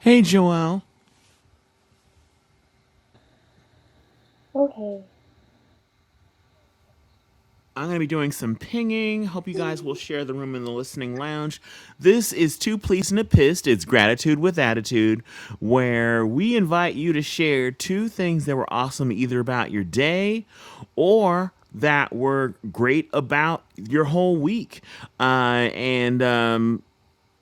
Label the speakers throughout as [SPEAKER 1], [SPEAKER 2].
[SPEAKER 1] Hey, Joelle.
[SPEAKER 2] Okay,
[SPEAKER 1] I'm going to be doing some pinging. Hope you guys will share the room in the listening lounge. This is Too Pleased and a Pissed. It's Gratitude with Attitude, where we invite you to share two things that were awesome either about your day or that were great about your whole week. Uh, and um,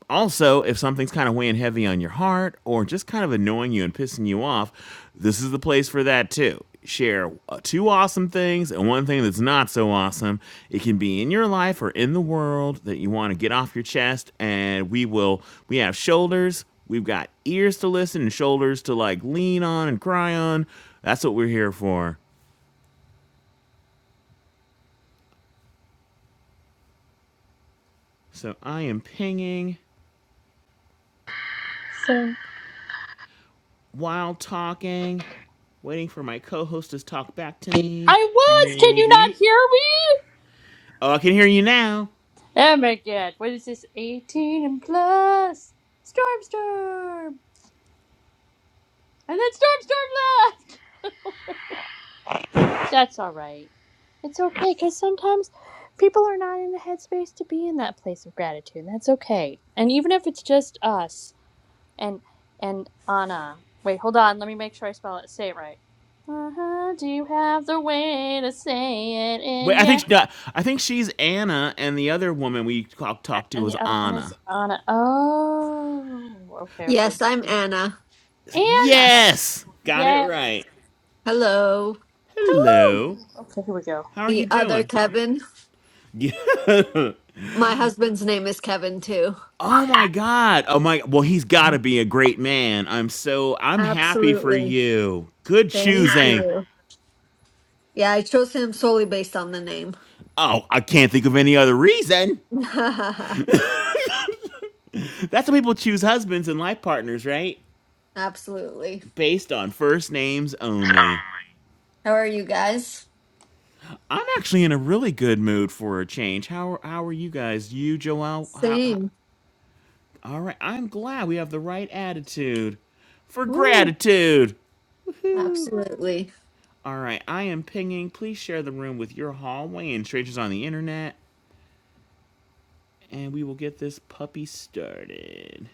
[SPEAKER 1] Also, if something's kind of weighing heavy on your heart or just kind of annoying you and pissing you off, this is the place for that too. Share uh, two awesome things and one thing that's not so awesome. It can be in your life or in the world that you want to get off your chest, and we will. We have shoulders. We've got ears to listen and shoulders to like lean on and cry on. That's what we're here for. So I am pinging
[SPEAKER 2] so
[SPEAKER 1] while talking, waiting for my co host to talk back to me.
[SPEAKER 2] I was. Can you not
[SPEAKER 1] Maybe.
[SPEAKER 2] hear me?
[SPEAKER 1] Oh, I can hear you now.
[SPEAKER 2] Oh my god! What is this? Eighteen and plus. Storm, storm, and then storm, storm left. That's all right. It's okay because sometimes people are not in the headspace to be in that place of gratitude. That's okay. And even if it's just us and and Anna. Wait, hold on. Let me make sure I spell it. Say it right. Uh-huh. Do you have the way to say it
[SPEAKER 1] Wait,
[SPEAKER 2] in
[SPEAKER 1] I
[SPEAKER 2] your
[SPEAKER 1] think no, I think she's Anna, and the other woman we talked
[SPEAKER 2] A-
[SPEAKER 1] talked to
[SPEAKER 2] And
[SPEAKER 1] was
[SPEAKER 2] the other one is
[SPEAKER 1] Anna.
[SPEAKER 2] Anna. Oh, okay, okay.
[SPEAKER 3] Yes, I'm Anna.
[SPEAKER 2] Anna. Okay.
[SPEAKER 1] Yes, got it
[SPEAKER 2] Yay.
[SPEAKER 1] right.
[SPEAKER 3] Hello.
[SPEAKER 2] Hello.
[SPEAKER 1] Hello,
[SPEAKER 2] Okay, here we go.
[SPEAKER 1] how are you
[SPEAKER 3] The other
[SPEAKER 1] doing?
[SPEAKER 3] Kevin.
[SPEAKER 1] Yeah.
[SPEAKER 3] My husband's name is Kevin too.
[SPEAKER 1] Oh my God. Oh my. Well, he's got to be a great man. I'm so I'm happy for
[SPEAKER 3] Absolutely.
[SPEAKER 1] you. Good
[SPEAKER 3] Thank
[SPEAKER 1] choosing.
[SPEAKER 3] you. Yeah, I chose him solely based on the name.
[SPEAKER 1] Oh, I can't think of any other reason. That's how people choose husbands and life partners, right?
[SPEAKER 3] Absolutely.
[SPEAKER 1] Based on first names only.
[SPEAKER 3] How are you guys?
[SPEAKER 1] I'm actually in a really good mood for a change. How are, how are you guys? You, Joel? How, how,
[SPEAKER 3] Same.
[SPEAKER 1] all right. I'm glad we have the right attitude for
[SPEAKER 3] Woo.
[SPEAKER 1] gratitude.
[SPEAKER 3] Absolutely.
[SPEAKER 1] All right. I am pinging. Please share the room with your hallway and strangers on the internet, and we will get this puppy started.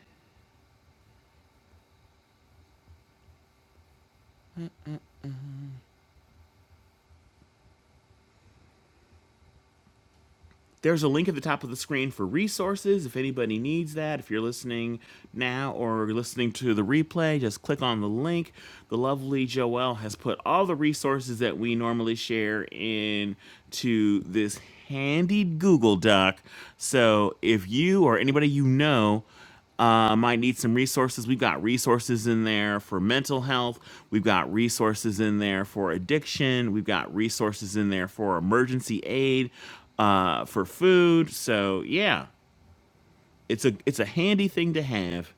[SPEAKER 1] There's a link at the top of the screen for resources if anybody needs that. If you're listening now or listening to the replay, just click on the link. The lovely Joelle has put all the resources that we normally share into this handy Google Doc. So if you or anybody you know uh, might need some resources. We've got resources in there for mental health. We've got resources in there for addiction. We've got resources in there for emergency aid, uh, for food. So yeah, it's a it's a handy thing to have.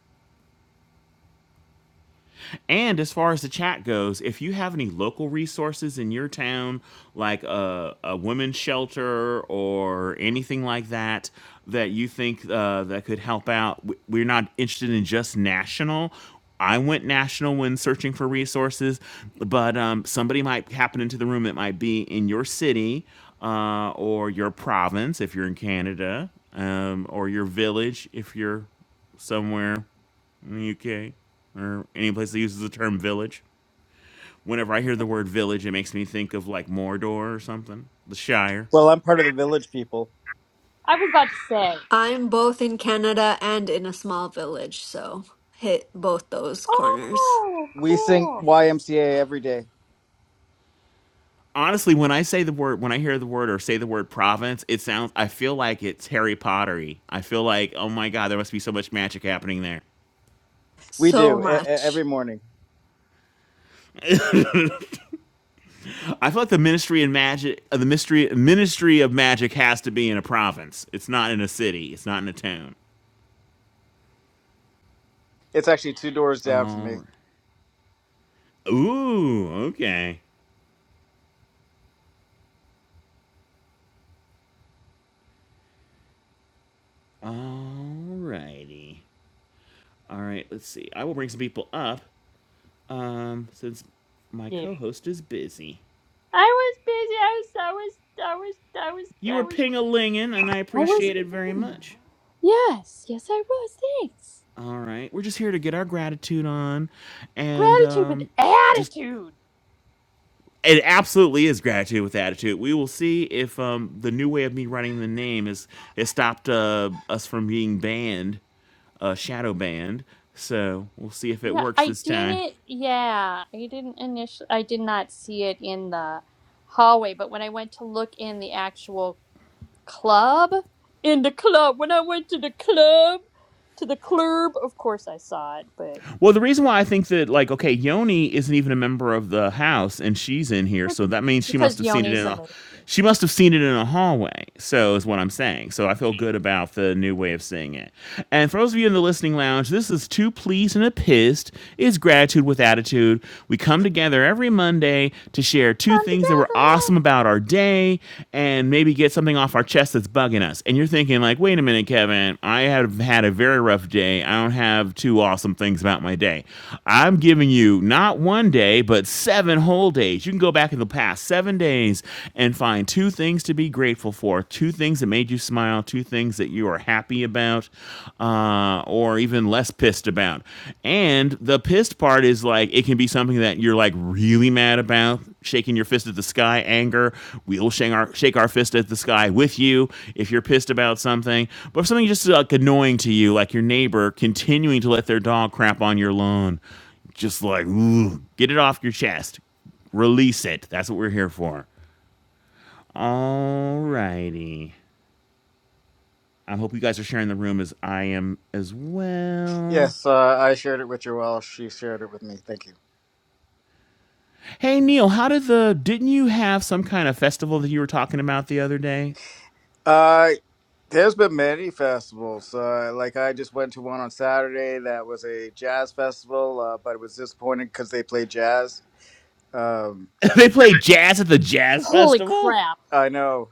[SPEAKER 1] And as far as the chat goes, if you have any local resources in your town, like a, a women's shelter or anything like that, that you think uh, that could help out, w- we're not interested in just national. I went national when searching for resources, but um, somebody might happen into the room that might be in your city uh, or your province if you're in Canada, um, or your village if you're somewhere in the UK or any place that uses the term village. Whenever I hear the word village, it makes me think of like Mordor or something, the Shire.
[SPEAKER 4] Well, I'm part of the village people.
[SPEAKER 2] I was about to say.
[SPEAKER 3] I'm both in Canada and in a small village, so hit both those corners.
[SPEAKER 2] Oh,
[SPEAKER 4] We sing
[SPEAKER 2] cool.
[SPEAKER 4] YMCA every day.
[SPEAKER 1] Honestly, when I say the word, when I hear the word or say the word province, it sounds, I feel like it's Harry Potter. I feel like, oh my God, there must be so much magic happening there.
[SPEAKER 4] We
[SPEAKER 3] So
[SPEAKER 4] do e- e- every
[SPEAKER 3] much.
[SPEAKER 4] morning.
[SPEAKER 1] I feel like the Ministry and Magic, uh, the Mystery Ministry of Magic has to be in a province. It's not in a city. It's not in a town.
[SPEAKER 4] It's actually two doors down from
[SPEAKER 1] All
[SPEAKER 4] me.
[SPEAKER 1] right. Ooh, okay. All righty. All right, let's see. I will bring some people up um, since my
[SPEAKER 2] Yeah.
[SPEAKER 1] co host is busy.
[SPEAKER 2] I was busy. I was. I was. I was.
[SPEAKER 1] You
[SPEAKER 2] I
[SPEAKER 1] were
[SPEAKER 2] was.
[SPEAKER 1] ping a linging, and I
[SPEAKER 2] I was. I was.
[SPEAKER 1] appreciate it very
[SPEAKER 2] busy.
[SPEAKER 1] much.
[SPEAKER 2] Yes. Yes, I was. Thanks.
[SPEAKER 1] All right, we're just here to get our gratitude on and
[SPEAKER 2] Gratitude with
[SPEAKER 1] um, just.
[SPEAKER 2] attitude.
[SPEAKER 1] It absolutely is gratitude with attitude. We will see if um, the new way of me writing the name has has stopped uh, us from being banned, uh, shadow banned. So we'll see if it
[SPEAKER 2] Yeah,
[SPEAKER 1] works
[SPEAKER 2] I
[SPEAKER 1] this time.
[SPEAKER 2] didn't. Yeah, I didn't initially. I did not see it in the hallway, but when I went to look in the actual club in the club when i went to the club to the club of course i saw it but
[SPEAKER 1] Well, the reason why I think that, like, okay, Yoni isn't even a member of the house, and she's in here,
[SPEAKER 2] but
[SPEAKER 1] so that means she must
[SPEAKER 2] because
[SPEAKER 1] have seen it
[SPEAKER 2] yoni's
[SPEAKER 1] in
[SPEAKER 2] a
[SPEAKER 1] a,
[SPEAKER 2] movie
[SPEAKER 1] she must have seen it in a hallway. So is what I'm saying. So I feel good about the new way of seeing it. And for those of you in the listening lounge, this is two pleased and a pissed It's gratitude with attitude. We come together every Monday to share two
[SPEAKER 2] come
[SPEAKER 1] things that were awesome
[SPEAKER 2] together
[SPEAKER 1] about our day, family and maybe get something off our chest that's bugging us. And you're thinking, like, wait a minute, Kevin, I have had a very rough day. I don't have two awesome things about my day. I'm giving you not one day, but seven whole days. You can go back in the past seven days and find two things to be grateful for, two things that made you smile, two things that you are happy about, uh, or even less pissed pissed about. And the pissed part is like it can be something that you're like really mad about, shaking your fist at the sky, anger. We'll shake our shake our fist at the sky with you if you're pissed about something. But if something just like annoying to you, like your neighbor continuing to let their dog crap on your lawn, just like "Ooh, get it off your chest. Release it. That's what we're here for. All righty. I hope you guys are sharing the room as I am as well.
[SPEAKER 4] Yes, uh, I shared it with your Welsh. She shared it with me. Thank you.
[SPEAKER 1] Hey Neil, how did the didn't you have some kind of festival that you were talking about the other day?
[SPEAKER 4] Uh, there's been many festivals. Uh, like I just went to one on Saturday that was a jazz festival, uh, but it was disappointing because they played jazz. Um,
[SPEAKER 1] they played jazz at the jazz
[SPEAKER 2] holy
[SPEAKER 1] festival.
[SPEAKER 2] crap
[SPEAKER 4] I know.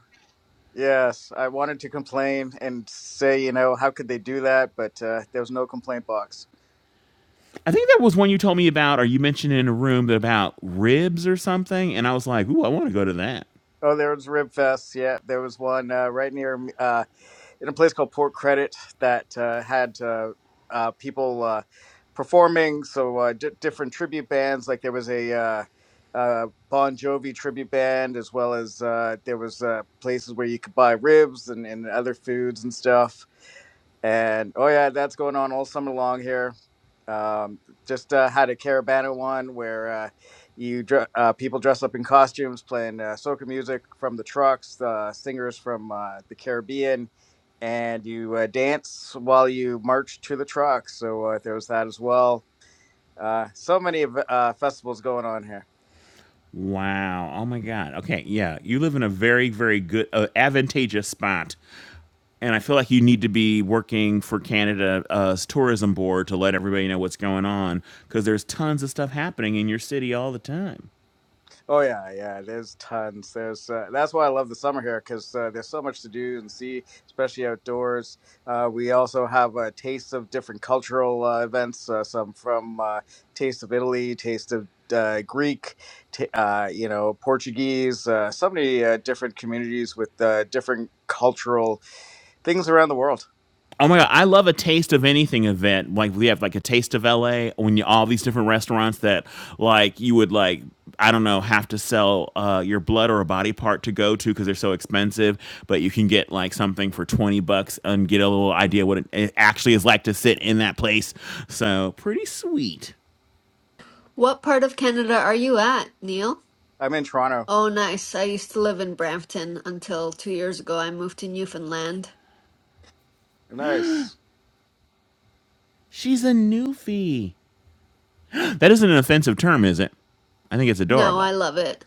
[SPEAKER 4] Yes, I wanted to complain and say, you know, how could they do that? But uh, there was no complaint box.
[SPEAKER 1] I think that was one you told me about, or you mentioned in a room about ribs or something, and I was like, "Ooh, I want to go to that."
[SPEAKER 4] Oh, there was Rib Fest. Yeah, there was one uh, right near me- uh, in a place called Port Credit that uh, had uh, uh, people uh, performing. So uh, di different tribute bands. Like there was a uh, uh, Bon Jovi tribute band, as well as uh, there was uh, places where you could buy ribs and, and other foods and stuff. And oh yeah, that's going on all summer long here. Um, just uh, had a Caravana one where uh, you dr- uh, people dress up in costumes, playing uh, soca music from the trucks, uh, singers from uh, the Caribbean, and you uh, dance while you march to the trucks. So uh, there was that as well. Uh, so many of, uh, festivals going on here.
[SPEAKER 1] Wow. Oh my God. Okay. Yeah, you live in a very, very good, uh, advantageous spot, and I feel like you need to be working for Canada's uh, tourism board to let everybody know what's going on because there's tons of stuff happening in your city all the time.
[SPEAKER 4] Oh yeah, yeah. There's tons. There's uh, that's why I love the summer here because uh, there's so much to do and see, especially outdoors. Uh, we also have uh, tastes of different cultural uh, events. Uh, some from uh, taste of Italy, taste of uh, Greek, t- uh, you know, Portuguese. Uh, so many uh, different communities with uh, different cultural things around the world.
[SPEAKER 1] Oh my god, I love a taste of anything event. Like we have like a taste of LA when you all these different restaurants that like you would like I don't know have to sell uh, your blood or a body part to go to because they're so expensive, but you can get like something for twenty bucks and get a little idea what it, it actually is like to sit in that place. So pretty sweet.
[SPEAKER 3] What part of Canada are you at, Neil?
[SPEAKER 4] I'm in Toronto.
[SPEAKER 3] Oh, nice. I used to live in Brampton until two years ago I moved to Newfoundland.
[SPEAKER 4] Nice.
[SPEAKER 1] She's a newfie. That isn't an offensive term, is it? I think it's
[SPEAKER 3] No, I
[SPEAKER 1] adorable.
[SPEAKER 3] love it.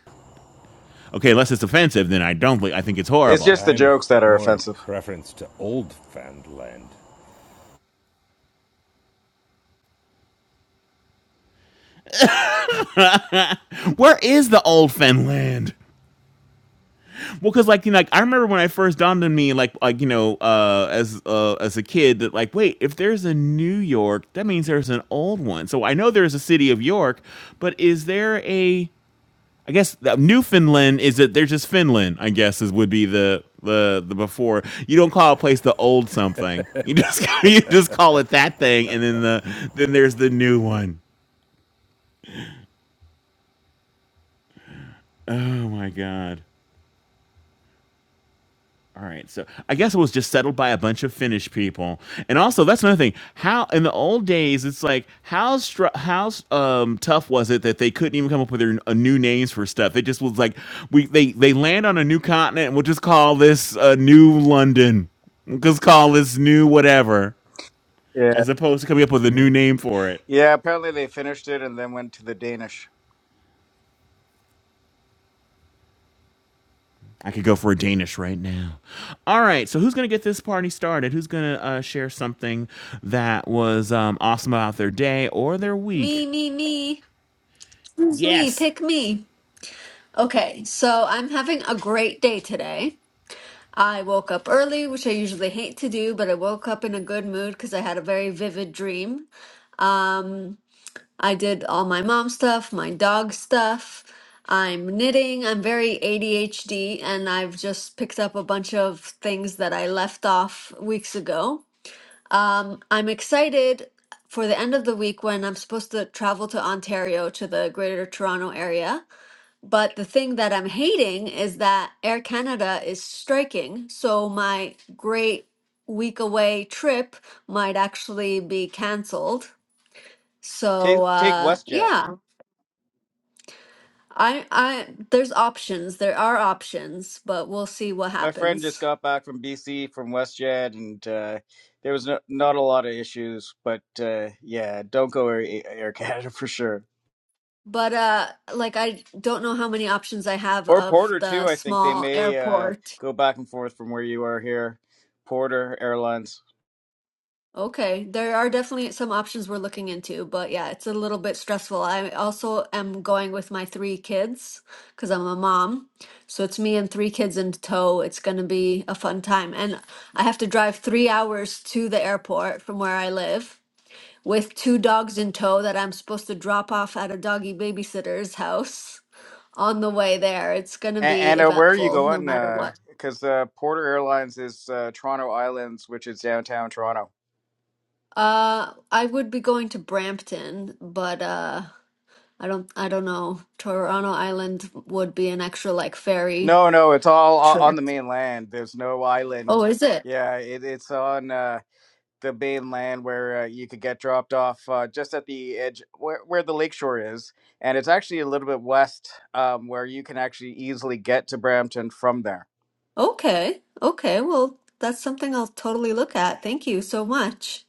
[SPEAKER 1] Okay, unless it's offensive, then I don't. believe- I think it's
[SPEAKER 4] It's
[SPEAKER 1] horrible.
[SPEAKER 4] just the
[SPEAKER 5] I'm
[SPEAKER 4] jokes that are
[SPEAKER 5] more a
[SPEAKER 4] offensive.
[SPEAKER 5] preference to old found land.
[SPEAKER 1] Where is the old Finland? Well, because like you know, like I remember when I first dawned on me, like like you know, uh, as uh, as a kid, that like wait, if there's a New York, that means there's an old one. So I know there's a city of York, but is there a? I guess the- Newfoundland is that there's just Finland. I guess is would be the the the before you don't call a place the old something. You just you just call it that thing, and then the then there's the new one. Oh my god. All right, so I guess it was just settled by a bunch of Finnish people, and also that's another thing. How in the old days, it's like how str- how um, tough was it that they couldn't even come up with their, uh, new names for stuff? It just was like we they they land on a new continent, and we'll just call this uh, New London, we'll just call this New whatever,
[SPEAKER 4] Yeah.
[SPEAKER 1] as opposed to coming up with a new name for it.
[SPEAKER 4] Yeah. Apparently they finished it and then went to the Danish.
[SPEAKER 1] I could go for a Danish right now. All right, so who's gonna get this party started? Who's gonna uh, share something that was um, awesome about their day or their week?
[SPEAKER 3] Me, me, me. Choose me.
[SPEAKER 1] Yes.
[SPEAKER 3] Pick me. Okay, so I'm having a great day today. I woke up early, which I usually hate to do, but I woke up in a good mood because I had a very vivid dream. Um, I did all my mom stuff, my dog stuff. I'm knitting. I'm very ADHD, and I've just picked up a bunch of things that I left off weeks ago. Um, I'm excited for the end of the week when I'm supposed to travel to Ontario to the Greater Toronto area. But the thing that I'm hating is that Air Canada is striking. So my great week away trip might actually be canceled.
[SPEAKER 4] Take
[SPEAKER 3] So
[SPEAKER 4] take
[SPEAKER 3] uh,
[SPEAKER 4] WestJet.
[SPEAKER 3] yeah, I I there's options. There are options, but we'll see what
[SPEAKER 4] my friend just
[SPEAKER 3] happens.
[SPEAKER 4] got back from BC from WestJet, and uh, there was no, not a lot of issues. But uh, yeah, don't go Air, Air Canada for sure,
[SPEAKER 3] But uh, like I don't know how many options I have
[SPEAKER 4] or
[SPEAKER 3] of
[SPEAKER 4] Porter
[SPEAKER 3] the
[SPEAKER 4] too. I think they
[SPEAKER 3] small
[SPEAKER 4] may uh,
[SPEAKER 3] airport.
[SPEAKER 4] go back and forth from where you are here, Porter Airlines.
[SPEAKER 3] Okay, there are definitely some options we're looking into, but yeah, it's a little bit stressful. I also am going with my three kids because I'm a mom. So it's me and three kids in tow. It's going to be a fun time. And I have to drive three hours to the airport from where I live with two dogs in tow that I'm supposed to drop off at a doggy babysitter's house on the way there. It's going to
[SPEAKER 4] And,
[SPEAKER 3] be
[SPEAKER 4] and uh, where are you
[SPEAKER 3] eventful no
[SPEAKER 4] going?
[SPEAKER 3] matter what.
[SPEAKER 4] Because uh, Porter Airlines is uh, Toronto Islands, which is downtown Toronto.
[SPEAKER 3] Uh, I would be going to Brampton, but uh I don't I don't know. Toronto Island would be an extra like ferry
[SPEAKER 4] No, no, it's all o- on
[SPEAKER 3] trip.
[SPEAKER 4] the mainland. There's no island.
[SPEAKER 3] Oh, is it?
[SPEAKER 4] Yeah, it, it's on. Uh, the mainland where uh, you could get dropped off uh, just at the edge where, where the lakeshore is and it's actually a little bit west um, where you can actually easily get to brampton from there
[SPEAKER 3] Okay. Okay. Well, that's something I'll totally look at. Thank you so much.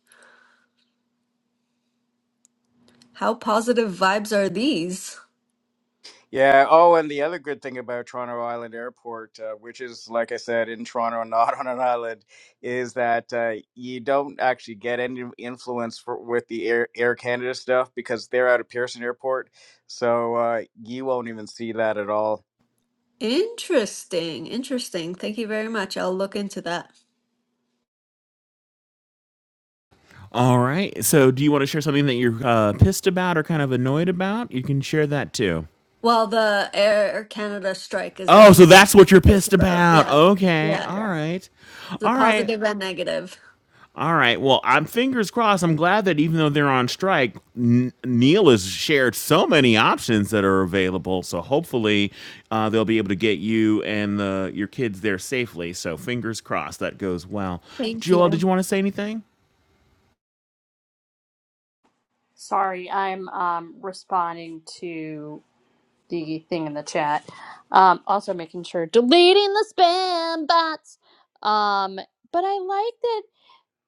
[SPEAKER 3] How positive vibes are these?
[SPEAKER 4] yeah oh and the other good thing about toronto island airport uh, which is like i said in toronto not on an island is that uh, you don't actually get any influence for, with the air, air canada stuff because they're out of pearson airport so uh, you won't even see that at all
[SPEAKER 3] Interesting. Interesting. Thank you very much. I'll look into that.
[SPEAKER 1] All right, so do you want to share something that you're uh, pissed about or kind of annoyed about? You can share that too.
[SPEAKER 3] Well, the Air Canada strike is
[SPEAKER 1] Oh, so
[SPEAKER 3] definitely something
[SPEAKER 1] that's what you're
[SPEAKER 3] I'm pissed
[SPEAKER 1] pissed
[SPEAKER 3] about.
[SPEAKER 1] about.
[SPEAKER 3] Yeah.
[SPEAKER 1] Okay,
[SPEAKER 3] Yeah.
[SPEAKER 1] all
[SPEAKER 3] yeah.
[SPEAKER 1] right,
[SPEAKER 3] The
[SPEAKER 1] all right.
[SPEAKER 3] positive and negative.
[SPEAKER 1] All right. Well, I'm fingers crossed. I'm glad that even though they're on strike, N- Neil has shared so many options that are available. So hopefully, uh, they'll be able to get you and the your kids there safely. So fingers crossed that goes well.
[SPEAKER 3] Thank
[SPEAKER 1] Joel, did
[SPEAKER 3] you.
[SPEAKER 1] you want to say anything?
[SPEAKER 2] sorry i'm um responding to the thing in the chat um also making sure deleting the spam bots um but i like that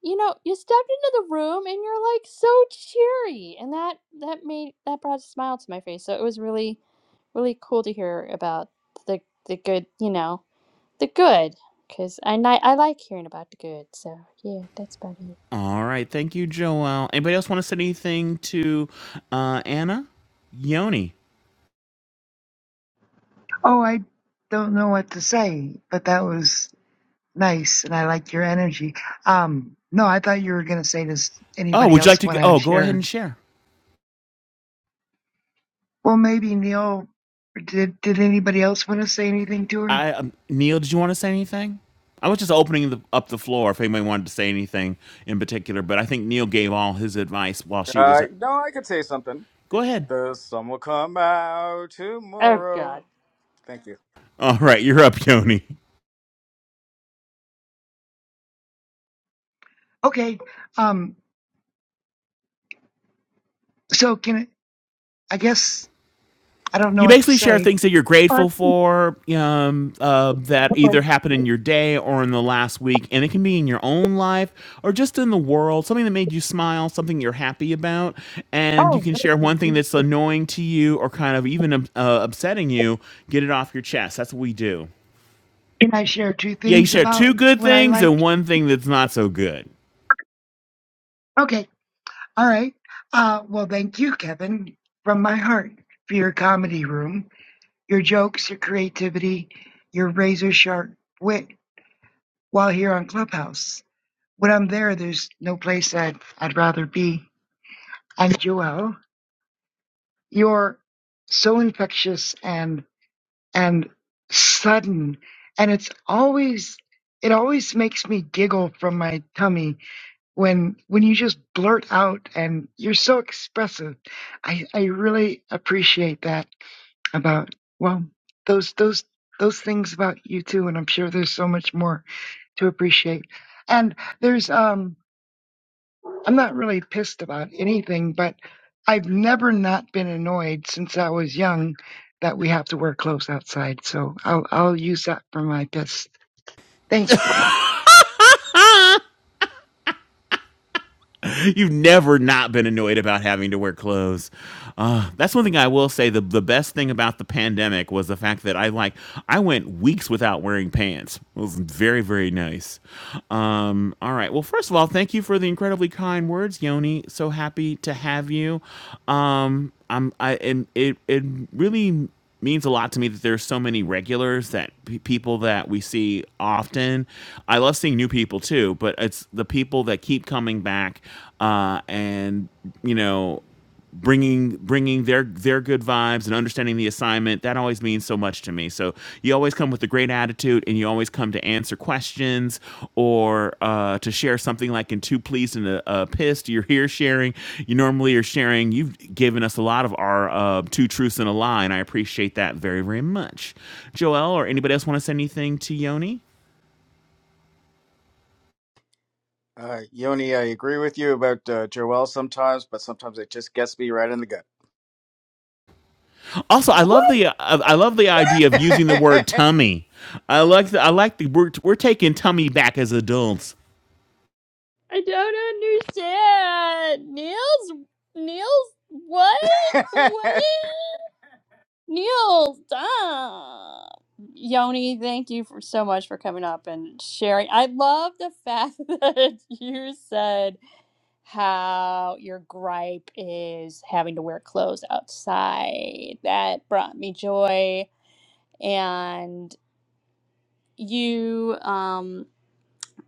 [SPEAKER 2] you know, you stepped into the room and you're like so cheery. And that that made that brought a smile to my face. So it was really really cool to hear about the the good, you know, the good cuz I ni- I like hearing about the good. So, yeah, that's about it.
[SPEAKER 1] All right. Thank you, Joel. Anybody else want to say anything to uh, Anna? Yoni.
[SPEAKER 6] Oh, I don't know what to say, but that was nice, and I liked your energy. Um, no, I thought you were going to say, does
[SPEAKER 1] Oh,
[SPEAKER 6] anybody
[SPEAKER 1] would you like
[SPEAKER 6] else
[SPEAKER 1] to? Go-
[SPEAKER 6] want to
[SPEAKER 1] oh, go ahead
[SPEAKER 6] share?
[SPEAKER 1] and share.
[SPEAKER 6] Well, maybe Neil. Did Did anybody else want to say anything to her?
[SPEAKER 1] I um, Neil, did you want to say anything? I was just opening the, up the floor if anybody wanted to say anything in particular, but I think Neil gave all his advice while she was.
[SPEAKER 4] uh,
[SPEAKER 1] At,
[SPEAKER 4] no i could say something
[SPEAKER 1] go ahead.
[SPEAKER 4] The sun will come out
[SPEAKER 2] Oh god.
[SPEAKER 4] tomorrow. Thank you.
[SPEAKER 1] All right, you're up, Yoni.
[SPEAKER 6] Okay. Um. So can I I guess I don't know
[SPEAKER 1] You
[SPEAKER 6] what to
[SPEAKER 1] basically share
[SPEAKER 6] say.
[SPEAKER 1] things that you're
[SPEAKER 6] Or
[SPEAKER 1] grateful for um, uh, that either happened in your day or in the last week, and it can be in your own life or just in the world. Something that made you smile, something you're happy about, and you can share one thing that's annoying to you or kind of even uh, upsetting you. Get it off your chest. That's what we do.
[SPEAKER 6] Can I share two
[SPEAKER 1] Yeah, you
[SPEAKER 6] things
[SPEAKER 1] share
[SPEAKER 6] about
[SPEAKER 1] two good
[SPEAKER 6] what I
[SPEAKER 1] things and
[SPEAKER 6] like?
[SPEAKER 1] one thing that's not so good.
[SPEAKER 6] Okay. All right. Uh. Well, thank you, Kevin, from my heart for your comedy room. Your jokes, your creativity, your razor sharp wit while here on Clubhouse. When I'm there, there's no place I'd, I'd rather be. And Joel, you're so infectious and, and sudden. And it's always, it always makes me giggle from my tummy when, when you just blurt out and you're so expressive. I, I really appreciate that. about well those those those things about you too and i'm sure there's so much more to appreciate and there's um i'm not really pissed about anything but i've never not been annoyed since i was young that we have to wear clothes outside so i'll i'll use that for my piss thanks
[SPEAKER 1] You've never not been annoyed about having to wear clothes. Uh, that's one thing I will say. The, the best thing about the pandemic was the fact that I like I went weeks without wearing pants. It was very very nice. Um, all right. Well, first of all, thank you for the incredibly kind words, Yoni. So happy to have you. Um, I'm I and it it really means a lot to me that there's so many regulars that pe people that we see often. I love seeing new people too, but it's the people that keep coming back uh, and you know bringing bringing their their good vibes and understanding the assignment that always means so much to me so you always come with a great attitude, and you always come to answer questions or uh, to share something like in two pleased and a, a pissed. You're here sharing. You normally are sharing. You've given us a lot of our uh, two truths and a lie, and I appreciate that very very much. Joel or anybody else want to say anything to Yoni?
[SPEAKER 4] Uh, Yoni, I agree with you about uh, Joel sometimes, but sometimes it just gets me right in the
[SPEAKER 1] Also, I love
[SPEAKER 2] What?
[SPEAKER 1] the uh, I love the idea
[SPEAKER 2] What?
[SPEAKER 1] of using the word tummy. I like the, I like the we're, we're taking tummy back as adults.
[SPEAKER 2] I don't understand. Niels Niels what?
[SPEAKER 4] gut.
[SPEAKER 2] What? Neil, stop. Yoni, thank you for so much for coming up and sharing. I love the fact that you said how your gripe is having to wear clothes outside. That brought me joy. And you um,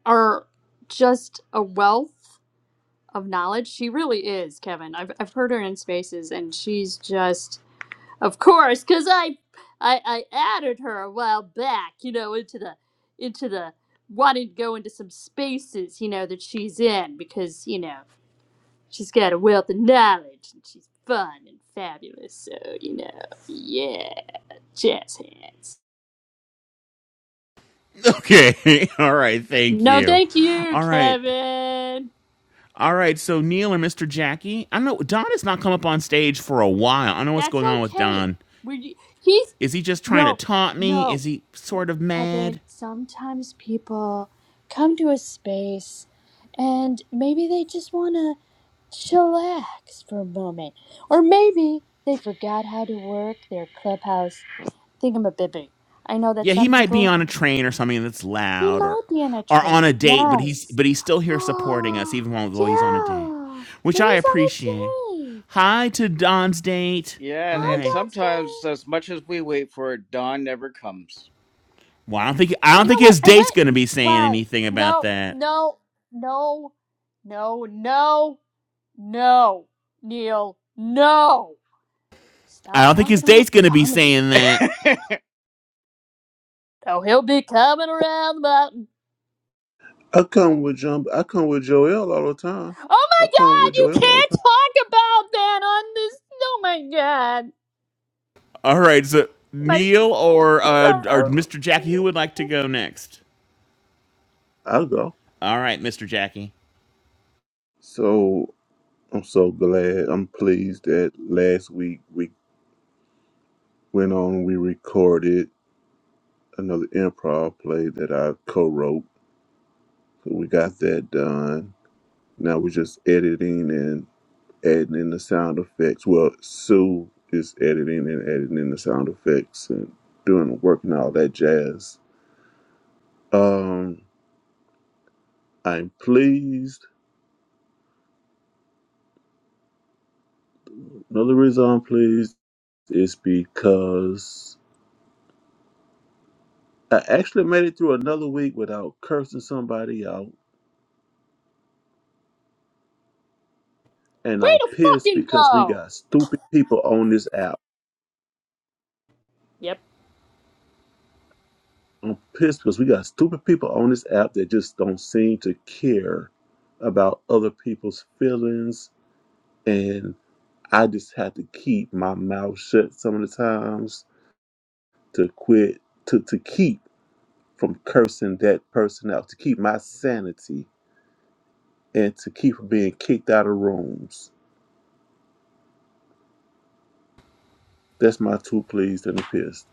[SPEAKER 2] are just a wealth of knowledge. She really is, Kevin. I've, I've heard her in spaces, and she's just Of course, because I, I I added her a while back, you know, into the into the wanting to go into some spaces, you know, that she's in because, you know, she's got a wealth of knowledge and she's fun and fabulous. So, you know, yeah, jazz hands.
[SPEAKER 1] Okay. All right. Thank
[SPEAKER 2] No,
[SPEAKER 1] you.
[SPEAKER 2] thank you,
[SPEAKER 1] All right.
[SPEAKER 2] Kevin.
[SPEAKER 1] All right, so Neil or Mr. Jackie? I know Don has not come up on stage for a while. I don't know what's
[SPEAKER 2] That's
[SPEAKER 1] going on with
[SPEAKER 2] okay.
[SPEAKER 1] Don.
[SPEAKER 2] We he's
[SPEAKER 1] Is he just trying to
[SPEAKER 2] no,
[SPEAKER 1] taunt me?
[SPEAKER 2] no.
[SPEAKER 1] Is he sort of
[SPEAKER 2] Kevin,
[SPEAKER 1] mad?
[SPEAKER 2] sometimes people come to a space and maybe they just want to chillax for a moment. Or maybe they forgot how to work their clubhouse thingamabibby. I know that
[SPEAKER 1] Yeah, he
[SPEAKER 2] some
[SPEAKER 1] might be
[SPEAKER 2] people,
[SPEAKER 1] on a train or something that's
[SPEAKER 2] he
[SPEAKER 1] loud or
[SPEAKER 2] might be on a
[SPEAKER 1] or on
[SPEAKER 2] train.
[SPEAKER 1] a date, but he's
[SPEAKER 2] Yes.
[SPEAKER 1] but he's still here supporting us
[SPEAKER 2] Oh,
[SPEAKER 1] even though he's on a date,
[SPEAKER 2] yeah.
[SPEAKER 1] which I
[SPEAKER 2] Marie's on a
[SPEAKER 1] appreciate.
[SPEAKER 2] train.
[SPEAKER 1] Hi to Don's date.
[SPEAKER 4] yeah,
[SPEAKER 1] All
[SPEAKER 4] and,
[SPEAKER 2] Hi,
[SPEAKER 4] and
[SPEAKER 1] right.
[SPEAKER 4] sometimes,
[SPEAKER 2] Dante.
[SPEAKER 4] as much as we wait for it, dawn never comes.
[SPEAKER 1] Well, I don't think I don't
[SPEAKER 2] You know
[SPEAKER 1] think
[SPEAKER 2] what?
[SPEAKER 1] his
[SPEAKER 2] I
[SPEAKER 1] date's
[SPEAKER 2] went.
[SPEAKER 1] gonna be saying
[SPEAKER 2] Wow.
[SPEAKER 1] anything about
[SPEAKER 2] No,
[SPEAKER 1] that.
[SPEAKER 2] no, no, no, no. No, Neil, no!
[SPEAKER 1] I
[SPEAKER 2] Stop
[SPEAKER 1] don't think his
[SPEAKER 2] talking about
[SPEAKER 1] date's gonna be
[SPEAKER 2] coming.
[SPEAKER 1] saying
[SPEAKER 4] All
[SPEAKER 1] that.
[SPEAKER 2] Oh, he'll be coming around the mountain.
[SPEAKER 7] I come with Jump. I come with Joel all the time.
[SPEAKER 2] Oh my
[SPEAKER 7] I come with
[SPEAKER 2] god, you
[SPEAKER 7] Joel all the
[SPEAKER 2] can't
[SPEAKER 7] time.
[SPEAKER 2] talk about that on this. Oh my god.
[SPEAKER 1] All right, so
[SPEAKER 2] My.
[SPEAKER 1] Neil or uh, or Mr. Jackie, who would like to go next?
[SPEAKER 7] I go.
[SPEAKER 1] All right, Mr. Jackie.
[SPEAKER 7] So I'm so glad. I'm pleased that last week we went on. and We recorded another improv play that I co-wrote. So we got that done. Now we're just editing and adding in the sound effects. Well, Sue is editing and adding in the sound effects and doing the work and all that jazz. Um, I'm pleased. Another reason I'm pleased It's because I actually made it through another week without cursing somebody out. And
[SPEAKER 2] Way
[SPEAKER 7] I'm
[SPEAKER 2] to
[SPEAKER 7] pissed
[SPEAKER 2] fucking
[SPEAKER 7] because we
[SPEAKER 2] go!
[SPEAKER 7] got stupid people on this app.
[SPEAKER 2] Yep.
[SPEAKER 7] I'm pissed because we got stupid people on this app that just don't seem to care about other people's feelings. And I just have to keep my mouth shut some of the times to quit, to, to keep from cursing that person out, to keep my sanity and to keep from being kicked out of rooms. That's my two pleased and a pissed.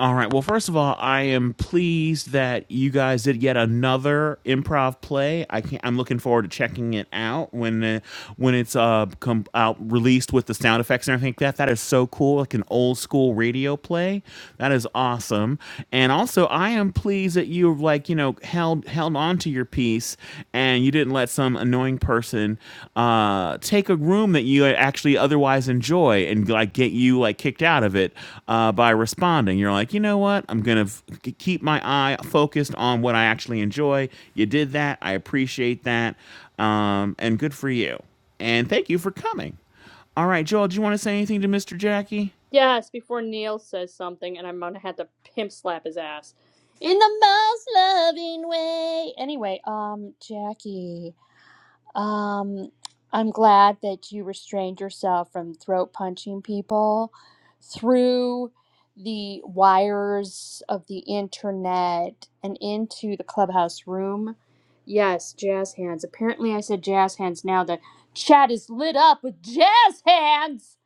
[SPEAKER 1] All right. Well, first of all, I am pleased that you guys did yet another improv play. I can not I'm looking forward to checking it out when uh, when it's uh come out released with the sound effects and everything like that. That is so cool, like an old school radio play. That is awesome. And also, I am pleased that you like you know held held on to your piece and you didn't let some annoying person uh, take a room that you actually otherwise enjoy and like get you like kicked out of it uh, by responding. You're like, you know what? I'm gonna f- keep my eye focused on what I actually enjoy. You did that. I appreciate that, um, and good for you. And thank you for coming. All right, Joel, do you want to say anything to Mr. Jackie?
[SPEAKER 2] Yes, before Neil says something, and I'm gonna have to pimp slap his ass. In the most loving way. Anyway, um, Jackie. Um, I'm glad that you restrained yourself from throat punching people through the wires of the internet and into the clubhouse room. Yes, jazz hands. Apparently, I said jazz hands now. The chat is lit up with jazz hands.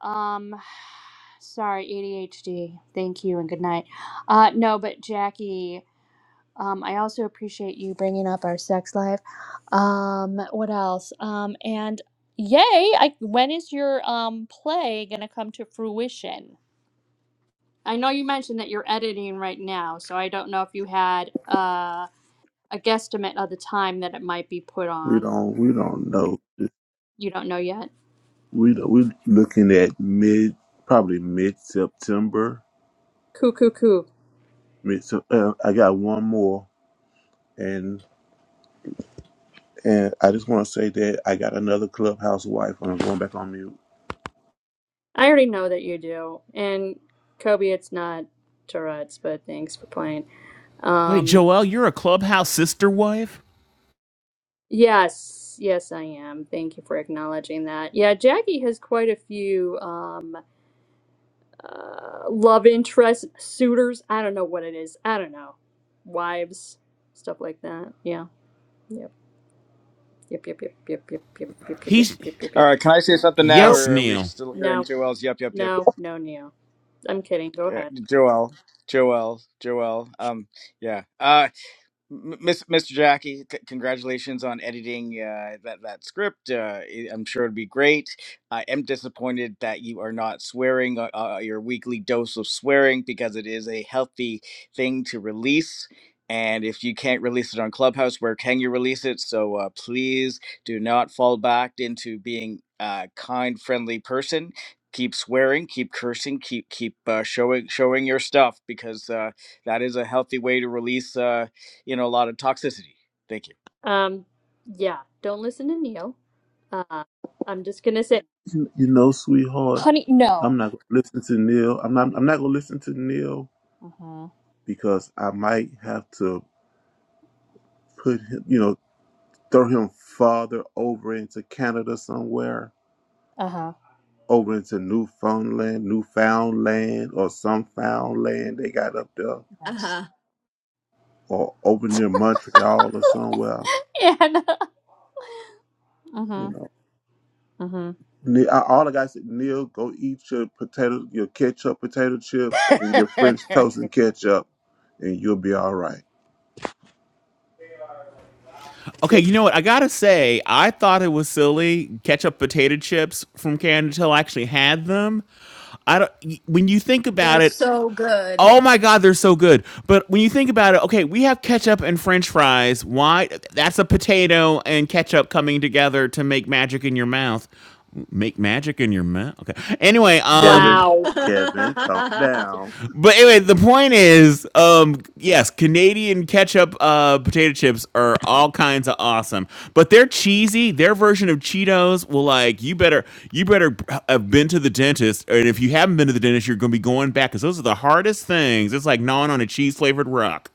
[SPEAKER 2] Um, sorry, ADHD. Thank you and good night. Uh, no, but Jackie. Um, I also appreciate you bringing up our sex life. Um, what else? Um, and yay! I, when is your um, play going to come to fruition? I know you mentioned that you're editing right now, so I don't know if you had uh, a guesstimate of the time that it might be put
[SPEAKER 7] We
[SPEAKER 2] on.
[SPEAKER 7] don't we don't know.
[SPEAKER 2] You don't know yet.
[SPEAKER 7] We don't, we looking at mid probably mid September.
[SPEAKER 2] Coo coo coo.
[SPEAKER 7] Mid so, uh, I got one more and and I just want to say that I got another clubhouse wife and I'm going back on mute.
[SPEAKER 2] I already know that you do. And Kobe, it's not Tourette's, but thanks for playing.
[SPEAKER 1] Wait,
[SPEAKER 2] Um,
[SPEAKER 1] Joel, you're a clubhouse sister wife?
[SPEAKER 2] Yes, yes, I am. Thank you for acknowledging that. Yeah, Jackie has quite a few um uh love interest suitors. I don't know what it is. I don't know. Wives, stuff like that. Yeah. Yep. Yep, yep, yep, yep, yep, yep, yep, yep, yep,
[SPEAKER 1] He's
[SPEAKER 2] yep, yep, yep.
[SPEAKER 4] right, can I say something now,
[SPEAKER 2] Nope.
[SPEAKER 1] yes,
[SPEAKER 4] or are we
[SPEAKER 1] Neil.
[SPEAKER 4] still
[SPEAKER 2] No,
[SPEAKER 4] hearing Joel's? Yep, yep, yep.
[SPEAKER 2] no, no, Neil. I'm kidding. Go
[SPEAKER 4] Yeah,
[SPEAKER 2] ahead.
[SPEAKER 4] Joel, Joel, Joel. Um, yeah. Uh, M- Miss, Mr. Jackie, c- congratulations on editing uh, that that script. Uh, i- I'm sure it'd be great. I am disappointed that you are not swearing uh, uh, your weekly dose of swearing because it is a healthy thing to release. And if you can't release it on Clubhouse, where can you release it? So uh, please do not fall back into being a kind, friendly person. Keep swearing, keep cursing, keep keep uh, showing showing your stuff because uh, that is a healthy way to release. Uh, you know, a lot of toxicity. Thank
[SPEAKER 2] Um, yeah, don't listen to Neil. Uh, I'm just gonna say,
[SPEAKER 7] You, you know, sweetheart,
[SPEAKER 2] honey, no.
[SPEAKER 7] I'm not gonna listen to Neil. I'm not I'm not gonna listen to Neil
[SPEAKER 2] Uh-huh.
[SPEAKER 7] because I might have to put him. You know, throw him farther over into Canada somewhere
[SPEAKER 2] Uh-huh.
[SPEAKER 7] over into Newfoundland, Newfoundland, or some found land they got up there,
[SPEAKER 2] Yes.
[SPEAKER 3] Uh-huh.
[SPEAKER 7] or over near Montreal or somewhere.
[SPEAKER 2] And
[SPEAKER 7] You
[SPEAKER 2] uh-huh.
[SPEAKER 7] know,
[SPEAKER 2] Uh-huh.
[SPEAKER 7] Ne- I- all the guys said, Neil, go eat your potato, your ketchup potato chips, and
[SPEAKER 4] you.
[SPEAKER 7] your French toast and ketchup, and you'll be all right.
[SPEAKER 1] Okay,
[SPEAKER 2] Yep.
[SPEAKER 1] you know what? I gotta say, I thought it was silly ketchup potato chips from Canada till I actually had them. I don't. y- When you think about
[SPEAKER 3] They're
[SPEAKER 1] it,
[SPEAKER 3] so good.
[SPEAKER 1] oh my god, they're so good. But when you think about it, okay, we have ketchup and French fries. Why? That's a potato and ketchup coming together to make magic in your mouth. Make magic in your mouth. Okay. Anyway, um,
[SPEAKER 7] Kevin,
[SPEAKER 2] Wow.
[SPEAKER 7] Kevin, calm down.
[SPEAKER 1] but anyway, the point is, um, yes, Canadian ketchup uh, potato chips are all kinds of awesome, but they're cheesy. Their version of Cheetos will like you better you better have been to the dentist, and if you haven't been to the dentist, you're gonna be going back because those are the hardest things. It's like gnawing on a cheese flavored rock.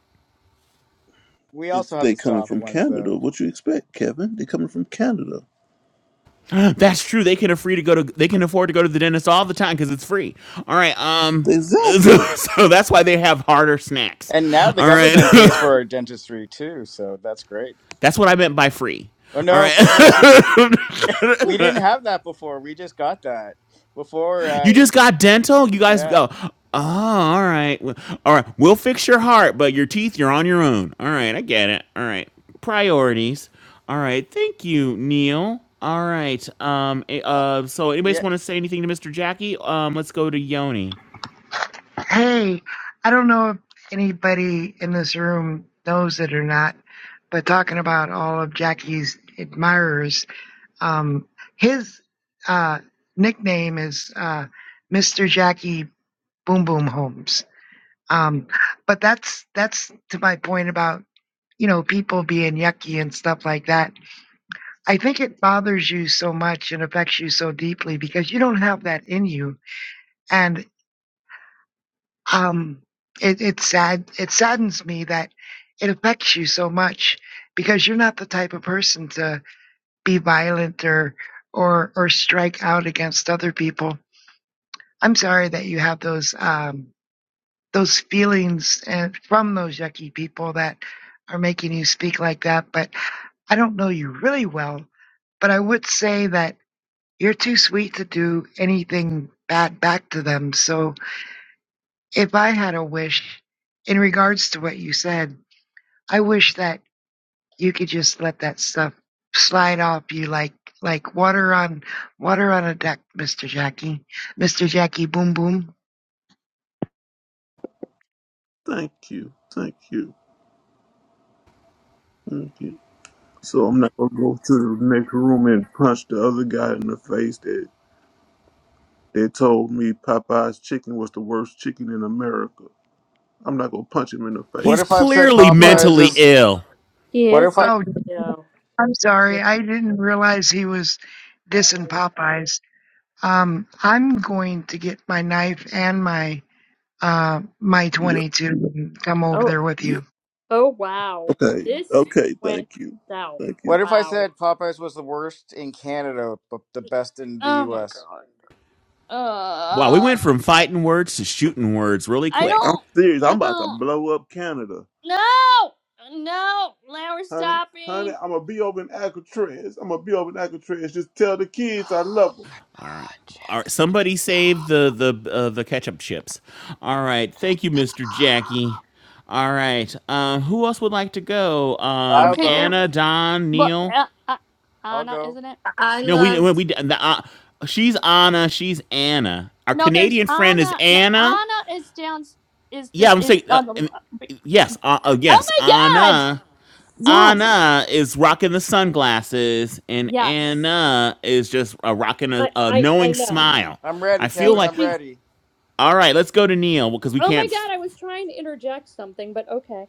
[SPEAKER 4] we
[SPEAKER 7] It's
[SPEAKER 4] also have
[SPEAKER 7] they
[SPEAKER 4] the
[SPEAKER 7] coming
[SPEAKER 4] soft
[SPEAKER 7] from
[SPEAKER 4] ones though.
[SPEAKER 7] Canada. What you expect, Kevin? They coming from Canada.
[SPEAKER 1] That's true. They can afford to go to they can afford to go to the dentist all the time because it's free. All right. Um. So,
[SPEAKER 7] Exactly.
[SPEAKER 1] so that's why they have harder snacks.
[SPEAKER 4] And now the
[SPEAKER 1] All right.
[SPEAKER 4] government pays for our dentistry too, so that's great.
[SPEAKER 1] that's what I meant by free.
[SPEAKER 4] Oh
[SPEAKER 1] All
[SPEAKER 4] no,
[SPEAKER 1] right.
[SPEAKER 4] before, before we didn't have that before. We just got that. Before uh
[SPEAKER 1] You just got dental? You guys
[SPEAKER 4] yeah.
[SPEAKER 1] go, oh, oh, all right. Well, All right. We'll fix your heart, but your teeth, you're on your own. All right. I get it. All right. Priorities. All right. Thank you, Neil. All right. Um, eh,
[SPEAKER 4] Uh,
[SPEAKER 1] uh, so, anybody
[SPEAKER 4] yeah.
[SPEAKER 1] want to say anything to Mr. Jackie? Um, let's go to Yoni.
[SPEAKER 6] hey i don't know if anybody in this room knows it or not but talking about all of jackie's admirers Um, his uh, nickname is uh, Mr. Jackie Boom Boom Holmes. Um, but that's that's to my point about you know people being yucky and stuff like that. I think it bothers you so much and affects you so deeply because you don't have that in you, and um, it, it's sad. It saddens me that it affects you so much because you're not the type of person to be violent or or or strike out against other people I'm sorry that you have those um, those feelings and from those yucky people that are making you speak like that. But I don't know you really well, but I would say that you're too sweet to do anything bad back to them. So if I had a wish in regards to what you said, I wish that you could just let that stuff slide off you like like water on water on a deck, Mr. Jackie, Mr. Jackie, boom boom.
[SPEAKER 7] Thank you. Thank you. Thank you. So I'm not gonna go to the next room and punch the other guy in the face that that told me Popeye's chicken was the worst chicken in America. I'm not gonna punch him in the
[SPEAKER 4] What
[SPEAKER 1] He's
[SPEAKER 4] if
[SPEAKER 7] face.
[SPEAKER 4] I've said
[SPEAKER 1] clearly
[SPEAKER 2] No.
[SPEAKER 4] Popeyes
[SPEAKER 1] mentally
[SPEAKER 4] is
[SPEAKER 1] ill.
[SPEAKER 2] He
[SPEAKER 4] what
[SPEAKER 2] is
[SPEAKER 4] if I
[SPEAKER 2] mentally
[SPEAKER 6] Oh.
[SPEAKER 2] ill.
[SPEAKER 6] I'm
[SPEAKER 2] Yeah.
[SPEAKER 6] sorry, I didn't realize he was dissing Popeyes. Um, I'm going to get my knife and my uh my
[SPEAKER 7] Yeah.
[SPEAKER 6] 22 and come over
[SPEAKER 2] Oh.
[SPEAKER 6] there with
[SPEAKER 7] yeah.
[SPEAKER 6] you.
[SPEAKER 2] Oh wow.
[SPEAKER 7] Okay.
[SPEAKER 2] This
[SPEAKER 7] Okay.
[SPEAKER 2] went
[SPEAKER 7] Thank you.
[SPEAKER 2] south.
[SPEAKER 7] Thank
[SPEAKER 4] what
[SPEAKER 7] you.
[SPEAKER 4] if I
[SPEAKER 2] Wow.
[SPEAKER 4] said Popeyes was the worst in Canada but the best in the
[SPEAKER 2] Oh my
[SPEAKER 4] US?
[SPEAKER 2] god.
[SPEAKER 1] Wow, we
[SPEAKER 2] Uh.
[SPEAKER 1] went from fighting words to shooting words really
[SPEAKER 2] I
[SPEAKER 1] quick.
[SPEAKER 7] I'm
[SPEAKER 2] don't.
[SPEAKER 7] serious.
[SPEAKER 2] I
[SPEAKER 7] I'm about to
[SPEAKER 2] don't.
[SPEAKER 7] blow up Canada,
[SPEAKER 2] No. No. Larry,
[SPEAKER 7] honey.
[SPEAKER 2] stop
[SPEAKER 7] Honey,
[SPEAKER 2] being.
[SPEAKER 7] I'm gonna be over in Alcatraz. I'm gonna be over in Alcatraz. Just tell the kids I
[SPEAKER 2] Oh
[SPEAKER 7] love them.
[SPEAKER 2] my
[SPEAKER 1] All right.
[SPEAKER 2] god,
[SPEAKER 1] All right.
[SPEAKER 2] Jackie, just
[SPEAKER 1] Somebody save
[SPEAKER 2] stop.
[SPEAKER 1] the the uh, the ketchup chips. All right.
[SPEAKER 2] Just
[SPEAKER 1] Thank you, Mr. Jackie.
[SPEAKER 2] stop.
[SPEAKER 1] All right. Um, who else would like to go? Um,
[SPEAKER 4] I'll
[SPEAKER 2] Okay, there.
[SPEAKER 4] go.
[SPEAKER 1] Anna, Don,
[SPEAKER 2] But
[SPEAKER 1] Neil.
[SPEAKER 2] uh, uh,
[SPEAKER 4] I'll
[SPEAKER 2] Anna,
[SPEAKER 4] go.
[SPEAKER 2] isn't it?
[SPEAKER 3] I
[SPEAKER 1] No, we
[SPEAKER 3] love,
[SPEAKER 1] we, we the, uh, she's Anna. She's Anna. Our
[SPEAKER 2] No, there's
[SPEAKER 1] Canadian friend is
[SPEAKER 2] Anna. No,
[SPEAKER 1] Anna.
[SPEAKER 2] Anna is down. Is
[SPEAKER 1] Yeah,
[SPEAKER 2] the
[SPEAKER 1] I'm
[SPEAKER 2] is
[SPEAKER 1] saying. Uh,
[SPEAKER 2] on the
[SPEAKER 1] and-
[SPEAKER 2] left.
[SPEAKER 1] yes. Uh, uh,
[SPEAKER 2] Oh
[SPEAKER 1] yes.
[SPEAKER 2] my god!
[SPEAKER 1] Anna.
[SPEAKER 2] Yes,
[SPEAKER 1] Anna is rocking the sunglasses, and
[SPEAKER 2] yes.
[SPEAKER 1] Anna is just uh, rocking a,
[SPEAKER 2] I
[SPEAKER 1] a
[SPEAKER 2] I, I
[SPEAKER 1] knowing
[SPEAKER 2] know.
[SPEAKER 1] smile.
[SPEAKER 4] I'm ready,
[SPEAKER 1] I feel
[SPEAKER 2] She
[SPEAKER 4] Kevin.
[SPEAKER 1] like
[SPEAKER 4] I'm
[SPEAKER 2] she's.
[SPEAKER 4] ready.
[SPEAKER 1] All right, let's go to Neil because we
[SPEAKER 2] Oh my
[SPEAKER 1] can't.
[SPEAKER 2] god! I was trying to interject something, but okay.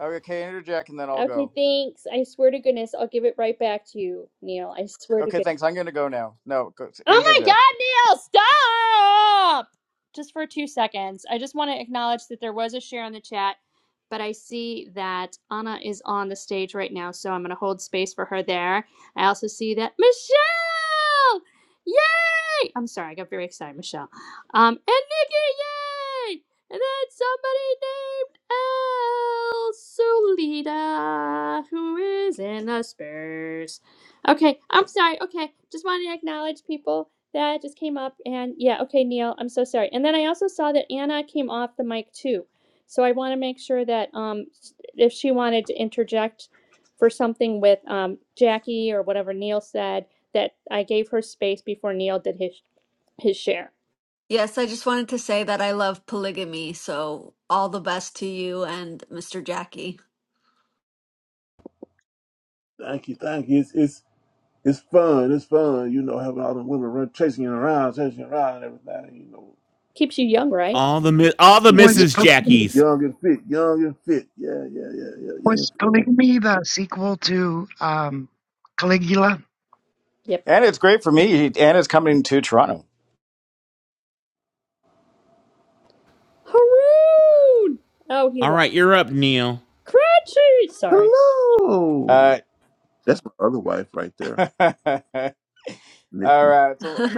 [SPEAKER 4] Okay, interject and then I'll
[SPEAKER 2] Okay,
[SPEAKER 4] go.
[SPEAKER 2] thanks. I swear to goodness, I'll give it right back to you, Neil. I swear to
[SPEAKER 4] Okay,
[SPEAKER 2] goodness.
[SPEAKER 4] thanks. I'm going to go now. No, go,
[SPEAKER 2] Oh my
[SPEAKER 4] interject.
[SPEAKER 2] god, Neil, stop! Just for two seconds. I just want to acknowledge that there was a share in the chat, but I see that Anna is on the stage right now, so I'm going to hold space for her there. I also see that Michelle! Yay! I'm sorry, I got very excited, Michelle. Um, and Nikki, yay! And then somebody named El Solita, who is in the Spurs. Okay, I'm sorry. Okay, just wanted to acknowledge people that just came up and yeah, okay, Neil, I'm so sorry. And then I also saw that Anna came off the mic too. So I want to make sure that um if she wanted to interject for something with um Jackie or whatever Neil said that I gave her space before Neil did his his share.
[SPEAKER 3] yes, I just wanted to say that I love polygamy. So all the best to you and Mr. Jackie.
[SPEAKER 7] Thank you. Thank you. It's it's it's fun. It's fun. You know, having all the women run chasing you around, chasing you around, and everything. You know.
[SPEAKER 2] Keeps you young, right?
[SPEAKER 1] All the all the
[SPEAKER 7] Keeps you
[SPEAKER 6] Was
[SPEAKER 1] Mrs.
[SPEAKER 7] young,
[SPEAKER 6] Pol-
[SPEAKER 1] Jackies.
[SPEAKER 7] young and fit, young and fit. Yeah, yeah, yeah, yeah, young and
[SPEAKER 6] was
[SPEAKER 7] fit. young
[SPEAKER 6] Polygamy the sequel to um Caligula?
[SPEAKER 2] Yep.
[SPEAKER 4] And it's great for me. And it's coming to Toronto.
[SPEAKER 2] Haroon! Oh, he
[SPEAKER 1] All right,
[SPEAKER 2] left.
[SPEAKER 1] you're up, Neil.
[SPEAKER 2] Cratchy! Sorry.
[SPEAKER 7] Hello.
[SPEAKER 4] Uh,
[SPEAKER 7] That's my other wife right there,
[SPEAKER 4] All
[SPEAKER 7] Nikki.
[SPEAKER 4] right. So,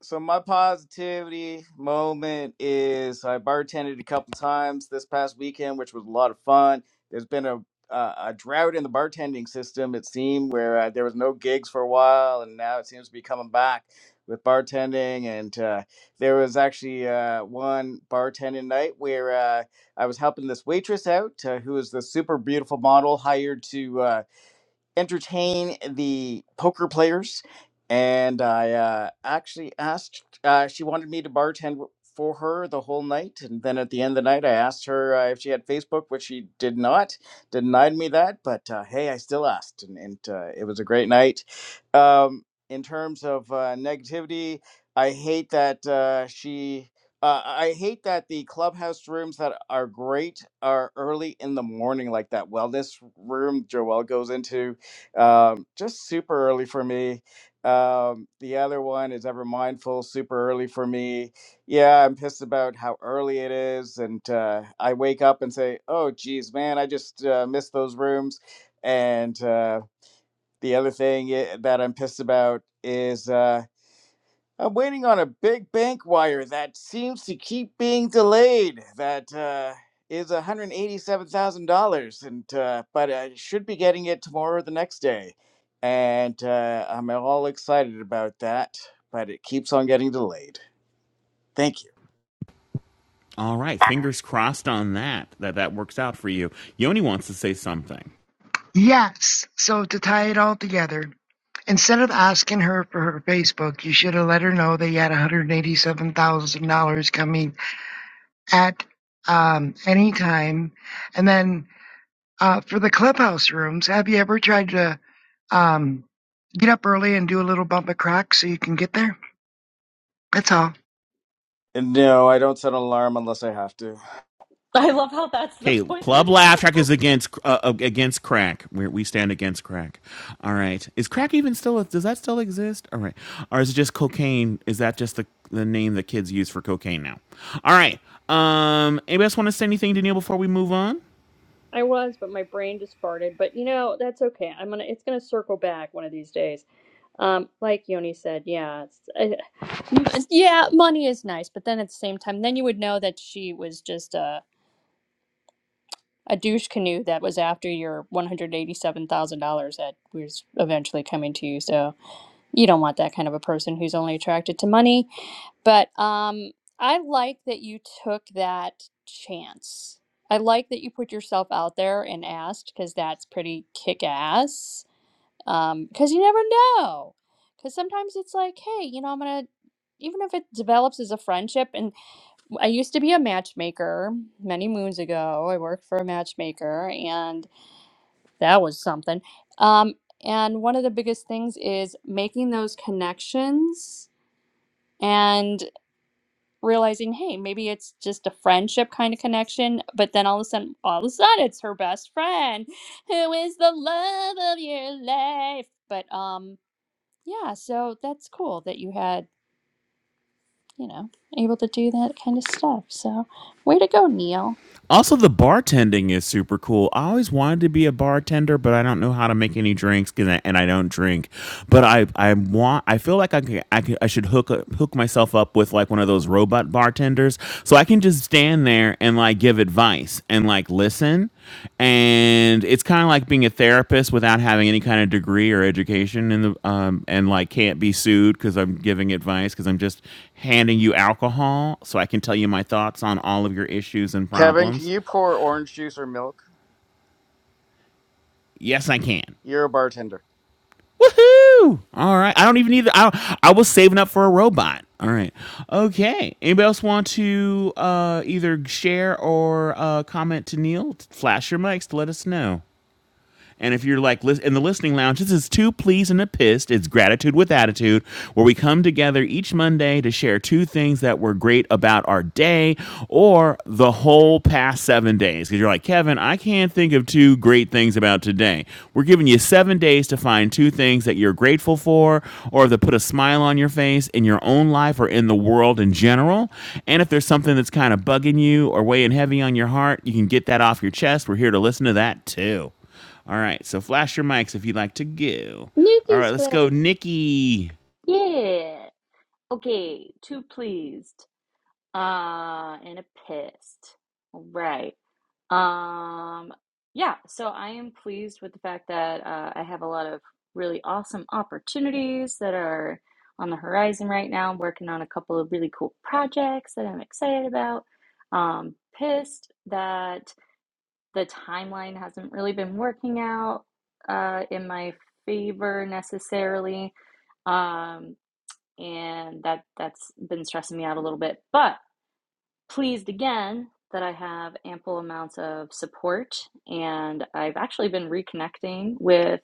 [SPEAKER 4] so my positivity moment is I bartended a couple times this past weekend, which was a lot of fun. There's been a uh, a drought in the bartending system, it seemed, where uh, there was no gigs for a while, and now it seems to be coming back with bartending. And uh, there was actually uh, one bartending night where uh, I was helping this waitress out, uh, who is the super beautiful model hired to. uh, entertain the poker players, and I uh, actually asked. Uh, she wanted me to bartend w- for her the whole night, and then at the end of the night, I asked her uh, if she had Facebook, which she did not. Denied me that, but uh, hey, I still asked, and, and uh, it was a great night. Um, in terms of uh, negativity, I hate that uh, she. Uh, I hate that the clubhouse rooms that are great are early in the morning, like that wellness room Joelle goes into um, just super early for me. Um, the other one is Ever Mindful, super early for me. Yeah, I'm pissed about how early it is. And uh, I wake up and say, oh, geez, man, I just uh, missed those rooms. And uh, the other thing i- that I'm pissed about is. Uh, I'm waiting on a big bank wire that seems to keep being delayed. That uh, is $187,000, and uh, but I should be getting it tomorrow or the next day. And uh, I'm all excited about that, but it keeps on getting delayed. Thank you.
[SPEAKER 1] All right, fingers crossed on that that that works out for you. Yoni wants to say something.
[SPEAKER 6] Yes. So to tie it all together, instead of asking her for her Facebook, you should have let her know that you had $187,000 coming at um, any time, and then Uh, for the clubhouse rooms, have you ever tried to um, get up early and do a little bump of crack so you can get there? That's all.
[SPEAKER 4] And no, I don't set an alarm unless I have to.
[SPEAKER 8] I love how that's the
[SPEAKER 1] Okay,
[SPEAKER 8] point that
[SPEAKER 1] Club
[SPEAKER 8] it
[SPEAKER 1] Laugh Track is against uh, uh, against crack. we we stand against crack. All right, is crack even still? Does that still exist? All right, or is it just cocaine? Is that just the the name that kids use for cocaine now? All right. Um, anybody else want to say anything to Neil before we move on?
[SPEAKER 2] I was, but my brain just farted. But you know, that's okay. I'm gonna. It's gonna circle back one of these days. Um, like Yoni said, yeah, it's, I, yeah, money is nice, but then at the same time, then you would know that she was just a a douche canoe that was after your one hundred eighty seven thousand dollars that was eventually coming to you. So you don't want that kind of a person who's only attracted to money but um, I like that you took that chance. I like that you put yourself out there and asked because that's pretty kick ass. Because you never know. Because sometimes it's like, hey, you know, I'm going to, even if it develops as a friendship. And I used to be a matchmaker many moons ago. I worked for a matchmaker and that was something. Um, and one of the biggest things is making those connections. And realizing, hey, maybe it's just a friendship kind of connection, but then all of a sudden, all of a sudden, it's her best friend, who is the love of your life. But um, yeah, so that's cool that you had, you know, able to do that kind of stuff. So, way to go, Neil.
[SPEAKER 1] Also, the bartending is super cool. I always wanted to be a bartender, but I don't know how to make any drinks, 'cause I- and I don't drink. But I, I want. I feel like I could, I, could, I should hook up- hook myself up with like one of those robot bartenders, so I can just stand there and like give advice and like listen and it's kind of like being a therapist without having any kind of degree or education in the um, and like can't be sued because i'm giving advice because i'm just handing you alcohol so i can tell you my thoughts on all of your issues and
[SPEAKER 4] Kevin, can
[SPEAKER 1] problems
[SPEAKER 4] you pour orange juice or milk?
[SPEAKER 1] yes i can
[SPEAKER 4] You're a bartender.
[SPEAKER 1] woohoo all right i don't even need the, I, I was saving up for a robot all right okay anybody else want to uh, either share or uh, comment to neil flash your mics to let us know And if you're like in the listening lounge, this is two pleas and a pissed. It's gratitude with attitude, where we come together each Monday to share two things that were great about our day or the whole past seven days. Because you're like, Kevin, I can't think of two great things about today. We're giving you seven days to find two things that you're grateful for or that put a smile on your face in your own life or in the world in general. And if there's something that's kind of bugging you or weighing heavy on your heart, you can get that off your chest. We're here to listen to that too. All right, so flash your mics if you'd like to go. All right,
[SPEAKER 2] Nikki's
[SPEAKER 1] let's
[SPEAKER 2] flat.
[SPEAKER 1] go, Nikki.
[SPEAKER 8] Yeah. Okay, Too pleased. Uh and a pissed. All Right. Um yeah, so I am pleased with the fact that uh, I have a lot of really awesome opportunities that are on the horizon right now. I'm working on a couple of really cool projects that I'm excited about. Um pissed that the timeline hasn't really been working out uh, in my favor necessarily, um, and that that's been stressing me out a little bit. But pleased again that I have ample amounts of support, and I've actually been reconnecting with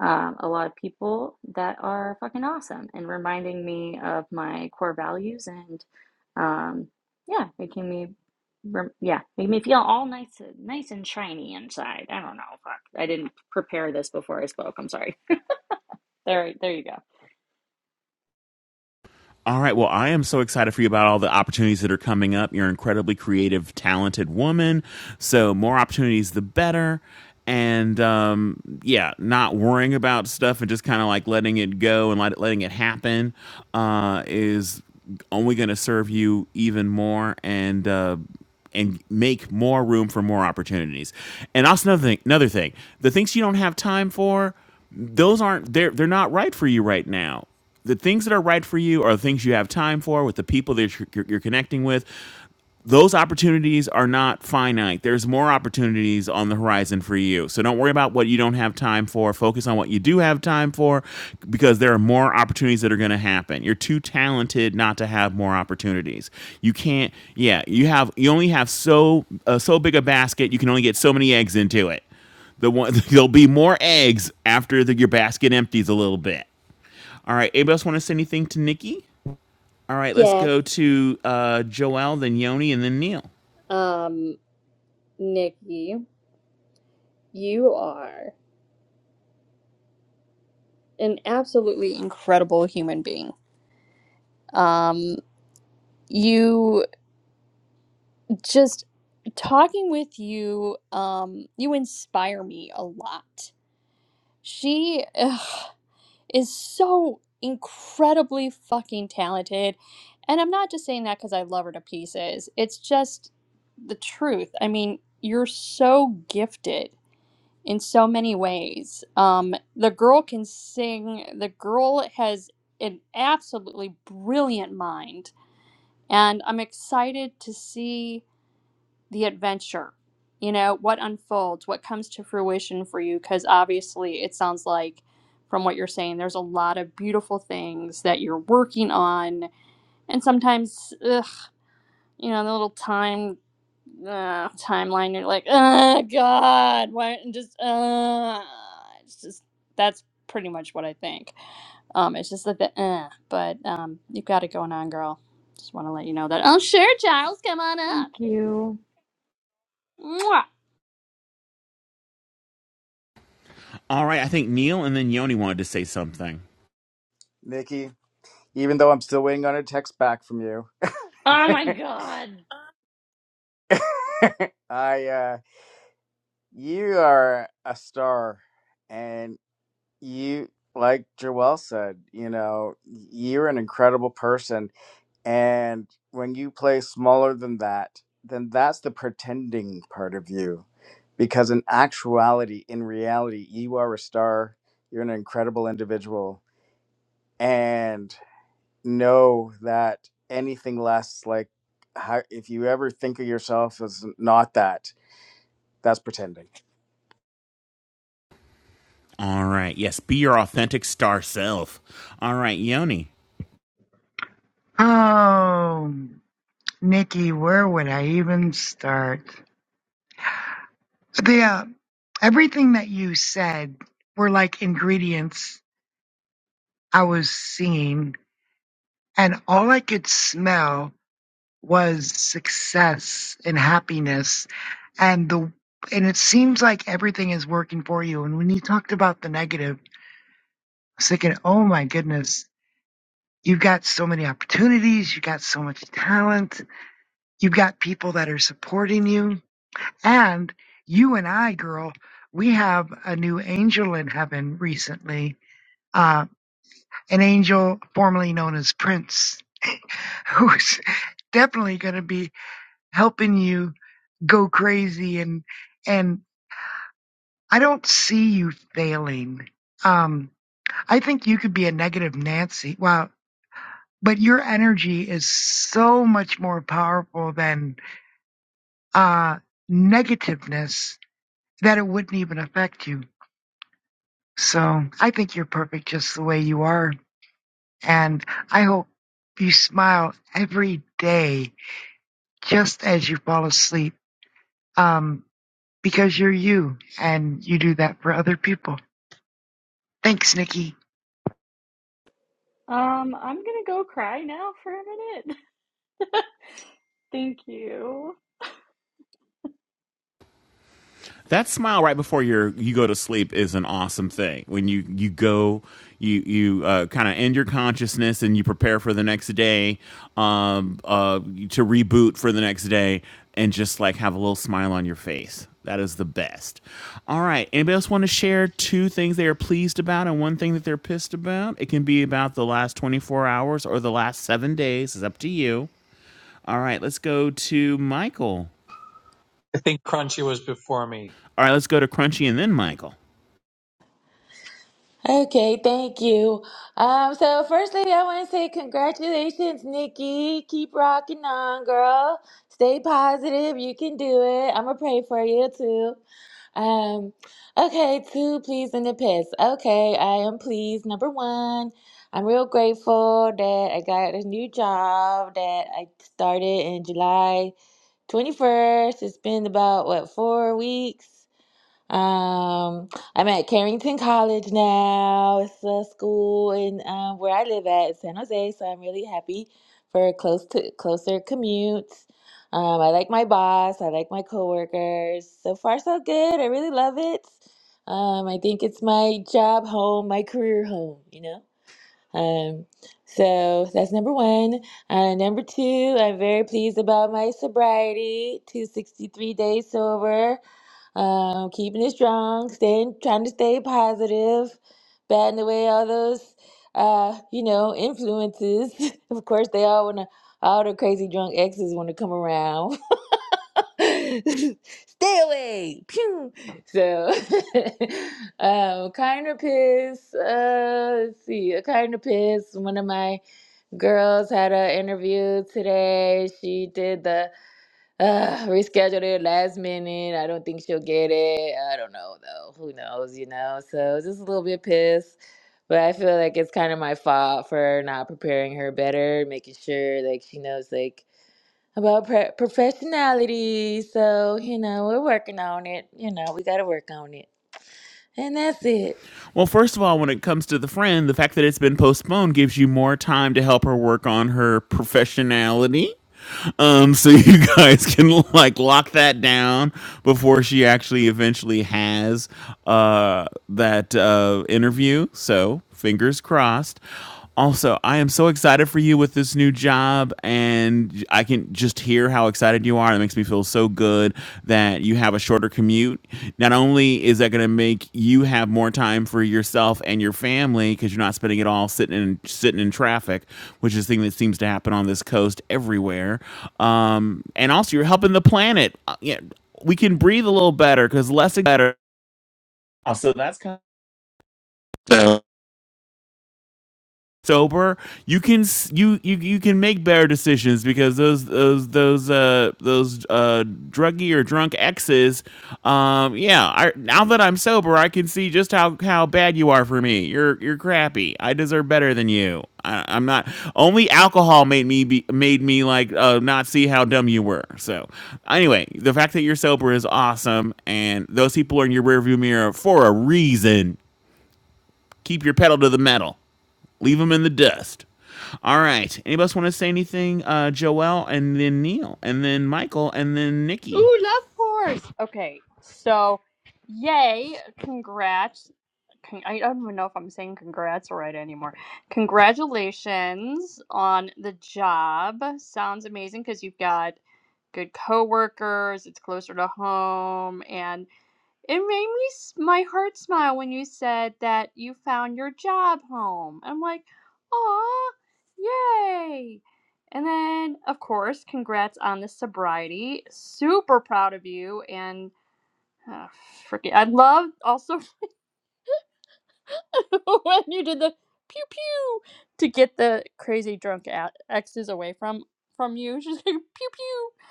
[SPEAKER 8] um, a lot of people that are fucking awesome and reminding me of my core values and um, yeah, making me yeah making me feel all nice nice and shiny inside. I don't know, fuck, I didn't prepare this before I spoke. I'm sorry. There, there you go.
[SPEAKER 1] All right. Well, I am so excited for you about all the opportunities that are coming up. You're an incredibly creative, talented woman. So, more opportunities, the better. And um, yeah, not worrying about stuff and just kind of like letting it go and let, letting it happen uh, is only going to serve you even more. And uh, and make more room for more opportunities. And also another thing, another thing, the things you don't have time for, those aren't they're they're not right for you right now the things that are right for you are the things you have time for with the people that you're, you're, you're connecting with. Those opportunities are not finite. There's more opportunities on the horizon for you. So don't worry about what you don't have time for. Focus on what you do have time for because there are more opportunities that are going to happen. You're too talented not to have more opportunities. You can't yeah, you have you only have so uh, so big a basket, you can only get so many eggs into it the one there'll be more eggs after the, your basket empties a little bit. All right. Anybody else want to say anything to Nikki? All right. Let's
[SPEAKER 2] Yes,
[SPEAKER 1] go to uh, Joel, then Yoni, and then Neil.
[SPEAKER 2] um, Nikki, you are an absolutely incredible human being. Um, you. just talking with you um you inspire me a lot she ugh, is so incredibly fucking talented and i'm not just saying that because i love her to pieces it's just the truth i mean you're so gifted in so many ways um the girl can sing the girl has an absolutely brilliant mind and i'm excited to see the adventure you know what unfolds what comes to fruition for you because obviously it sounds like from what you're saying there's a lot of beautiful things that you're working on and sometimes ugh, you know the little time uh, timeline you're like oh god why and just uh it's just that's pretty much what i think um it's just that the uh, but um you've got it going on girl just want to let you know that oh sure giles come on
[SPEAKER 8] Thank
[SPEAKER 2] up
[SPEAKER 8] you.
[SPEAKER 2] Mwah.
[SPEAKER 1] All right. I think Neil and then Yoni wanted to say something.
[SPEAKER 4] Nikki, even though I'm still waiting on a text back from you,
[SPEAKER 8] Oh my god.
[SPEAKER 4] I uh, you are a star and you like Joelle said, you know, you're an incredible person and when you play smaller than that, then that's the pretending part of you because in actuality, in reality, you are a star, you're an incredible individual and know that anything less like how, if you ever think of yourself as not that, that's pretending
[SPEAKER 1] All right. Yes. Be your authentic star self. All right, Yoni.
[SPEAKER 6] Oh, Nikki, where would I even start? The uh, everything that you said were like ingredients I was seeing, and all I could smell was success and happiness, and the and it seems like everything is working for you. And when you talked about the negative. was thinking, oh my goodness, you've got so many opportunities, you've got so much talent, you've got people that are supporting you. And you and I, girl, we have a new angel in heaven recently, uh, an angel formerly known as Prince, who's definitely going to be helping you go crazy and and I don't see you failing. Um, I think you could be a negative Nancy. Wow, but your energy is so much more powerful than uh, negativeness that it wouldn't even affect you. So I think you're perfect just the way you are. And I hope you smile every day just as you fall asleep um, because you're you and you do that for other people. Thanks, Nikki.
[SPEAKER 8] Um, I'm gonna go cry now for a minute. Thank you.
[SPEAKER 1] That smile right before you you go to sleep is an awesome thing. When you you go, you you uh, kind of end your consciousness and you prepare for the next day, um, uh, to reboot for the next day, and just like have a little smile on your face. That is the best. All right. Anybody else want to share two things they are pleased about and one thing that they're pissed about? It can be about the last 24 hours or the last seven days. It's up to you. All right. Let's go to Michael.
[SPEAKER 9] I think Crunchy was before me.
[SPEAKER 1] All right. Let's go to Crunchy and then Michael.
[SPEAKER 10] Okay, thank you. Um, so firstly, I want to say congratulations, Nikki. Keep rocking on, girl. Stay positive. You can do it. I'm gonna pray for you too. Um, okay, two pleased and the pissed. Okay, I am pleased. Number one, I'm real grateful that I got a new job that I started in July 21st. It's been about what four weeks. Um, I'm at Carrington College now. It's a school in um, where I live at in San Jose, so I'm really happy for close to closer commutes. Um, I like my boss. I like my coworkers. So far, so good. I really love it. Um, I think it's my job home, my career home. You know. Um, so that's number one. Uh, number two, I'm very pleased about my sobriety. 263 days sober um, keeping it strong, staying, trying to stay positive, batting away all those, uh, you know, influences. of course, they all wanna, all the crazy drunk exes wanna come around. stay away, pew. So, um, kind of pissed. Uh, let's see, a kind of pissed. One of my girls had an interview today. She did the uh, rescheduled it last minute. I don't think she'll get it. I don't know though. Who knows, you know? So I was just a little bit pissed. But I feel like it's kind of my fault for not preparing her better, making sure like she knows like about pre- professionality. So, you know, we're working on it. You know, we got to work on it. And that's it.
[SPEAKER 1] Well, first of all, when it comes to the friend, the fact that it's been postponed gives you more time to help her work on her professionality. Um, so you guys can like lock that down before she actually eventually has uh that uh interview. So fingers crossed. Also, I am so excited for you with this new job, and I can just hear how excited you are. It makes me feel so good that you have a shorter commute. Not only is that going to make you have more time for yourself and your family because you're not spending it all sitting in sitting in traffic, which is the thing that seems to happen on this coast everywhere. Um, and also, you're helping the planet. Uh, yeah, we can breathe a little better because less is better. So that's kind. of sober, you can you you you can make better decisions because those those those uh those uh druggy or drunk exes, um yeah, I, now that I'm sober, I can see just how how bad you are for me. You're you're crappy. I deserve better than you. I, I'm not. Only alcohol made me be made me like uh, not see how dumb you were. So anyway, the fact that you're sober is awesome, and those people are in your rearview mirror for a reason. Keep your pedal to the metal. Leave them in the dust. All right. Anybody else want to say anything? Uh, Joel, and then Neil, and then Michael, and then Nikki.
[SPEAKER 2] Ooh, love horse. Okay, so yay, congrats. Con- I don't even know if I'm saying congrats right anymore. Congratulations on the job. Sounds amazing because you've got good coworkers, it's closer to home, and. It made me s- my heart smile when you said that you found your job home. I'm like, "Aw, yay!" And then, of course, congrats on the sobriety. Super proud of you. And uh, freaking, I love also when you did the pew pew to get the crazy drunk a- exes away from from you. She's like pew pew.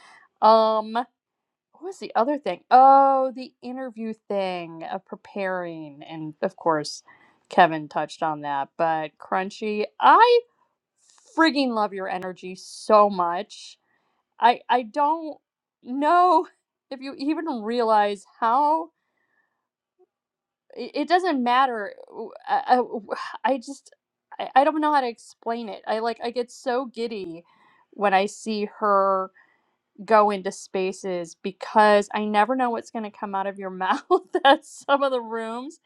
[SPEAKER 2] Um, What was the other thing? Oh, the interview thing of preparing. And of course, Kevin touched on that. But Crunchy, I frigging love your energy so much. I I don't know if you even realize how it it doesn't matter. I I I just I, I don't know how to explain it. I like I get so giddy when I see her go into spaces because I never know what's going to come out of your mouth at some of the rooms,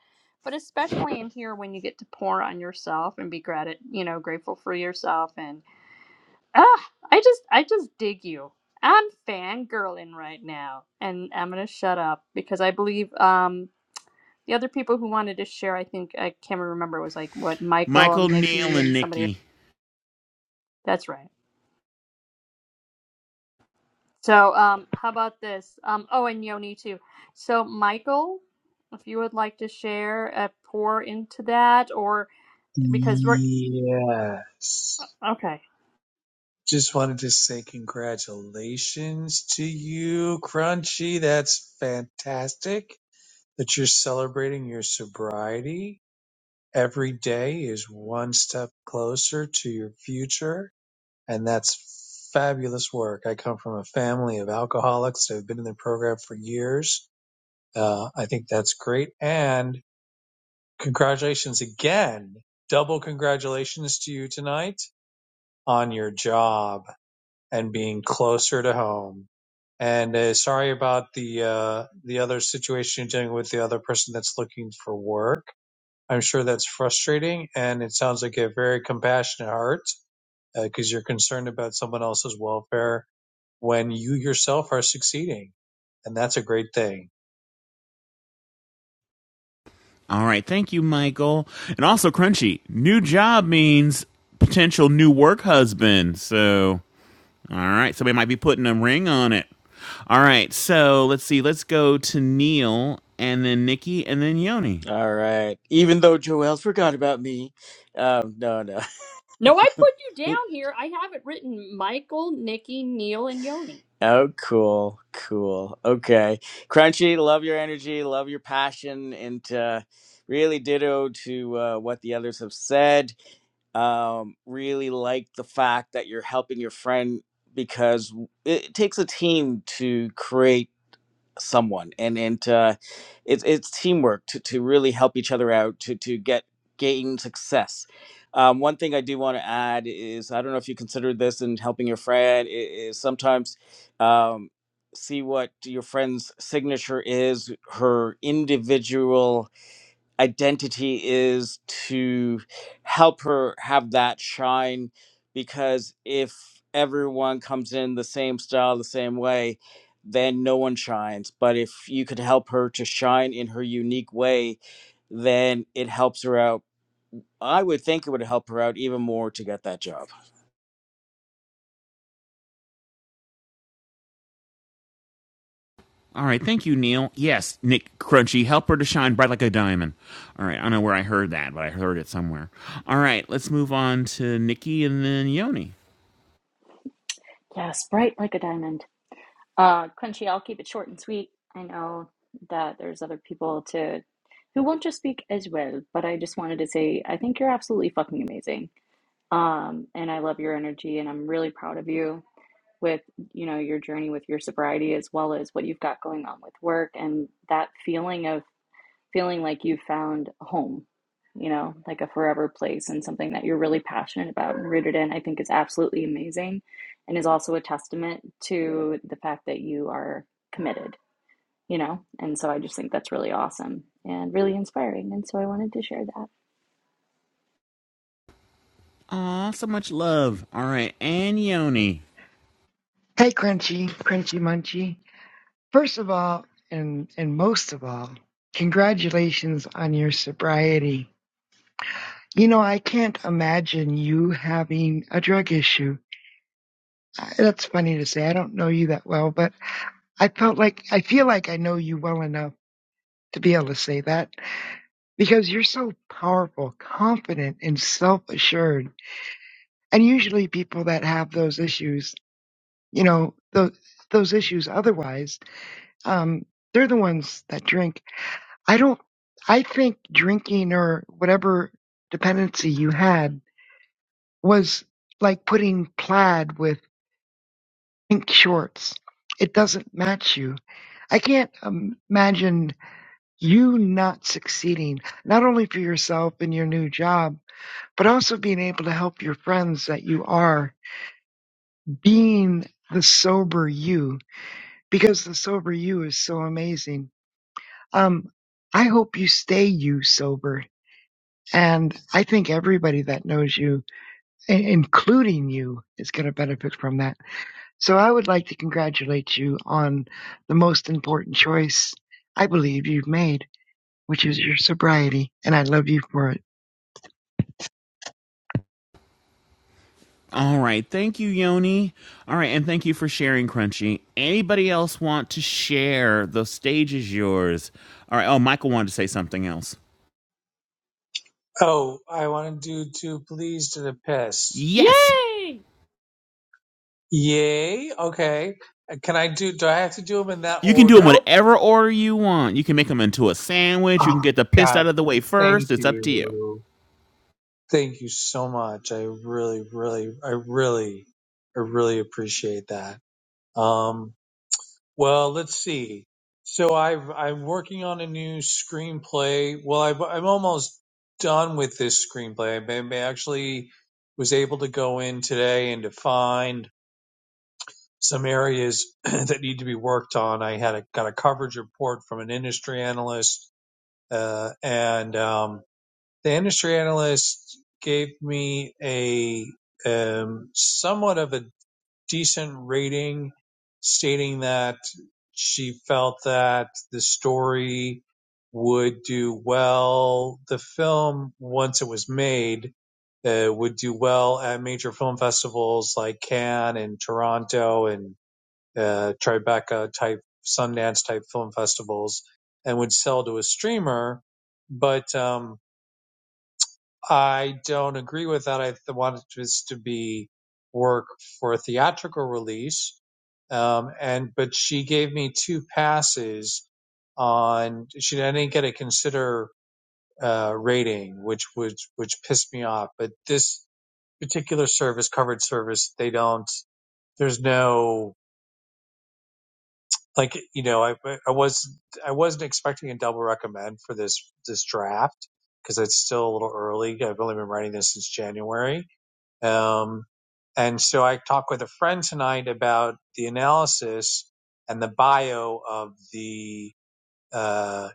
[SPEAKER 2] but especially in here when you get to pour on yourself and be grat- you know, grateful for yourself and ah, I just I just dig you. I'm fangirling right now and I'm going to shut up because I believe um the other people who wanted to share, I think I can't remember it was like what Michael,
[SPEAKER 1] Michael, Neil,
[SPEAKER 2] Nikki
[SPEAKER 1] and
[SPEAKER 2] and somebody
[SPEAKER 1] Nikki.
[SPEAKER 2] That's right. So, um, how about this? Um, oh, and Yoni too. So, Michael, if you would like to share a pour into that, or because we're
[SPEAKER 9] Yes.
[SPEAKER 2] okay.
[SPEAKER 9] Just wanted to say congratulations to you, Crunchy. That's fantastic that you're celebrating your sobriety. Every day is one step closer to your future. And that's fabulous work. I come from a family of alcoholics that have been in the program for years. Uh, I think that's great. And Congratulations again. Double congratulations to you tonight on your job and being closer to home. And uh, sorry about the uh, the other situation you're dealing with the other person that's looking for work. I'm sure that's frustrating, and it sounds like a very compassionate heart because you're concerned about someone else's welfare when you yourself are succeeding, and that's a great thing.
[SPEAKER 1] All right. Thank you, Michael. And also, Crunchy, new job means potential new work husband. So, all right. Somebody might be putting a ring on it. All right. So, let's see. Let's go to Neil, and then Nikki, and then Yoni.
[SPEAKER 4] All right. Even though Joel's forgot about me. Um, no, no.
[SPEAKER 2] No, I put you down here. I have it written: Michael, Nikki, Neil, and Yoni.
[SPEAKER 4] Oh, cool, cool. Okay, Crunchy, love your energy, love your passion, and uh, really ditto to uh, what the others have said. Um, really like the fact that you're helping your friend because it, it takes a team to create someone and and uh, it's it's teamwork to, to really help each other out to to get gain success um, one thing i do want to add is i don't know if you consider this in helping your friend i- is sometimes um, see what your friend's signature is her individual identity is to help her have that shine because if everyone comes in the same style the same way then no one shines but if you could help her to shine in her unique way then it helps her out i would think it would help her out even more to get that job
[SPEAKER 1] All right, thank you, Neil. Yes, Nick Crunchy, help her to shine bright like a diamond. All right, I don't know where I heard that, but I heard it somewhere. All right, let's move on to Nikki and then Yoni.
[SPEAKER 8] Yes, bright like a diamond. Uh, Crunchy, I'll keep it short and sweet. I know that there's other people to who want to speak as well, but I just wanted to say I think you're absolutely fucking amazing. Um, and I love your energy, and I'm really proud of you with you know your journey with your sobriety as well as what you've got going on with work and that feeling of feeling like you found a home, you know, like a forever place and something that you're really passionate about and rooted in, I think is absolutely amazing and is also a testament to the fact that you are committed, you know? And so I just think that's really awesome and really inspiring. And so I wanted to share that.
[SPEAKER 1] Aw, so much love. All right, and Yoni.
[SPEAKER 6] Hey, Crunchy, Crunchy Munchy. First of all, and, and most of all, congratulations on your sobriety You know, I can't imagine you having a drug issue. I- That's funny to say. I don't know you that well, but I felt like I feel like I know you well enough to be able to say that because you're so powerful, confident, and self-assured. And usually, people that have those issues, you know, those those issues otherwise, um, they're the ones that drink. I don't. I think drinking or whatever dependency you had was like putting plaid with pink shorts. It doesn't match you. I can't um, imagine you not succeeding, not only for yourself in your new job, but also being able to help your friends that you are being the sober you, because the sober you is so amazing. Um, I hope you stay you sober. And I think everybody that knows you, i- including you, is going to benefit from that. So I would like to congratulate you on the most important choice I believe you've made, which is your sobriety, and I love you for it.
[SPEAKER 1] All right, thank you, Yoni. All right, and thank you for sharing, Crunchy. Anybody else want to share? The stage is yours. All right, oh, Michael wanted to say something else.
[SPEAKER 9] Oh, I wanted you to please to the piss.
[SPEAKER 1] Yes.
[SPEAKER 2] Yay!
[SPEAKER 9] Yay. Okay. And Can I do, do I have to do them in that
[SPEAKER 1] You can do them
[SPEAKER 9] order?
[SPEAKER 2] Nope,
[SPEAKER 1] whatever order you want. You can make them into a sandwich. You can
[SPEAKER 9] Oh,
[SPEAKER 1] get the pissed
[SPEAKER 9] God.
[SPEAKER 1] out of the way
[SPEAKER 9] Thank
[SPEAKER 1] first. It's up to you.
[SPEAKER 9] you. Thank you so much. I really, really, I really, I really appreciate that. Um, well, let's see. So I've, I'm working on a new screenplay. Well, I've, I'm almost done with this screenplay. I I actually was able to go in today and to find some areas that need to be worked on. I had a, got a coverage report from an industry analyst, uh, and um, the industry analyst gave me a um, somewhat of a decent rating, stating that she felt that the story would do well. The film, once it was made, uh, would do well at major film festivals like Cannes and Toronto and uh, Tribeca type, Sundance type film festivals and would sell to a streamer. But um, I don't agree with that. I th- want this to be work for a theatrical release. Um, and but she gave me two passes on. She I didn't get a consider uh, rating, which would which pissed me off. But this particular service, covered service, they don't. There's no like you know I I was I wasn't expecting a double recommend for this this draft because it's still a little early. I've only been writing this since January, um, and so I talked with a friend tonight about the analysis and the bio of the uh,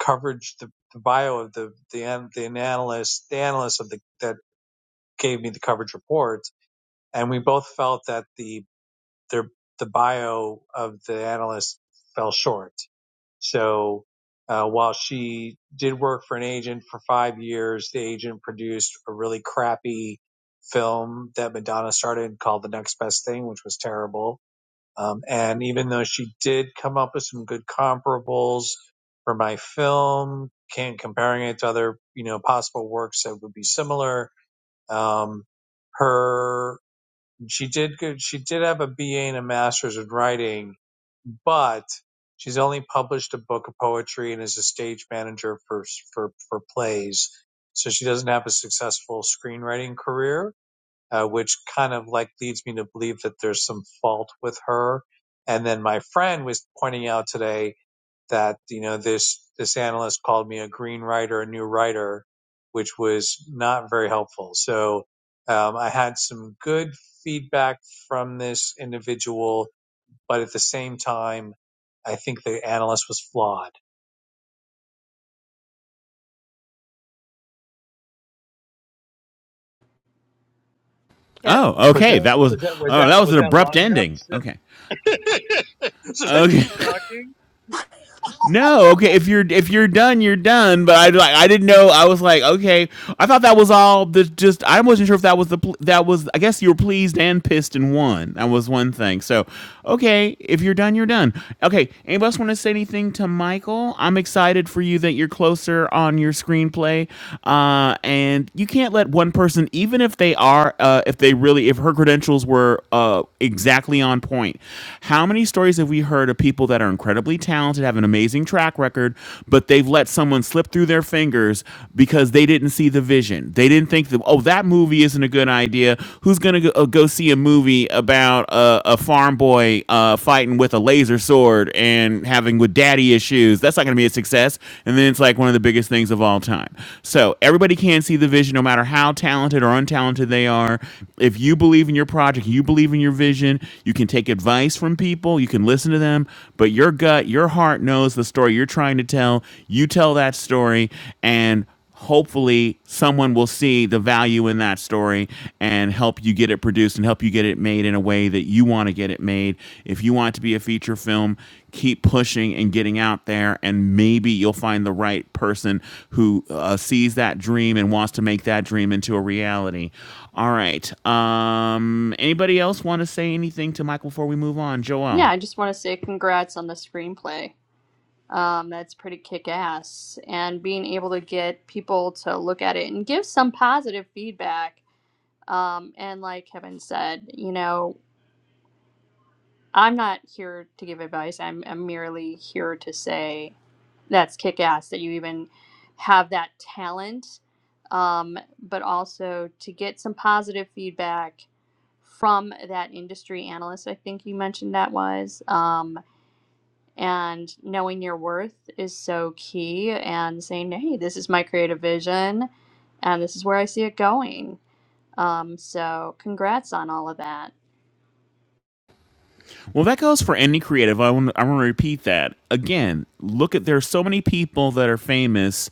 [SPEAKER 9] coverage, the, the bio of the the the analyst, the analyst of the that gave me the coverage report, and we both felt that the their the bio of the analyst fell short so uh, while she did work for an agent for five years, the agent produced a really crappy film that Madonna started called The Next Best Thing, which was terrible. Um, and even though she did come up with some good comparables for my film, can't comparing it to other you know possible works that would be similar. Um, her she did good. She did have a BA and a master's in writing, but she's only published a book of poetry and is a stage manager for for for plays. So she doesn't have a successful screenwriting career, uh, which kind of like leads me to believe that there's some fault with her. And then my friend was pointing out today that you know this this analyst called me a green writer, a new writer, which was not very helpful. So um, I had some good feedback from this individual but at the same time, I think the analyst was flawed.
[SPEAKER 2] Kevin.
[SPEAKER 1] Oh,
[SPEAKER 9] Was
[SPEAKER 1] okay.
[SPEAKER 9] that
[SPEAKER 1] That was
[SPEAKER 9] was that was
[SPEAKER 1] oh,
[SPEAKER 9] that
[SPEAKER 1] that was
[SPEAKER 9] was
[SPEAKER 1] an
[SPEAKER 9] that
[SPEAKER 1] abrupt
[SPEAKER 9] long enough?
[SPEAKER 1] ending.
[SPEAKER 9] So,
[SPEAKER 1] Okay,
[SPEAKER 9] that so they
[SPEAKER 1] okay.
[SPEAKER 9] keep talking.
[SPEAKER 1] No, okay. If you're if you're done, you're done. But I like I didn't know. I was like, okay. I thought that was all. The just I wasn't sure if that was the that was. I guess you were pleased and pissed in one. That was one thing. So, okay. If you're done, you're done. Okay. Anybody else want to say anything to Michael? I'm excited for you that you're closer on your screenplay. Uh, and you can't let one person, even if they are, uh, if they really, if her credentials were uh exactly on point. How many stories have we heard of people that are incredibly incredibly talented, have an amazing track record, but they've let someone slip through their fingers because they didn't see the vision. They didn't think that, oh, that movie isn't a good idea. Who's going to go, uh, go see a movie about a, a farm boy uh, fighting with a laser sword and having with daddy issues? That's not going to be a success. And then it's like one of the biggest things of all time. So everybody can see the vision, no matter how talented or untalented they are. If you believe in your project, you believe in your vision, you can take advice from people, you can listen to them but your gut, your heart knows the story you're trying to tell. You tell that story, and hopefully someone will see the value in that story and help you get it produced and help you get it made in a way that you want to get it made. If you want it to be a feature film, keep pushing and getting out there and maybe you'll find the right person who uh, sees that dream and wants to make that dream into a reality. All right. Um anybody else want to say anything to Michael before we move on? Joelle?
[SPEAKER 2] Yeah, I just want to say congrats on the screenplay. Um, that's pretty kick-ass, and being able to get people to look at it and give some positive feedback um, and like Kevin said, you know, I'm not here to give advice. I'm, I'm merely here to say that's kick ass that you even have that talent, um, but also to get some positive feedback from that industry analyst. I think you mentioned that was. Um, and knowing your worth is so key and saying, hey, this is my creative vision and this is where I see it going. Um, so congrats on all of that.
[SPEAKER 1] Well, that goes for any creative. I want I want to repeat that again. Look at there's so many people that are famous,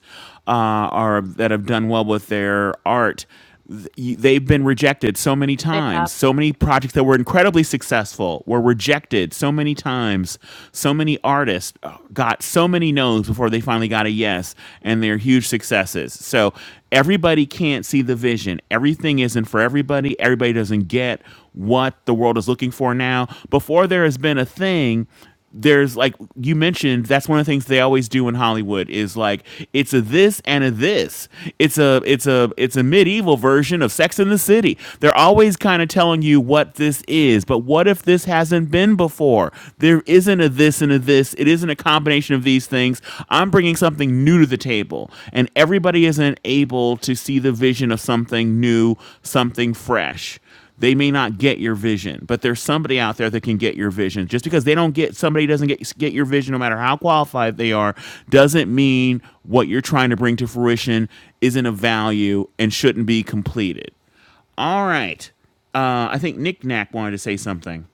[SPEAKER 1] uh, are that have done well with their art. Th- y- They've been rejected so many
[SPEAKER 2] They
[SPEAKER 1] times.
[SPEAKER 2] have.
[SPEAKER 1] So many projects that were incredibly successful were rejected so many times. So many artists uh, got so many no's before they finally got a yes, and they're huge successes. So everybody can't see the vision. Everything isn't for everybody. Everybody doesn't get what the world is looking for now. Before there has been a thing there's like you mentioned that's one of the things they always do in hollywood is like it's a this and a this it's a it's a it's a medieval version of sex in the city they're always kind of telling you what this is but what if this hasn't been before there isn't a this and a this it isn't a combination of these things i'm bringing something new to the table and everybody isn't able to see the vision of something new something fresh they may not get your vision, but there's somebody out there that can get your vision. Just because they don't get somebody doesn't get get your vision, no matter how qualified they are, doesn't mean what you're trying to bring to fruition isn't of value and shouldn't be completed. All right. Uh, I think Nick Knack wanted to say something.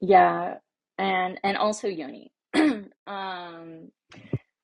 [SPEAKER 8] Yeah. And and also Yoni. um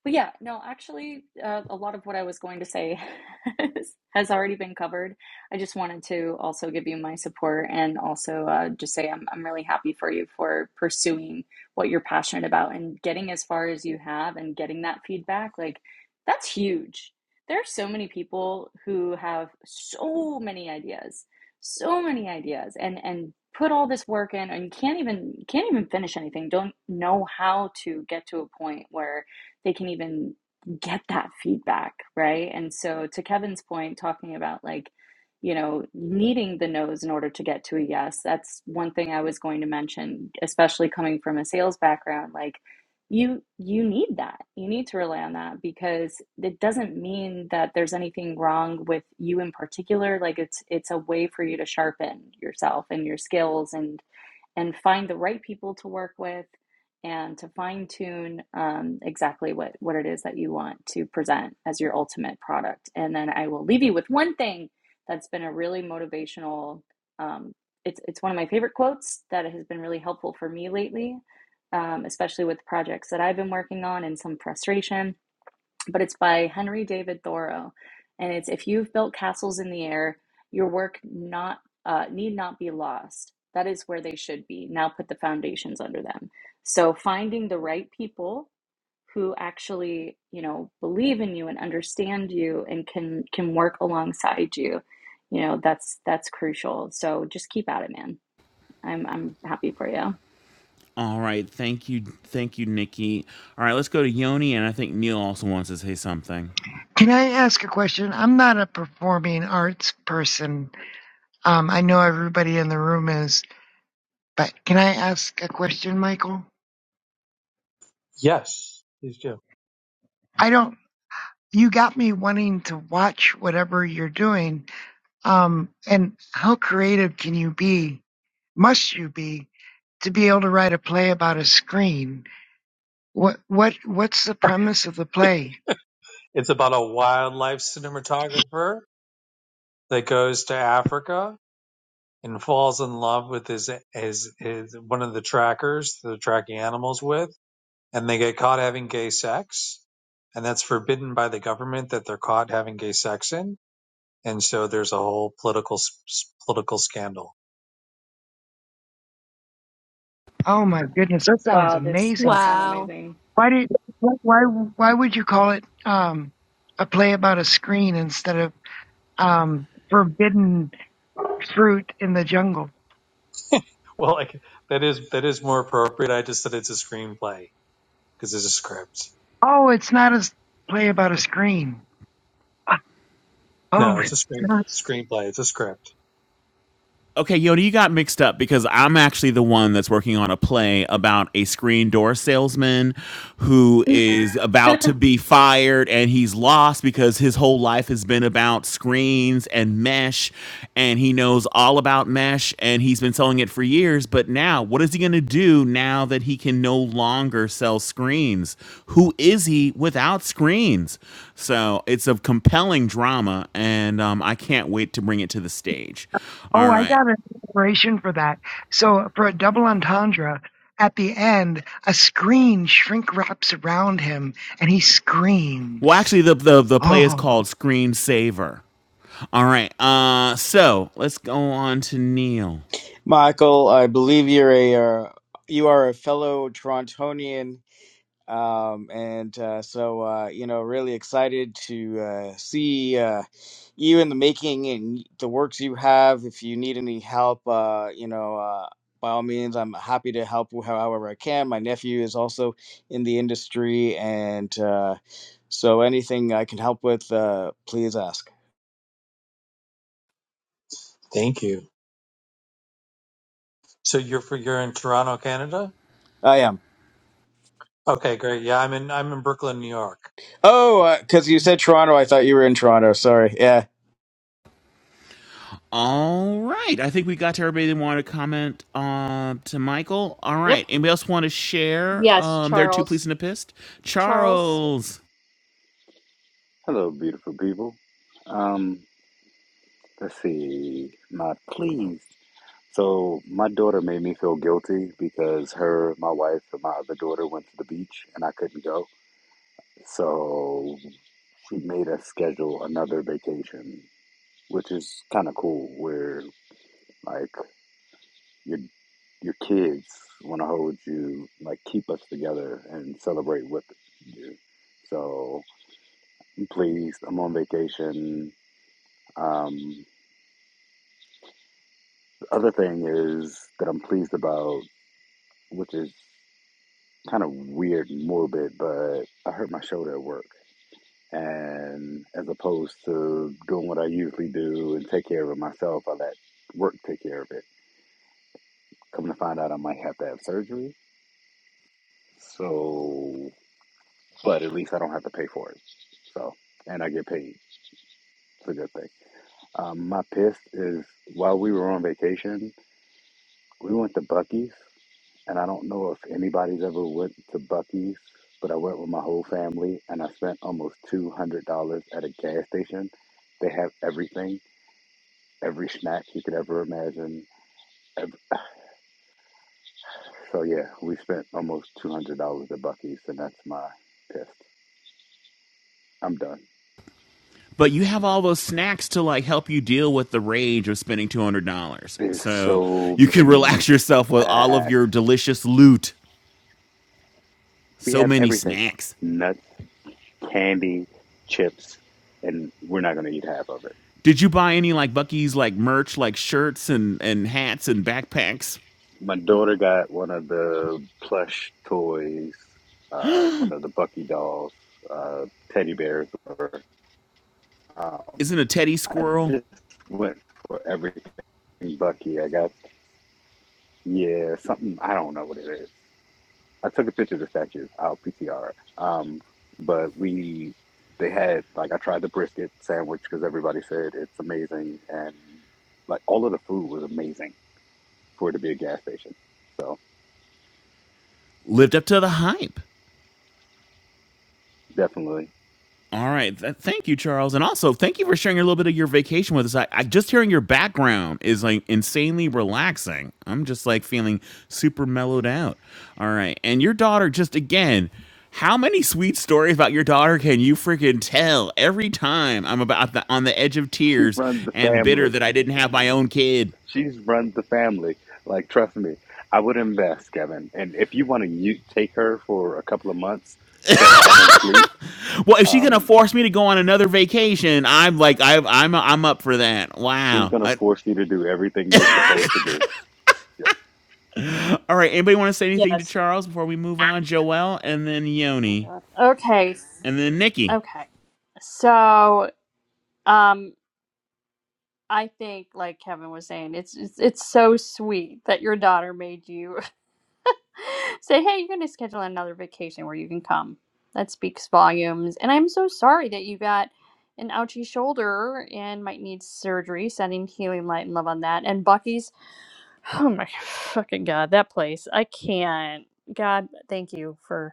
[SPEAKER 8] But yeah, no, actually, uh, a lot of what I was going to say has, already been covered. I just wanted to also give you my support and also uh, just say I'm, I'm really happy for you for pursuing what you're passionate about and getting as far as you have and getting that feedback. Like, that's huge. There are so many people who have so many ideas, so many ideas, and and put all this work in and can't even can't even finish anything. Don't know how to get to a point where they can even get that feedback, right? And so, to Kevin's point, talking about like, you know, needing the no's in order to get to a yes, that's one thing I was going to mention, especially coming from a sales background. Like, you you need that. You need to rely on that because it doesn't mean that there's anything wrong with you in particular. Like, it's it's a way for you to sharpen yourself and your skills and and find the right people to work with and to fine tune um, exactly what, what it is that you want to present as your ultimate product. And then I will leave you with one thing that's been a really motivational, um, it's, it's one of my favorite quotes that has been really helpful for me lately, um, especially with projects that I've been working on and some frustration but it's by Henry David Thoreau, and it's if you've built castles in the air, your work not uh, need not be lost. That is where they should be. Now put the foundations under them. So finding the right people who actually you know believe in you and understand you and can can work alongside you, you know that's that's crucial. So just keep at it, man. I'm I'm happy for you.
[SPEAKER 1] All right. Thank you. Thank you, Nikki. All right. Let's go to Yoni. And I think Neil also wants to say something.
[SPEAKER 6] Can I ask a question? I'm not a performing arts person. Um, I know everybody in the room is, but can I ask a question, Michael?
[SPEAKER 9] Yes, please do.
[SPEAKER 6] I don't. You got me wanting to watch whatever you're doing. Um, and how creative can you be? Must you be to be able to write a play about a screen? What what what's the premise of the play?
[SPEAKER 9] It's about a wildlife cinematographer that goes to Africa and falls in love with his his, his one of the trackers, the tracking animals with, and they get caught having gay sex, and that's forbidden by the government that they're caught having gay sex in, and so there's a whole political political scandal
[SPEAKER 6] Oh my goodness, that sounds
[SPEAKER 8] Wow, this
[SPEAKER 6] amazing.
[SPEAKER 8] does sound
[SPEAKER 3] Wow.
[SPEAKER 8] amazing.
[SPEAKER 6] Why did wh- why why would you call it um a play about a screen instead of um forbidden fruit in the jungle?
[SPEAKER 9] Well, like that is that is more appropriate. I just said it's a screenplay because it's a script.
[SPEAKER 6] Oh, it's not a s- play about a screen. Oh,
[SPEAKER 9] No, it's a screen
[SPEAKER 6] snap.
[SPEAKER 9] screenplay. It's a script.
[SPEAKER 1] Okay, Yoda, you got mixed up because I'm actually the one that's working on a play about a screen door salesman who is about to be fired and he's lost because his whole life has been about screens and mesh and he knows all about mesh and he's been selling it for years. But now, what is he going to do now that he can no longer sell screens? Who is he without screens? So it's a compelling drama and um, I can't wait to bring it to the stage.
[SPEAKER 6] oh,
[SPEAKER 1] All
[SPEAKER 6] I
[SPEAKER 1] right.
[SPEAKER 6] got an inspiration for that. So for a double entendre, at the end, a screen shrink wraps around him and he
[SPEAKER 1] Well,
[SPEAKER 6] screams.
[SPEAKER 1] actually, the the the play is
[SPEAKER 6] Oh.
[SPEAKER 1] called Screensaver. All right. Uh, so let's go on to Neil.
[SPEAKER 4] Michael, I believe you're a uh, you are a fellow Torontonian. um and uh so uh you know really excited to uh see uh you in the making and the works you have if you need any help uh you know uh by all means i'm happy to help wh- however i can my nephew is also in the industry and uh so anything i can help with uh please ask
[SPEAKER 9] Thank you. So you're for you're in Toronto, Canada.
[SPEAKER 4] i am
[SPEAKER 9] Okay, great. Yeah, I'm in I'm in Brooklyn, New York.
[SPEAKER 4] oh because you said toronto i thought you were in toronto sorry Yeah.
[SPEAKER 1] All right. I think we got to everybody that wanted to comment uh, to Michael. All
[SPEAKER 2] Yep.
[SPEAKER 1] right. Anybody else want to share
[SPEAKER 2] Yes,
[SPEAKER 1] um, their two
[SPEAKER 2] Charles.
[SPEAKER 1] pleas and a pissed?
[SPEAKER 2] Charles?
[SPEAKER 1] Charles.
[SPEAKER 11] Hello, beautiful people. Um, let's see. Not pleased. So my daughter made me feel guilty because her, my wife, and my other daughter went to the beach and I couldn't go. So she made us schedule another vacation, which is kind of cool. Where like your your kids want to hold you, like keep us together and celebrate with you. So I'm pleased. I'm on vacation. Um, Other thing is that I'm pleased about, which is kind of weird and morbid, but I hurt my shoulder at work. And as opposed to doing what I usually do and take care of it myself, I let work take care of it. Come to find out, I might have to have surgery. So, but at least I don't have to pay for it. So, and I get paid. It's a good thing. Um, my piss is while we were on vacation, we went to Bucky's And I don't know if anybody's ever went to Bucky's, but I went with my whole family and I spent almost $200 at a gas station. They have everything, every snack you could ever imagine. Ev- So yeah, we spent almost $200 at Bucky's and that's my test. I'm done.
[SPEAKER 1] But you have all those snacks to like help you deal with the rage of spending two hundred dollars.
[SPEAKER 11] There's
[SPEAKER 1] So
[SPEAKER 11] so
[SPEAKER 1] you can
[SPEAKER 11] many
[SPEAKER 1] relax yourself with all of
[SPEAKER 11] snacks.
[SPEAKER 1] your delicious loot.
[SPEAKER 11] We
[SPEAKER 1] So
[SPEAKER 11] have
[SPEAKER 1] many
[SPEAKER 11] everything.
[SPEAKER 1] snacks.
[SPEAKER 11] Nuts, candy, chips, and we're not going to eat half of it.
[SPEAKER 1] Did you buy any like Bucky's like merch, like shirts and and hats and backpacks?
[SPEAKER 11] My daughter got one of the plush toys, uh, one of the Bucky dolls, uh, teddy bears. Um,
[SPEAKER 1] Isn't a teddy
[SPEAKER 11] I
[SPEAKER 1] squirrel
[SPEAKER 11] just went for everything Bucky. I got, yeah, something, I don't know what it is. I took a picture of the statues. I'll PCR. Um, but we, they had, like, I tried the brisket sandwich because everybody said it's amazing. And, like, all of the food was amazing for it to be a gas station. So,
[SPEAKER 1] lived up to the hype?
[SPEAKER 11] definitely.
[SPEAKER 1] All right, th- thank you, Charles, and also thank you for sharing a little bit of your vacation with us. I, I just hearing your background is like insanely relaxing. I'm just like feeling super mellowed out. All right, and your daughter just again. How many sweet stories about your daughter can you freaking tell every time I'm about the, on the edge of
[SPEAKER 11] She
[SPEAKER 1] tears
[SPEAKER 11] runs the
[SPEAKER 1] and bitter
[SPEAKER 11] family.
[SPEAKER 1] that I didn't have my own kid?
[SPEAKER 11] She's runs the family. Like, trust me, I would invest, Kevin. And if you want to you take her for a couple of months so I can sleep,
[SPEAKER 1] Well, if she's gonna
[SPEAKER 11] um,
[SPEAKER 1] force me to go on another vacation, I'm like, I, I'm I'm up for that.
[SPEAKER 11] she's
[SPEAKER 1] Wow.
[SPEAKER 11] gonna
[SPEAKER 1] I,
[SPEAKER 11] force you to do everything you're supposed to do. Yeah.
[SPEAKER 1] all right. Anybody want to say anything to
[SPEAKER 2] Yes.
[SPEAKER 1] Charles before we move on? Joel, and then
[SPEAKER 2] Oh my
[SPEAKER 1] Yoni,
[SPEAKER 2] God. Okay.
[SPEAKER 1] and then Nikki.
[SPEAKER 2] Okay. So, um, I think, like Kevin was saying, it's it's, it's so sweet that your daughter made you say, "Hey, you're going to schedule another vacation where you can come." That speaks volumes. And I'm so sorry that you got an ouchy shoulder and might need surgery. Sending healing light and love on that. And Bucky's, oh my fucking god, that place. I can't. God, thank you for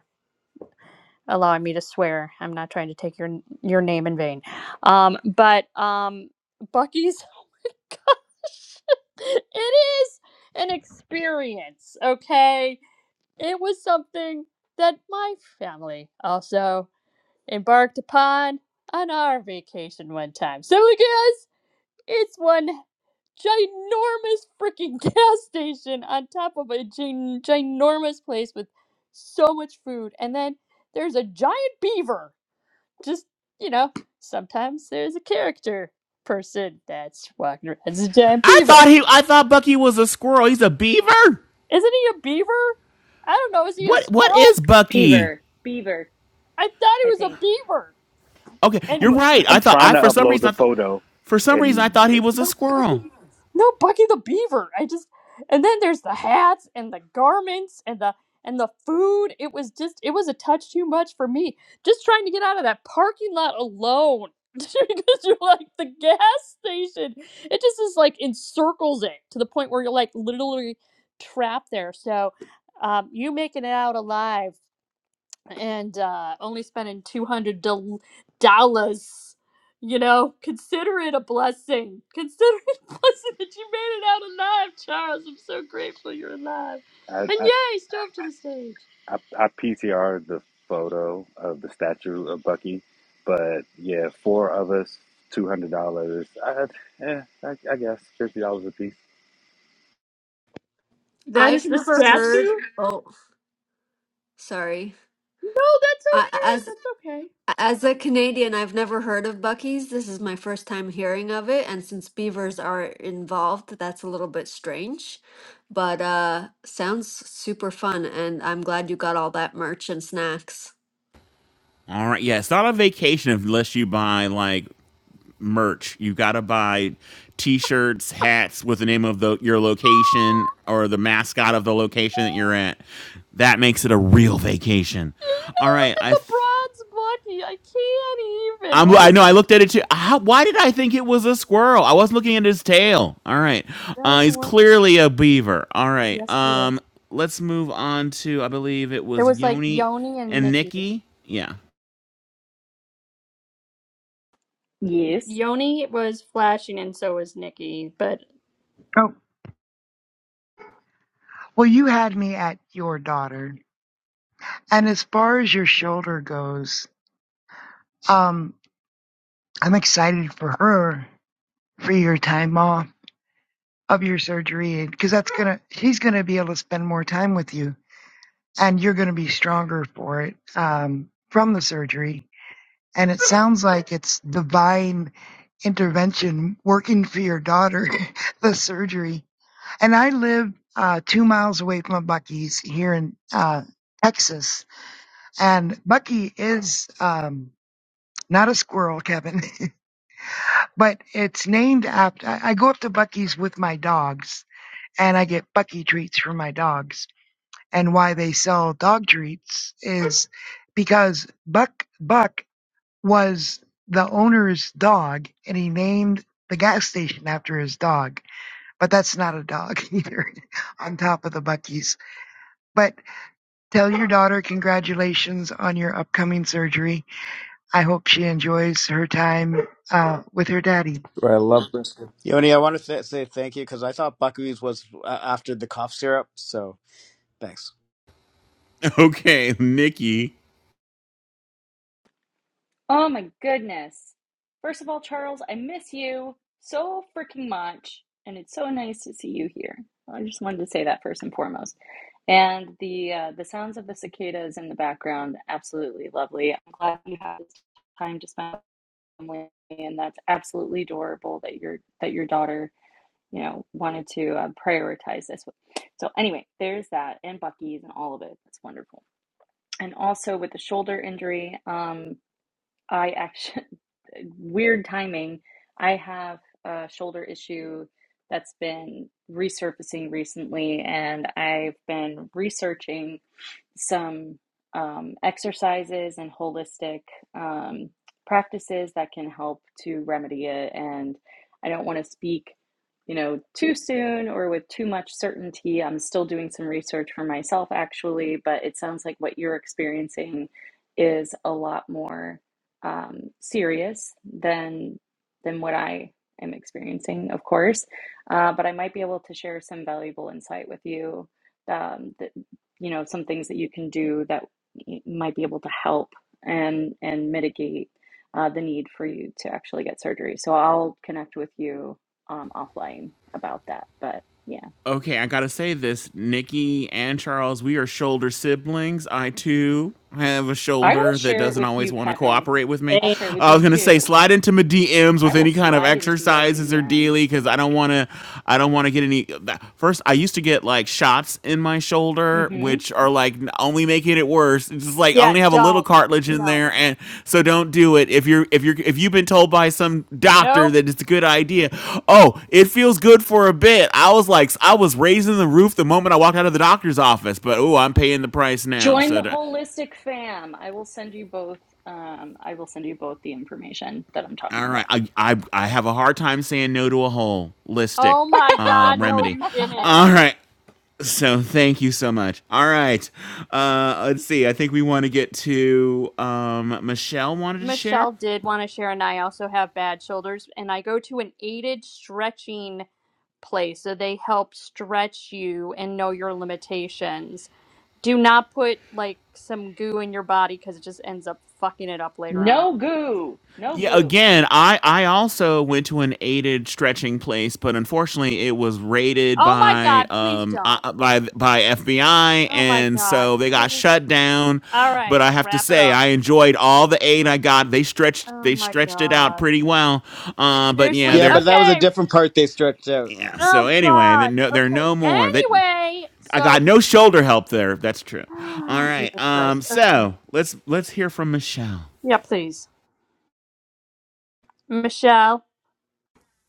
[SPEAKER 2] allowing me to swear. I'm not trying to take your your name in vain. Um, but um, Bucky's, oh my gosh, it is an experience. Okay, it was something that my family also embarked upon on our vacation one time. So guys, it's one ginormous freaking gas station on top of a gin- ginormous place with so much food, and then there's a giant beaver just you know, sometimes there's a character person that's walking around as a giant
[SPEAKER 1] I
[SPEAKER 2] beaver.
[SPEAKER 1] thought he, I thought Bucky was a squirrel. He's a beaver.
[SPEAKER 2] Isn't he a beaver? I don't know. Is he a
[SPEAKER 1] What What
[SPEAKER 2] squirrel?
[SPEAKER 1] is Bucky?
[SPEAKER 8] Beaver, Beaver,
[SPEAKER 2] I thought he
[SPEAKER 8] I
[SPEAKER 2] was a
[SPEAKER 8] think.
[SPEAKER 2] beaver.
[SPEAKER 1] Okay,
[SPEAKER 2] Anyway.
[SPEAKER 1] you're
[SPEAKER 11] I'm
[SPEAKER 1] right. I
[SPEAKER 11] I'm
[SPEAKER 1] thought
[SPEAKER 11] trying
[SPEAKER 1] I
[SPEAKER 11] to
[SPEAKER 1] for some
[SPEAKER 11] upload
[SPEAKER 1] reason
[SPEAKER 11] the
[SPEAKER 1] I thought
[SPEAKER 11] photo,
[SPEAKER 1] for some reason I
[SPEAKER 11] and
[SPEAKER 1] thought he
[SPEAKER 11] it,
[SPEAKER 1] was a
[SPEAKER 2] No Bucky,
[SPEAKER 1] squirrel.
[SPEAKER 2] no Bucky the Beaver. I just and then there's the hats and the garments and the and the food. It was just it was a touch too much for me. Just trying to get out of that parking lot alone because you're like the gas station. It just is like encircles it to the point where you're like literally trapped there. So um, you making it out alive and uh, only spending two hundred dollars. You know, consider it a blessing. Consider it a blessing that you made it out alive, Charles. I'm so grateful you're alive.
[SPEAKER 11] I,
[SPEAKER 2] And
[SPEAKER 11] I
[SPEAKER 2] yay, storm to the stage.
[SPEAKER 11] I I P T R the photo of the statue of Bucky, but yeah, four of us, two hundred dollars. I, eh, I I guess fifty dollars a piece.
[SPEAKER 2] That
[SPEAKER 3] I've
[SPEAKER 2] is the
[SPEAKER 3] never heard,
[SPEAKER 2] statue.
[SPEAKER 3] oh, sorry.
[SPEAKER 2] No, that's
[SPEAKER 3] I,
[SPEAKER 2] okay.
[SPEAKER 3] as
[SPEAKER 2] That's okay.
[SPEAKER 3] as a Canadian, I've never heard of Buc-ee's. This is my first time hearing of it, and since beavers are involved, that's a little bit strange. But uh sounds super fun, and I'm glad you got all that merch and snacks.
[SPEAKER 1] All right. Yeah, it's not a vacation unless you buy like merch. You got to buy t-shirts, hats with the name of the your location or the mascot of the location that you're at. That makes it a real vacation.
[SPEAKER 2] You're
[SPEAKER 1] All
[SPEAKER 2] gonna
[SPEAKER 1] right,
[SPEAKER 2] look at
[SPEAKER 1] I
[SPEAKER 2] the
[SPEAKER 1] th-
[SPEAKER 2] bronze monkey. I can't even.
[SPEAKER 1] I'm,
[SPEAKER 2] What
[SPEAKER 1] I
[SPEAKER 2] was
[SPEAKER 1] know
[SPEAKER 2] it?
[SPEAKER 1] I looked at it too. How, why did I think it was a squirrel? I was looking at his tail. All right,
[SPEAKER 2] No,
[SPEAKER 1] uh,
[SPEAKER 2] you
[SPEAKER 1] he's
[SPEAKER 2] weren't.
[SPEAKER 1] clearly a beaver. All right,
[SPEAKER 2] Yes, it
[SPEAKER 1] um,
[SPEAKER 2] is.
[SPEAKER 1] let's move on to I believe it
[SPEAKER 2] There
[SPEAKER 1] was
[SPEAKER 2] was like
[SPEAKER 1] Yoni
[SPEAKER 2] Yoni and
[SPEAKER 1] and
[SPEAKER 2] Nikki.
[SPEAKER 1] Nikki. Yeah.
[SPEAKER 8] Yes.
[SPEAKER 2] Yoni was flashing, and so was Nikki. But
[SPEAKER 6] oh Well, you had me at your daughter. And as far as your shoulder goes, um, I'm excited for her for your time off of your surgery because that's gonna she's gonna be able to spend more time with you and you're gonna be stronger for it um, from the surgery. And it sounds like it's divine intervention working for your daughter, the surgery. And I live uh, two miles away from a Bucky's here in uh, Texas And Bucky is um, not a squirrel, Kevin, but it's named after. I I go up to Bucky's with my dogs, and I get Bucky treats for my dogs. And why they sell dog treats is because Buck Buck was the owner's dog, and he named the gas station after his dog. But that's not a dog either. On top of the Bucky's, but tell your daughter congratulations on your upcoming surgery I hope she enjoys her time uh, with her daddy.
[SPEAKER 4] Right, I love brisket. Yoni, I want to th- say thank you because I thought Buckwheat was uh, after the cough syrup. So thanks.
[SPEAKER 1] Okay, Nikki.
[SPEAKER 8] Oh my goodness. First of all, Charles, I miss you so freaking much, and it's so nice to see you here. I just wanted to say that first and foremost. And the uh, the sounds of the cicadas in the background, absolutely lovely. I'm glad you had this time to spend with family, and that's absolutely adorable that your that your daughter, you know, wanted to uh, prioritize this. So anyway, there's that, and Bucky's, and all of it. That's wonderful. And also with the shoulder injury, um, I actually weird timing. I have a shoulder issue that's been resurfacing recently, and I've been researching some um, exercises and holistic um, practices that can help to remedy it. And I don't want to speak, you know, too soon or with too much certainty. I'm still doing some research for myself, actually, but it sounds like what you're experiencing is a lot more um, serious than than what I am experiencing, of course. Uh, but I might be able to share some valuable insight with you um, That you know some things that you can do that might be able to help and and mitigate uh, the need for you to actually get surgery so i'll connect with you um, offline about that but yeah
[SPEAKER 1] Okay, I gotta say this, Nikki and Charles, we are shoulder siblings. I too have a
[SPEAKER 8] i will
[SPEAKER 1] shoulder that
[SPEAKER 8] share it
[SPEAKER 1] doesn't
[SPEAKER 8] with
[SPEAKER 1] always
[SPEAKER 8] you
[SPEAKER 1] want to
[SPEAKER 8] kevin
[SPEAKER 1] cooperate with me.
[SPEAKER 8] i'll share it with
[SPEAKER 1] I
[SPEAKER 8] you
[SPEAKER 1] was gonna say
[SPEAKER 8] too
[SPEAKER 1] slide into my DMs
[SPEAKER 8] i
[SPEAKER 1] with
[SPEAKER 8] will
[SPEAKER 1] any kind of
[SPEAKER 8] slide into your
[SPEAKER 1] exercises or
[SPEAKER 8] dms
[SPEAKER 1] daily because I don't want to. I don't want to get any. First, I used to get like shots in my shoulder shoulder,
[SPEAKER 8] hmm
[SPEAKER 1] which are like only making it worse. It's just like I
[SPEAKER 2] Yeah,
[SPEAKER 1] only have a little
[SPEAKER 2] don't.
[SPEAKER 1] cartilage in
[SPEAKER 2] No.
[SPEAKER 1] there, and so don't do it. If you're if you're if you've been told by some doctor
[SPEAKER 2] Nope.
[SPEAKER 1] that it's a good idea, oh, it feels good for a bit. I was like, I was raising the roof the moment I walked out of the doctor's office, but oh, I'm paying the price now.
[SPEAKER 8] join the
[SPEAKER 1] So. To,
[SPEAKER 8] holistic fam i will send you both um, i will send you both the information that i'm
[SPEAKER 1] All
[SPEAKER 8] talking
[SPEAKER 1] right.
[SPEAKER 8] about
[SPEAKER 1] I, I I have a hard time saying no to a holistic
[SPEAKER 2] Oh my
[SPEAKER 1] uh,
[SPEAKER 2] God, no,
[SPEAKER 1] remedy.
[SPEAKER 2] you didn't.
[SPEAKER 1] All right. So thank you so much. All right. Uh, let's see. I think we want to get to um, Michelle wanted to share.
[SPEAKER 2] Michelle did want to share, and I also have bad shoulders, and I go to an aided stretching place. So they help stretch you and know your limitations. Do not put like some goo in your body because it just ends up fucking it up later on.
[SPEAKER 8] no goo no
[SPEAKER 1] Yeah,
[SPEAKER 8] goo
[SPEAKER 1] again, I I also went to an aided stretching place, but unfortunately, it was raided
[SPEAKER 2] Oh my
[SPEAKER 1] by
[SPEAKER 2] God, please
[SPEAKER 1] um I-
[SPEAKER 2] don't.
[SPEAKER 1] uh, by by FBI,
[SPEAKER 2] Oh my
[SPEAKER 1] and
[SPEAKER 2] God,
[SPEAKER 1] so they got
[SPEAKER 2] please.
[SPEAKER 1] shut down.
[SPEAKER 2] All
[SPEAKER 1] But
[SPEAKER 2] right,
[SPEAKER 1] I have to
[SPEAKER 2] wrap it
[SPEAKER 1] say,
[SPEAKER 2] up.
[SPEAKER 1] I enjoyed all the aid I got. They stretched
[SPEAKER 2] Oh
[SPEAKER 1] they
[SPEAKER 2] my
[SPEAKER 1] stretched it out
[SPEAKER 2] God.
[SPEAKER 1] pretty well. Uh, but yeah,
[SPEAKER 2] Seriously?
[SPEAKER 4] Yeah,
[SPEAKER 1] they're
[SPEAKER 4] but that was a
[SPEAKER 2] Okay,
[SPEAKER 4] different part they stretched out.
[SPEAKER 1] yeah. So
[SPEAKER 2] Oh
[SPEAKER 1] anyway, they're
[SPEAKER 2] God.
[SPEAKER 1] no, they're
[SPEAKER 2] Okay.
[SPEAKER 1] no more. That
[SPEAKER 2] Anyway,
[SPEAKER 1] I got
[SPEAKER 2] so
[SPEAKER 1] no shoulder help there. That's true. All
[SPEAKER 2] ah,
[SPEAKER 1] right.
[SPEAKER 2] Jesus
[SPEAKER 1] Um.
[SPEAKER 2] Christ. Okay.
[SPEAKER 1] So let's let's hear from Michelle.
[SPEAKER 2] Yeah, please, Michelle.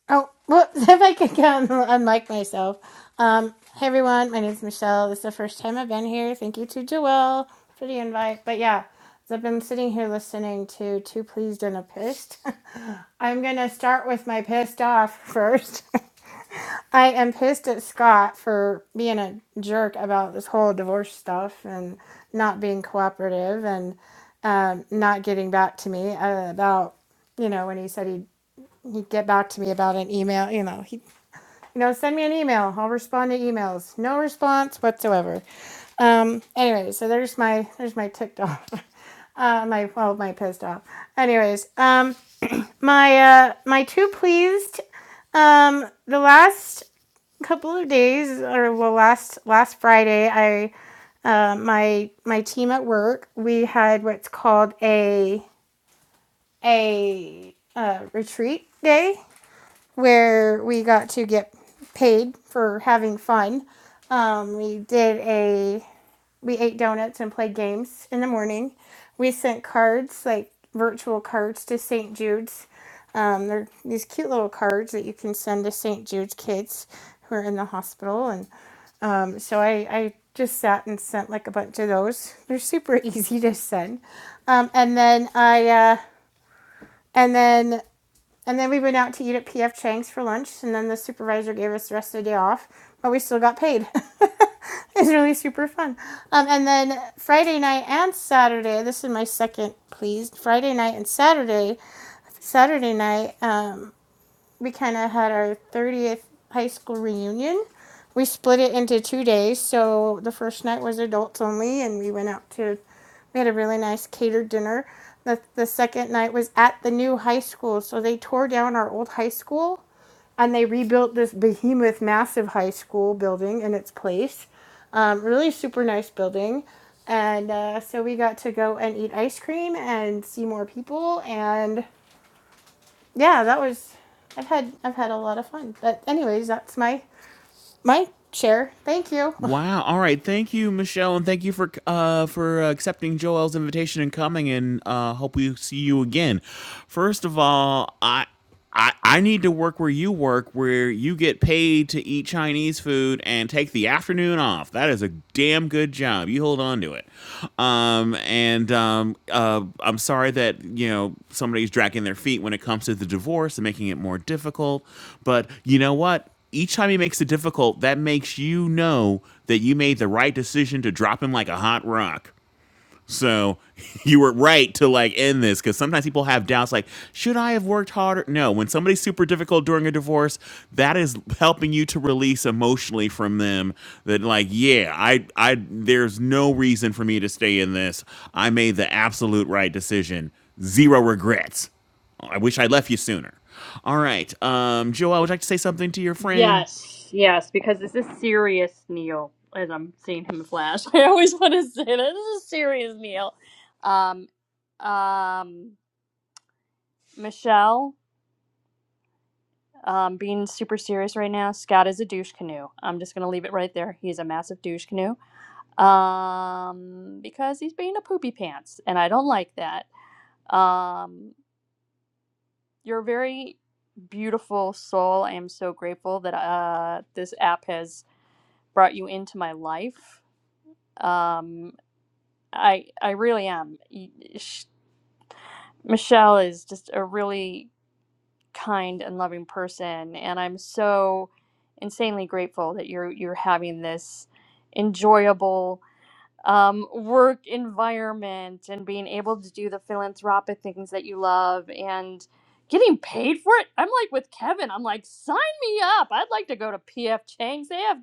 [SPEAKER 12] Oh, well, if I could go and unlike myself. Um, hey everyone, my name's Michelle. This is the first time I've been here. Thank you to Joelle for the invite. But yeah, as I've been sitting here listening to Two Pleased and a Pissed. I'm going to start with my pissed off first. I am pissed at Scott for being a jerk about this whole divorce stuff and not being cooperative and um, not getting back to me uh, about, you know, when he said he'd, he'd get back to me about an email. You know, he you know, send me an email. I'll respond to emails. No response whatsoever. Um, anyway, so there's my there's my ticked off. Uh, my well, my pissed off. Anyways, um, my uh, my two pleased. Um, the last couple of days, or well, last last Friday, I uh, my my team at work we had what's called a a uh, retreat day where we got to get paid for having fun. Um, we did a we ate donuts and played games in the morning. We sent cards like virtual cards to St. Jude's. Um, they're these cute little cards that you can send to St. Jude's kids who are in the hospital, and um, so I, I just sat and sent like a bunch of those. They're super easy to send, um, and then I uh, and then and then we went out to eat at PF Chang's for lunch, and then the supervisor gave us the rest of the day off, but we still got paid. it's really super fun. Um, and then Friday night and Saturday, this is my second, please. Friday night and Saturday. Saturday night, um, we kind of had our 30th high school reunion. We split it into two days. So the first night was adults only, and we went out to, we had a really nice catered dinner. The, the second night was at the new high school. So they tore down our old high school and they rebuilt this behemoth, massive high school building in its place. Um, really super nice building. And uh, so we got to go and eat ice cream and see more people and yeah, that was. I've had I've had a lot of fun. But anyways, that's my my share. Thank you.
[SPEAKER 1] Wow. All right. Thank you, Michelle, and thank you for uh, for uh, accepting Joel's invitation and coming. And uh, hope we see you again. First of all, I. I, I need to work where you work, where you get paid to eat Chinese food and take the afternoon off. That is a damn good job. You hold on to it. Um, and um, uh, I'm sorry that you know somebody's dragging their feet when it comes to the divorce and making it more difficult. But you know what? each time he makes it difficult, that makes you know that you made the right decision to drop him like a hot rock. So you were right to like end this because sometimes people have doubts like, should I have worked harder? No, when somebody's super difficult during a divorce, that is helping you to release emotionally from them that like, yeah, I I there's no reason for me to stay in this. I made the absolute right decision. Zero regrets. I wish I left you sooner. All right. Um, Joel, would you like to say something to your friend?
[SPEAKER 2] Yes, yes, because this is serious, Neil. As I'm seeing him flash, I always want to say that this is serious, Neil. Um, um, Michelle. Um, being super serious right now. Scott is a douche canoe. I'm just gonna leave it right there. He's a massive douche canoe. Um, because he's being a poopy pants, and I don't like that. Um, You're a very beautiful soul. I am so grateful that uh, this app has brought you into my life. Um, I I really am. Y- sh- Michelle is just a really kind and loving person, and I'm so insanely grateful that you're you're having this enjoyable um, work environment and being able to do the philanthropic things that you love and getting paid for it. I'm like with Kevin, I'm like, sign me up. I'd like to go to PF Chang's. They have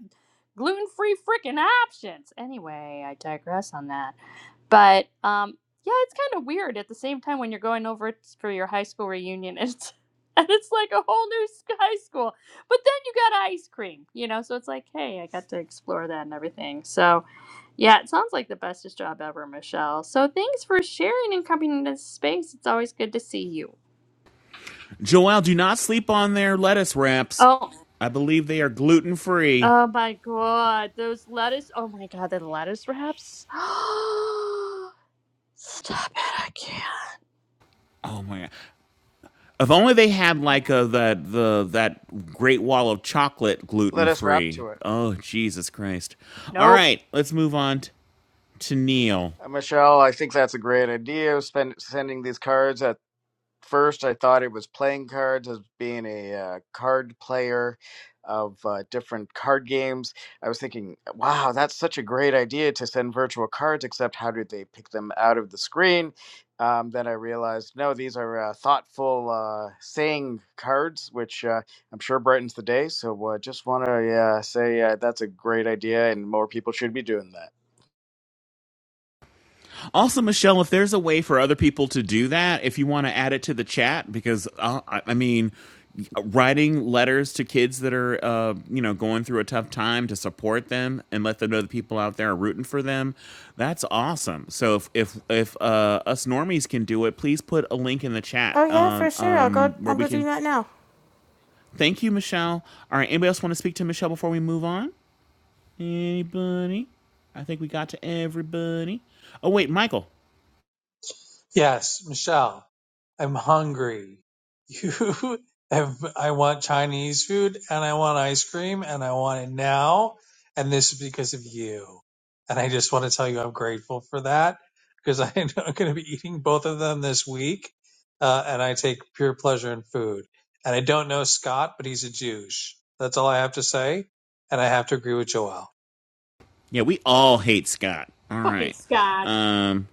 [SPEAKER 2] gluten free freaking options. Anyway, I digress on that. But um, yeah, it's kind of weird at the same time when you're going over it for your high school reunion. it's, and it's like a whole new s- high school. But then you got ice cream, you know? So it's like, hey, I got to explore that and everything. So yeah, it sounds like the bestest job ever, Michelle. So thanks for sharing and coming into this space. It's always good to see you.
[SPEAKER 1] Joelle, do not sleep on their lettuce wraps.
[SPEAKER 2] Oh,
[SPEAKER 1] I believe they are gluten free.
[SPEAKER 2] oh my God, those lettuce! Oh my God, the lettuce wraps. Stop it! I can't.
[SPEAKER 1] Oh my god! If only they had like a that the that Great Wall of Chocolate
[SPEAKER 4] Let
[SPEAKER 1] gluten
[SPEAKER 4] us wrap
[SPEAKER 1] free.
[SPEAKER 4] to it.
[SPEAKER 1] Oh Jesus Christ! All
[SPEAKER 2] Nope.
[SPEAKER 1] right, let's move on to Neil.
[SPEAKER 4] Uh, Michelle, I think that's a great idea. Spend, sending these cards. at. first I thought it was playing cards as being a uh, card player of uh, different card games. I was thinking, wow, that's such a great idea to send virtual cards, except how did they pick them out of the screen? Um, then I realized, no, these are uh, thoughtful uh, saying cards, which uh, I'm sure brightens the day. So uh, just want to uh, say uh, that's a great idea, and more people should be doing that.
[SPEAKER 1] Also, Michelle, if there's a way for other people to do that, if you want to add it to the chat, because uh, I mean, writing letters to kids that are, uh, you know, going through a tough time to support them and let them know the people out there are rooting for them, that's awesome. So if if if uh, us normies can do it, please put a link in the chat
[SPEAKER 12] Oh yeah,
[SPEAKER 1] uh,
[SPEAKER 12] for sure. I'll go
[SPEAKER 1] um, where
[SPEAKER 12] I'll
[SPEAKER 1] we
[SPEAKER 12] go do
[SPEAKER 1] can.
[SPEAKER 12] that now.
[SPEAKER 1] Thank you, Michelle. All right, anybody else want to speak to Michelle before we move on? Anybody? I think we got to everybody. Oh wait, Michael.
[SPEAKER 9] Yes, Michelle, I'm hungry. You have, I want Chinese food and I want ice cream and I want it now. And this is because of you. And I just want to tell you I'm grateful for that because I'm going to be eating both of them this week. Uh, and I take pure pleasure in food. And I don't know Scott, but he's a douche. That's all I have to say. And I have to agree with Joel.
[SPEAKER 1] Yeah, we all hate Scott. All
[SPEAKER 2] Fucking
[SPEAKER 1] right.
[SPEAKER 2] Scott.
[SPEAKER 1] Um,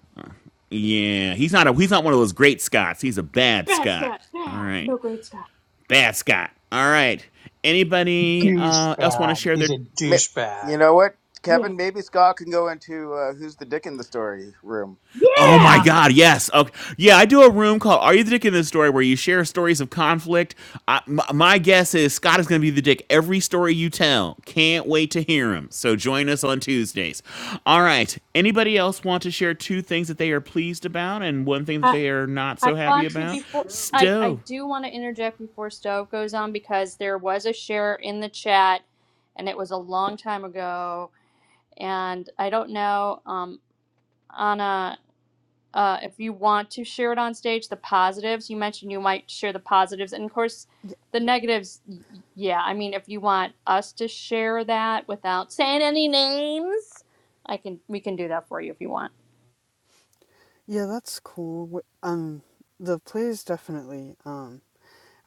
[SPEAKER 1] yeah, he's not a he's not one of those great Scots. He's a bad
[SPEAKER 2] Bad
[SPEAKER 1] Scott.
[SPEAKER 2] Scott.
[SPEAKER 1] All
[SPEAKER 2] Bad.
[SPEAKER 1] right,
[SPEAKER 2] No great Scott.
[SPEAKER 1] bad Scott. All right. Anybody uh, else want to
[SPEAKER 9] Douchebag.
[SPEAKER 1] share
[SPEAKER 9] He's
[SPEAKER 1] their
[SPEAKER 9] a
[SPEAKER 4] Ma- You
[SPEAKER 9] douchebag.
[SPEAKER 4] know what,
[SPEAKER 2] Yeah.
[SPEAKER 4] Kevin? Maybe Scott can go into uh, who's the dick in the story room.
[SPEAKER 1] Oh my
[SPEAKER 2] Yeah.
[SPEAKER 1] God! Yes. Okay. Yeah, I do a room called "Are You the Dick in This Story?" where you share stories of conflict. I, m- my guess is Scott is going to be the dick every story you tell. Can't wait to hear him. So join us on Tuesdays. All right. Anybody else want to share two things that they are pleased about and one thing that
[SPEAKER 2] I,
[SPEAKER 1] they are not
[SPEAKER 2] I
[SPEAKER 1] so happy
[SPEAKER 2] want to
[SPEAKER 1] about?
[SPEAKER 2] before I I
[SPEAKER 1] Stowe.
[SPEAKER 2] do want to interject before stove goes on because there was a share in the chat, and it was a long time ago And I don't know, um, Anna, uh, if you want to share it on stage, the positives, you mentioned you might share the positives. And of course,
[SPEAKER 13] Yeah,
[SPEAKER 2] the negatives, y- yeah. I mean, if you want us to share that without saying any names, I can, we can do that for you if you want.
[SPEAKER 13] Yeah, that's cool. Wh- Um, the players definitely. Um,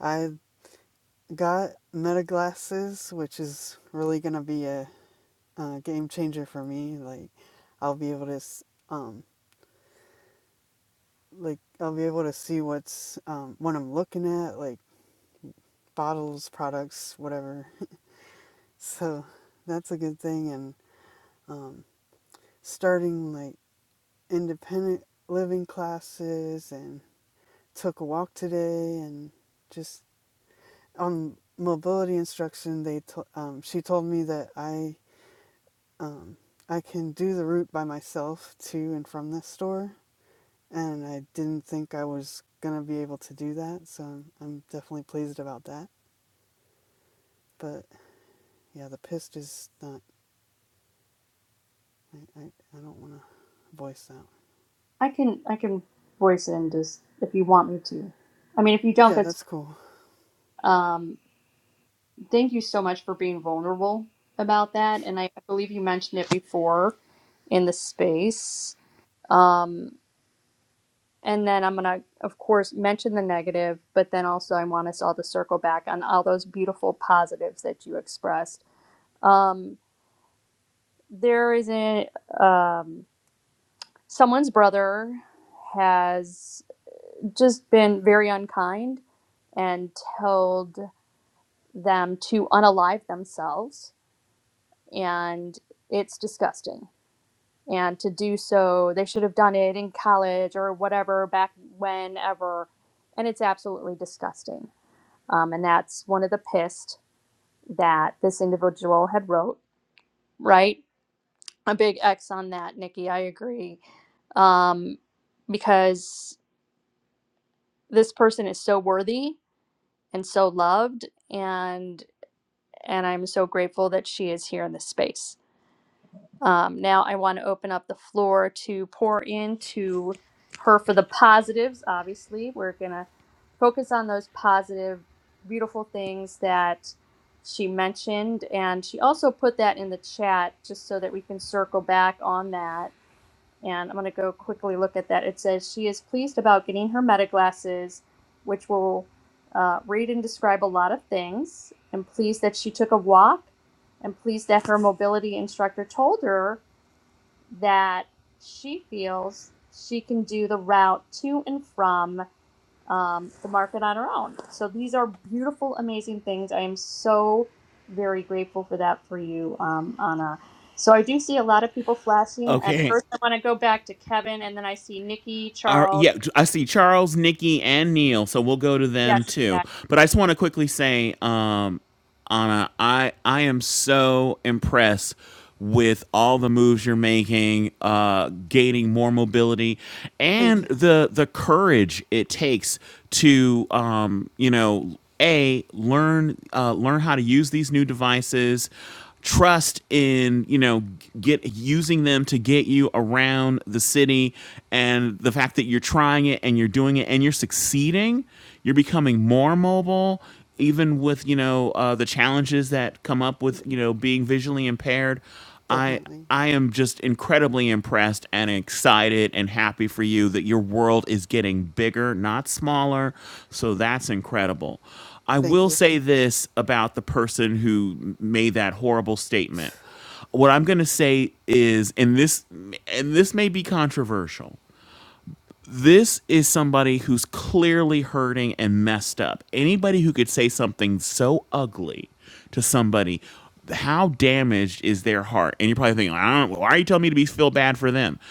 [SPEAKER 13] I got meta glasses, which is really gonna be a, uh game changer for me. Like, I'll be able to, s- um, like I'll be able to see what's um what I'm looking at, like bottles, products, whatever. So that's a good thing. And um, starting like independent living classes, and took a walk today, and just on mobility instruction, they to, um, she told me that I um, I can do the route by myself to and from this store, and I didn't think I was gonna be able to do that, so I'm, I'm definitely pleased about that. But yeah, the pissed is not. I I, I don't want to voice that.
[SPEAKER 2] I can, I can voice it in just if you want me to. I mean, if you don't,
[SPEAKER 13] Yeah,
[SPEAKER 2] that's
[SPEAKER 13] that's
[SPEAKER 2] fine.
[SPEAKER 13] cool.
[SPEAKER 2] Um, thank you so much for being vulnerable about that. And I, I believe you mentioned it before in the space. Um, And then I'm going to, of course, mention the negative, but then also I want us all to circle back on all those beautiful positives that you expressed. Um, there is a, um, someone's brother has just been very unkind and told them to unalive themselves, and it's disgusting. And to do so, they should have done it in college or whatever, back whenever, and it's absolutely disgusting um, and that's one of the pissed that this individual had wrote right a big x on that nikki i agree um, because this person is so worthy and so loved and and i'm so grateful that she is here in this space Um, now I want to open up the floor to pour into her for the positives. Obviously, we're gonna focus on those positive, beautiful things that she mentioned, and she also put that in the chat just so that we can circle back on that. And I'm gonna go quickly look at that. It says she is pleased about getting her meta glasses, which will uh, read and describe a lot of things, and pleased that she took a walk and pleased that her mobility instructor told her that she feels she can do the route to and from um, the market on her own. So these are beautiful, amazing things. I am so very grateful for that for you, um, Anna. So I do see a lot of people flashing. At
[SPEAKER 1] Okay.
[SPEAKER 2] first, I want to go back to Kevin, and then I see Nikki,
[SPEAKER 1] Our,
[SPEAKER 2] Charles.
[SPEAKER 1] yeah, I see Charles, Nikki, and Neil, so we'll go to
[SPEAKER 2] Yes,
[SPEAKER 1] them
[SPEAKER 2] exactly.
[SPEAKER 1] too. But I just want to quickly say, um, Anna, I I am so impressed with all the moves you're making, uh, gaining more mobility,
[SPEAKER 13] Thank
[SPEAKER 1] and
[SPEAKER 13] you.
[SPEAKER 1] the the courage it takes to um, you know a learn uh, learn how to use these new devices trust in you know get using them to get you around the city and the fact that you're trying it and you're doing it and you're succeeding you're becoming more mobile even with you know uh, the challenges that come up with
[SPEAKER 13] D-
[SPEAKER 1] you know being visually impaired I
[SPEAKER 13] definitely.
[SPEAKER 1] I am just incredibly impressed and excited and happy for you that your world is getting bigger, not smaller. So that's incredible. I
[SPEAKER 13] Thank
[SPEAKER 1] will
[SPEAKER 13] you.
[SPEAKER 1] say this about the person who made that horrible statement. What I'm going to say is and this and this may be controversial. This is somebody who's clearly hurting and messed up. Anybody who could say something so ugly to somebody, how damaged is their heart? And you're probably thinking, I don't, why are you telling me to be feel bad for them?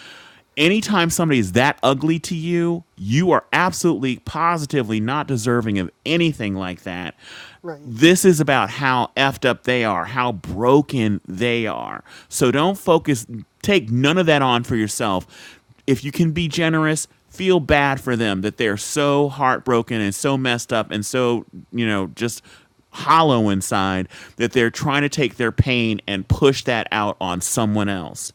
[SPEAKER 1] anytime somebody is that ugly to you, you are absolutely positively not deserving of anything like that
[SPEAKER 13] Right.
[SPEAKER 1] this is about how effed up they are, how broken they are. So don't focus, take none of that on for yourself. If you can be generous, feel bad for them that they're so heartbroken and so messed up and so, you know, just hollow inside that they're trying to take their pain and push that out on someone else.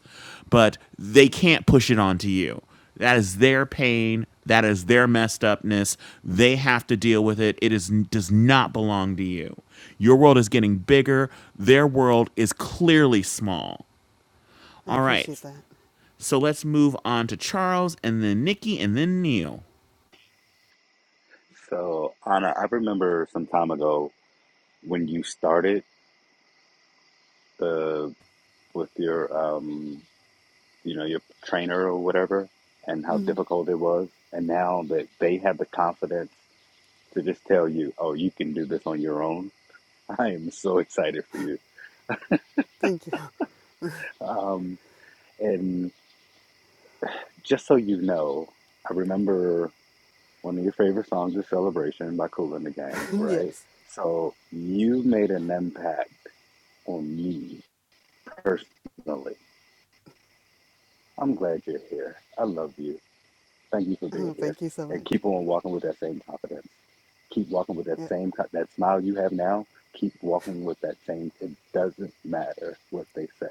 [SPEAKER 1] But they
[SPEAKER 13] Right.
[SPEAKER 1] can't push it onto you. That is their pain. That is their messed upness. They have to deal with it. It is does not belong to you. Your world is getting bigger. Their world is clearly small.
[SPEAKER 13] I
[SPEAKER 1] All
[SPEAKER 13] appreciate
[SPEAKER 1] right.
[SPEAKER 13] that.
[SPEAKER 1] So let's move on to Charles and then Nikki and then Neil.
[SPEAKER 11] So Anna, I remember some time ago when you started the with your um you know your trainer or whatever and how
[SPEAKER 13] hmm
[SPEAKER 11] difficult it was and now that they have the confidence to just tell you oh you can do this on your own i am so excited for you
[SPEAKER 13] Thank you.
[SPEAKER 11] um and just so you know i remember one of your favorite songs is celebration by cool and the gang right
[SPEAKER 13] yes.
[SPEAKER 11] so you made an impact on me personally i'm glad you're here i love you Thank you for being
[SPEAKER 13] Oh,
[SPEAKER 11] here,
[SPEAKER 13] thank you so
[SPEAKER 11] and
[SPEAKER 13] much.
[SPEAKER 11] keep on walking with that same confidence. Keep walking with that
[SPEAKER 13] Yeah.
[SPEAKER 11] same co- that smile you have now. Keep walking with that same. It doesn't matter what they say.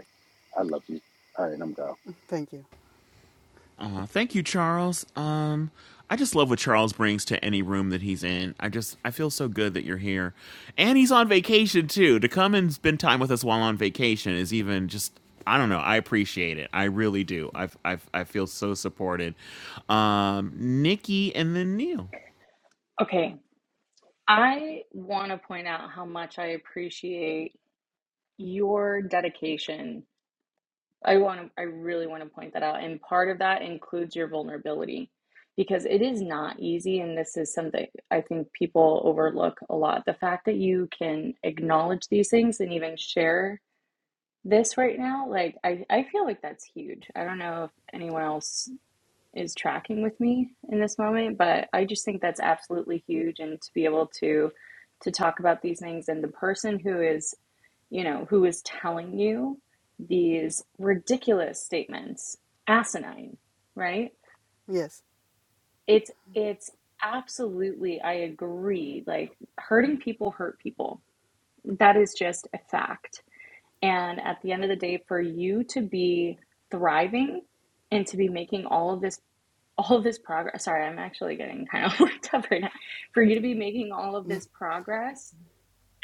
[SPEAKER 11] I love you. All right, I'm gone.
[SPEAKER 13] Thank you.
[SPEAKER 1] Uh, thank you, Charles. Um, I just love what Charles brings to any room that he's in. I just I feel so good that you're here, and he's on vacation too. To come and spend time with us while on vacation is even just I don't know. I appreciate it. I really do. I I I feel so supported. Um, Nikki and then Neil.
[SPEAKER 8] okay I want to point out how much I appreciate your dedication. I want to, I really want to point that out. And part of that includes your vulnerability because it is not easy. And this is something I think people overlook a lot. The fact that you can acknowledge these things and even share this right now, like I, I feel like that's huge. I don't know if anyone else is tracking with me in this moment but i just think that's absolutely huge and to be able to to talk about these things and the person who is you know who is telling you these ridiculous statements asinine right
[SPEAKER 13] Yes.
[SPEAKER 8] it's it's absolutely i agree like hurting people hurt people that is just a fact and at the end of the day for you to be thriving and to be making all of this all of this progress. Sorry, I'm actually getting kind of worked up right now. For you to be making all of this progress,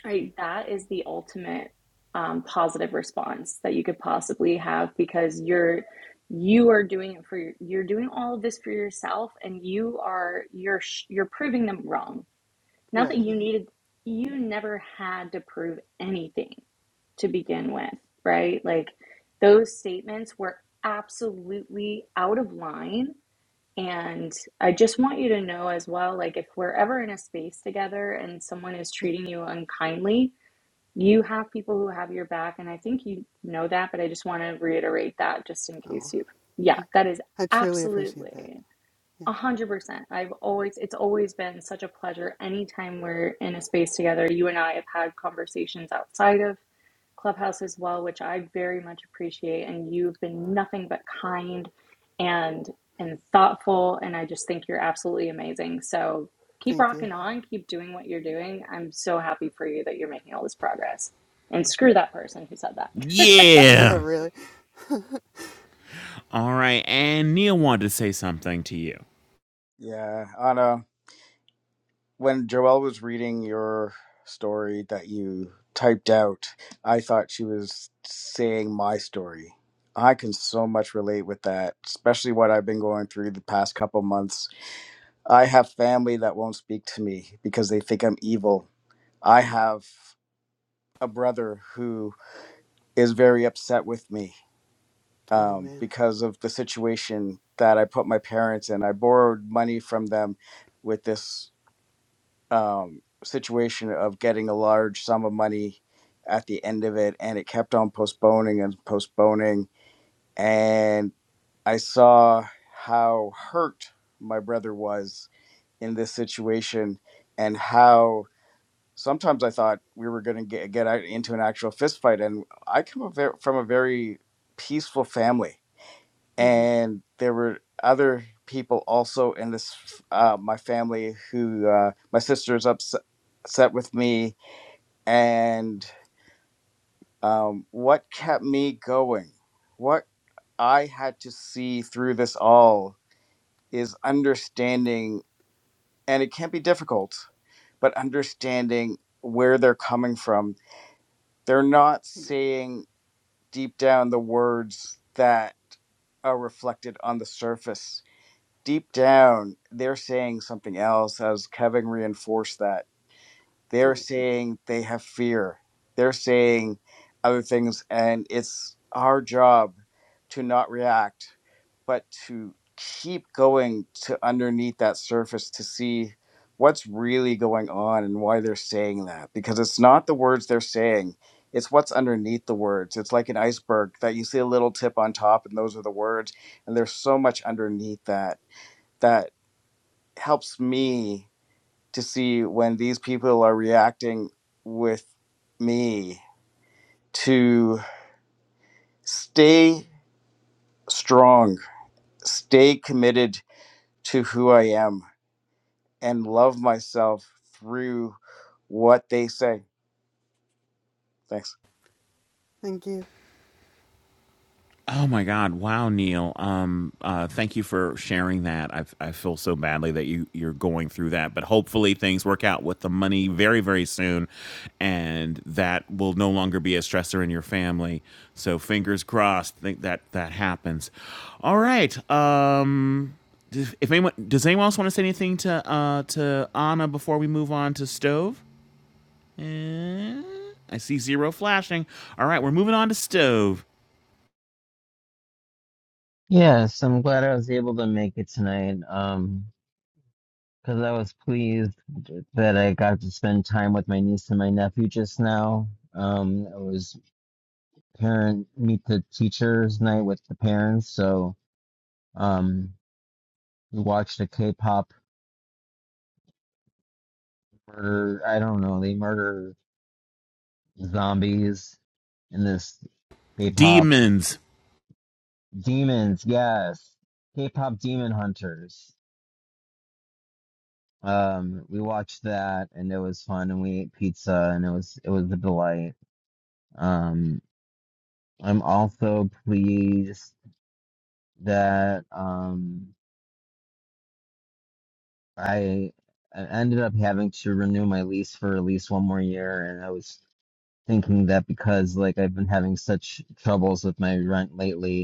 [SPEAKER 8] right? That is the ultimate um, positive response that you could possibly have because you're you are doing it for your, you're doing all of this for yourself, and you are you're you're proving them wrong. Not that
[SPEAKER 13] Right.
[SPEAKER 8] you needed you never had to prove anything to begin with, right? Like those statements were absolutely out of line and I just want you to know as well, like if we're ever in a space together and someone is treating you unkindly, you have people who have your back. And I think you know that, but I just want to reiterate that just in
[SPEAKER 13] Oh,
[SPEAKER 8] case you, yeah, that is
[SPEAKER 13] I truly appreciate that.
[SPEAKER 8] absolutely.
[SPEAKER 13] Yeah,
[SPEAKER 8] A hundred percent. I've always, it's always been such a pleasure. Anytime we're in a space together, you and I have had conversations outside of Clubhouse as well, which I very much appreciate. And you've been nothing but kind and and thoughtful. And I just think you're absolutely amazing. So keep
[SPEAKER 13] thank you.
[SPEAKER 8] rocking on, keep doing what you're doing. I'm so happy for you that you're making all this progress. And screw that person who said that.
[SPEAKER 13] yeah,
[SPEAKER 1] Yeah.
[SPEAKER 13] really.
[SPEAKER 1] All right, and Neil wanted to say something to you.
[SPEAKER 4] Yeah, Anna, when Joelle was reading your story that you typed out, I thought she was saying my story. I can so much relate with that, especially what I've been going through the past couple months. I have family that won't speak to me because they think I'm evil. I have a brother who is very upset with me
[SPEAKER 13] Oh
[SPEAKER 4] um,
[SPEAKER 13] man.
[SPEAKER 4] because of the situation that I put my parents in. I borrowed money from them with this um, situation of getting a large sum of money at the end of it, and it kept on postponing and postponing. And I saw how hurt my brother was in this situation, and how sometimes I thought we were going to get get out into an actual fist fight. And I come a ver- from a very peaceful family
[SPEAKER 13] hmm
[SPEAKER 4] and there were other people also in this uh, my family who uh, my sister's upset upset with me and um, what kept me going what i had to see through this all is understanding and it can be difficult but understanding where they're coming from they're not
[SPEAKER 13] Yeah,
[SPEAKER 4] saying deep down the words that are reflected on the surface deep down, they're saying something else, as Kevin reinforced that. They're
[SPEAKER 13] right.
[SPEAKER 4] saying they have fear. They're saying other things, and it's our job to not react, but to keep going to underneath that surface to see what's really going on and why they're saying that. Because it's not the words they're saying, it's what's underneath the words. It's like an iceberg that you see a little tip on top, and those are the words, and there's so much underneath that that helps me to see when these people are reacting with me to stay strong, stay committed to who I am, and love myself through what they say. Thanks.
[SPEAKER 13] Thank you.
[SPEAKER 1] Oh my God! Wow, Neil. Um, uh, thank you for sharing that. I I feel so badly that you you're going through that, but hopefully things work out with the money very very soon, and that will no longer be a stressor in your family. So fingers crossed. Think that that happens. All right. Um, does- if anyone does anyone else want to say anything to uh to Anna before we move on to stove? Eh, I see zero flashing. All right, we're moving on to stove.
[SPEAKER 14] Yes, I'm glad I was able to make it tonight. Um, because I was pleased that I got to spend time with my niece and my nephew just now. Um, it was parent meet the teachers night with the parents, so um, we watched a K-pop murder. I don't know, they murder zombies in this K-pop
[SPEAKER 1] Demons.
[SPEAKER 14] demons. Yes, K-pop demon hunters. Um, we watched that and it was fun and we ate pizza and it was it was a delight. Um, I'm also pleased that um I, I ended up having to renew my lease for at least one more year and I was thinking that because like I've been having such troubles with my rent lately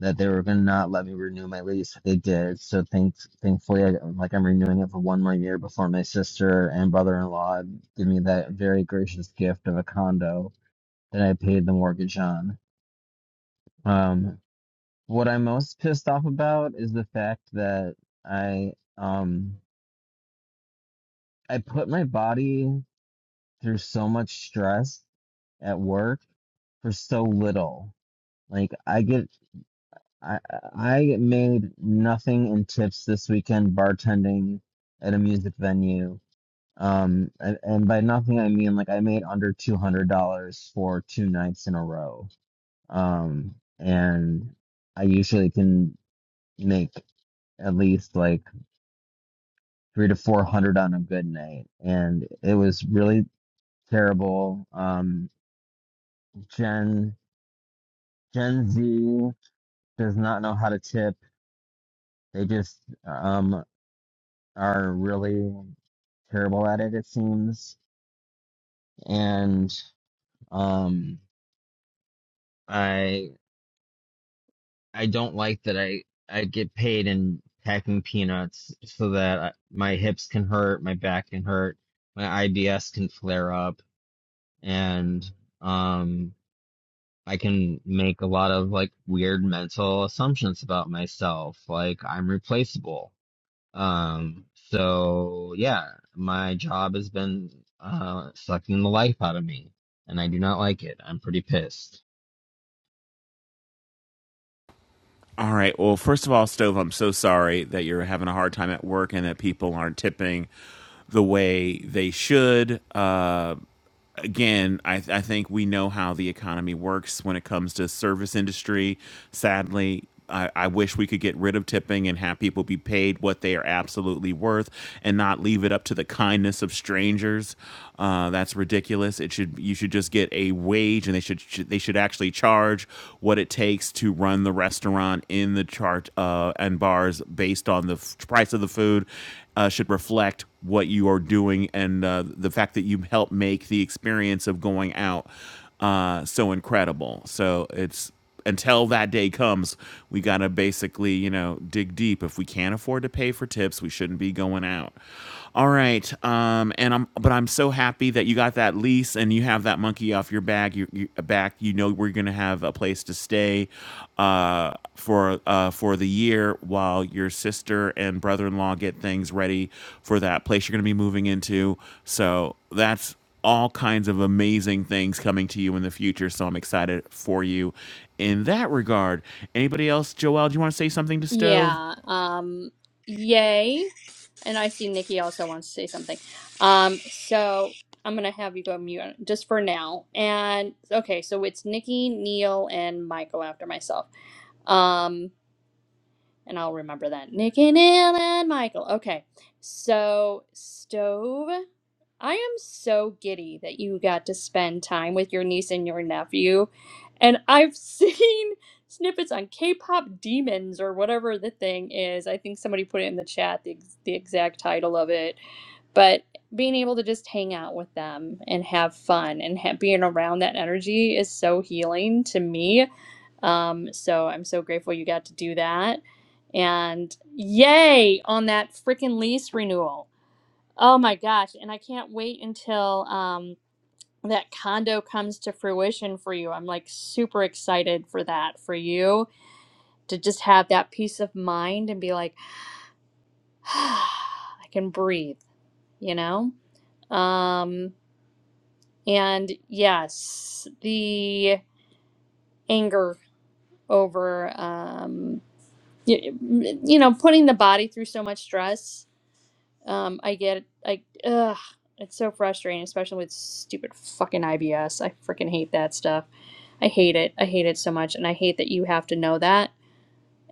[SPEAKER 14] that they were going to not let me renew my lease. They did. So thank, thankfully, I, like I'm renewing it for one more year before my sister and brother-in-law give me that very gracious gift of a condo that I paid the mortgage on. Um, what I'm most pissed off about is the fact that I um I put my body through so much stress at work for so little. Like I get I I made nothing in tips this weekend bartending at a music venue. Um, and, and by nothing I mean like I made under two hundred dollars for two nights in a row. Um, and I usually can make at least like three to four hundred on a good night, and it was really terrible. Um, Gen Gen Z does not know how to tip. They just um are really terrible at it it seems and um i i don't like that i i get paid in packing peanuts so that I, my hips can hurt my back can hurt my ibs can flare up and um i can make a lot of like weird mental assumptions about myself like i'm replaceable Um, so yeah, my job has been uh, sucking the life out of me, and I do not like it. I'm pretty pissed.
[SPEAKER 1] All right. Well, first of all, Stove, I'm so sorry that you're having a hard time at work and that people aren't tipping the way they should. Uh, again, I, th- I think we know how the economy works when it comes to service industry. Sadly, I, I wish we could get rid of tipping and have people be paid what they are absolutely worth and not leave it up to the kindness of strangers. Uh, that's ridiculous. It should you should just get a wage and they should should- they should actually charge what it takes to run the restaurant in the chart uh, and and bars based on the f- price of the food uh, should reflect what you are doing and uh, the fact that you help make the experience of going out uh, so incredible. So it's until that day comes, we gotta basically, you know, dig deep. If we can't afford to pay for tips, we shouldn't be going out. All right. Um, and I'm, but I'm so happy that you got that lease and you have that monkey off your bag. You, you back. You know we're gonna have a place to stay, uh, for uh for the year while your sister and brother-in-law get things ready for that place you're gonna be moving into. So that's all kinds of amazing things coming to you in the future. So I'm excited for you in that regard. Anybody else, Joelle? Do you want to say something to Stove?
[SPEAKER 2] Yeah. Um, yay. And I see Nikki also wants to say something. Um, so I'm gonna have you go mute just for now. And okay, so it's Nikki, Neil, and Michael after myself. Um, and I'll remember that. Nikki, Neil, and Michael. Okay. So stove. I am so giddy that you got to spend time with your niece and your nephew. And I've seen snippets on K pop demons or whatever the thing is. I think somebody put it in the chat, the, ex- the exact title of it. But being able to just hang out with them and have fun and ha- being around that energy is so healing to me. Um, so I'm so grateful you got to do that. And yay on that freaking lease renewal. Oh my gosh. And I can't wait until um, that condo comes to fruition for you. I'm like super excited for that, for you to just have that peace of mind and be like, I can breathe, you know? Um, and yes, the anger over, um, you, you know, putting the body through so much stress Um, I get I ugh, it's so frustrating, especially with stupid fucking IBS. I freaking hate that stuff. I hate it. I hate it so much, and I hate that you have to know that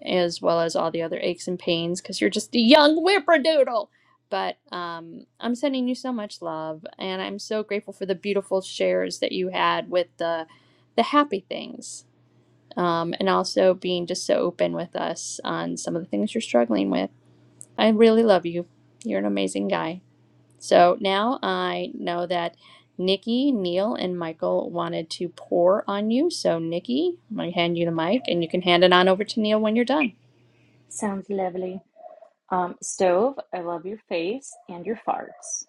[SPEAKER 2] as well as all the other aches and pains because you're just a young whippadoodle. But um, I'm sending you so much love, and I'm so grateful for the beautiful shares that you had with the the happy things, um, and also being just so open with us on some of the things you're struggling with. I really love you. You're an amazing guy. So now I know that Nikki, Neil, and Michael wanted to pour on you. So, Nikki, I'm going to hand you the mic and you can hand it on over to Neil when you're done.
[SPEAKER 8] Sounds lovely. Um, stove, I love your face and your farts.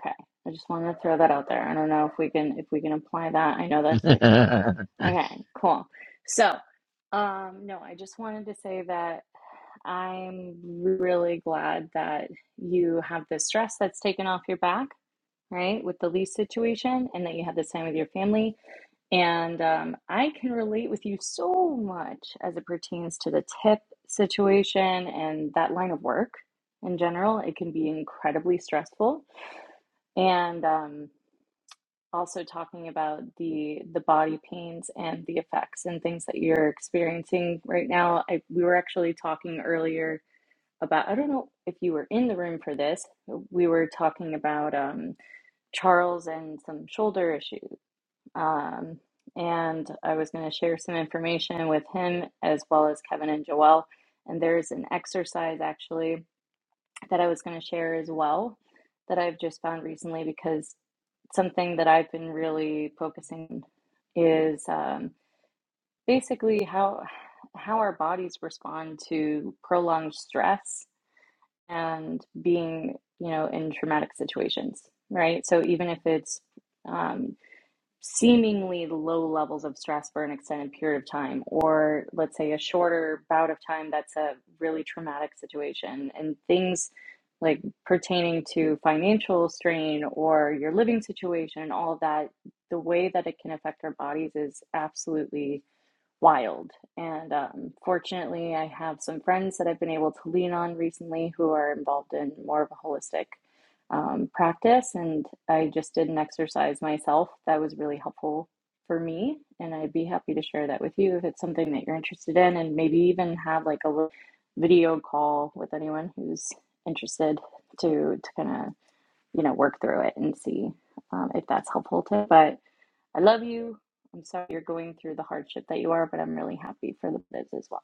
[SPEAKER 8] Okay, I just wanted to throw that out there. I don't know if we can if we can apply that. I know that's like okay, cool. So, um, no, I just wanted to say that I'm really glad that you have the stress that's taken off your back, right, with the lease situation, and that you had this time with your family. And um, I can relate with you so much as it pertains to the tip situation and that line of work in general. It can be incredibly stressful and um, also talking about the the body pains and the effects and things that you're experiencing right now. I, we were actually talking earlier about I don't know if you were in the room for this. We were talking about um, Charles and some shoulder issues, um, and I was going to share some information with him as well as Kevin and Joelle. And there's an exercise actually that I was going to share as well that I've just found recently because something that I've been really focusing on is um, basically how how our bodies respond to prolonged stress and being you know in traumatic situations right so even if it's um, seemingly low levels of stress for an extended period of time, or let's say a shorter bout of time that's a really traumatic situation, and things like pertaining to financial strain or your living situation, all of that, the way that it can affect our bodies is absolutely wild. And um, fortunately, I have some friends that I've been able to lean on recently who are involved in more of a holistic um, practice. And I just did an exercise myself that was really helpful for me. And I'd be happy to share that with you if it's something that you're interested in, and maybe even have like a little video call with anyone who's interested to to kind of you know work through it and see um, if that's helpful to. But I love you. I'm sorry you're going through the hardship that you are, but I'm really happy for the biz as well.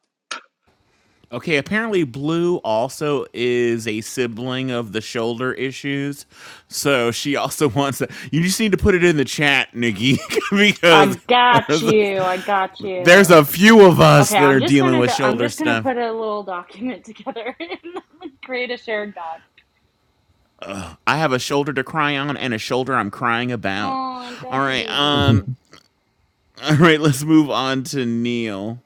[SPEAKER 1] Okay, apparently Blue also is a sibling of the shoulder issues. So she also wants that. You just need to put it in the chat, Nikki, because
[SPEAKER 8] I got
[SPEAKER 1] there's a,
[SPEAKER 8] you. I got
[SPEAKER 1] there's
[SPEAKER 8] you.
[SPEAKER 1] a few of us
[SPEAKER 8] Okay,
[SPEAKER 1] that
[SPEAKER 8] I'm
[SPEAKER 1] are
[SPEAKER 8] just
[SPEAKER 1] dealing
[SPEAKER 8] gonna go.
[SPEAKER 1] with
[SPEAKER 8] I'm
[SPEAKER 1] shoulder
[SPEAKER 8] just gonna
[SPEAKER 1] stuff.
[SPEAKER 8] put a little document together and create a shared doc.
[SPEAKER 1] I have a shoulder to cry on and a shoulder I'm crying about.
[SPEAKER 8] Oh, I
[SPEAKER 1] All
[SPEAKER 8] got you,
[SPEAKER 1] right, um
[SPEAKER 8] baby.
[SPEAKER 1] all right, let's move on to Neil.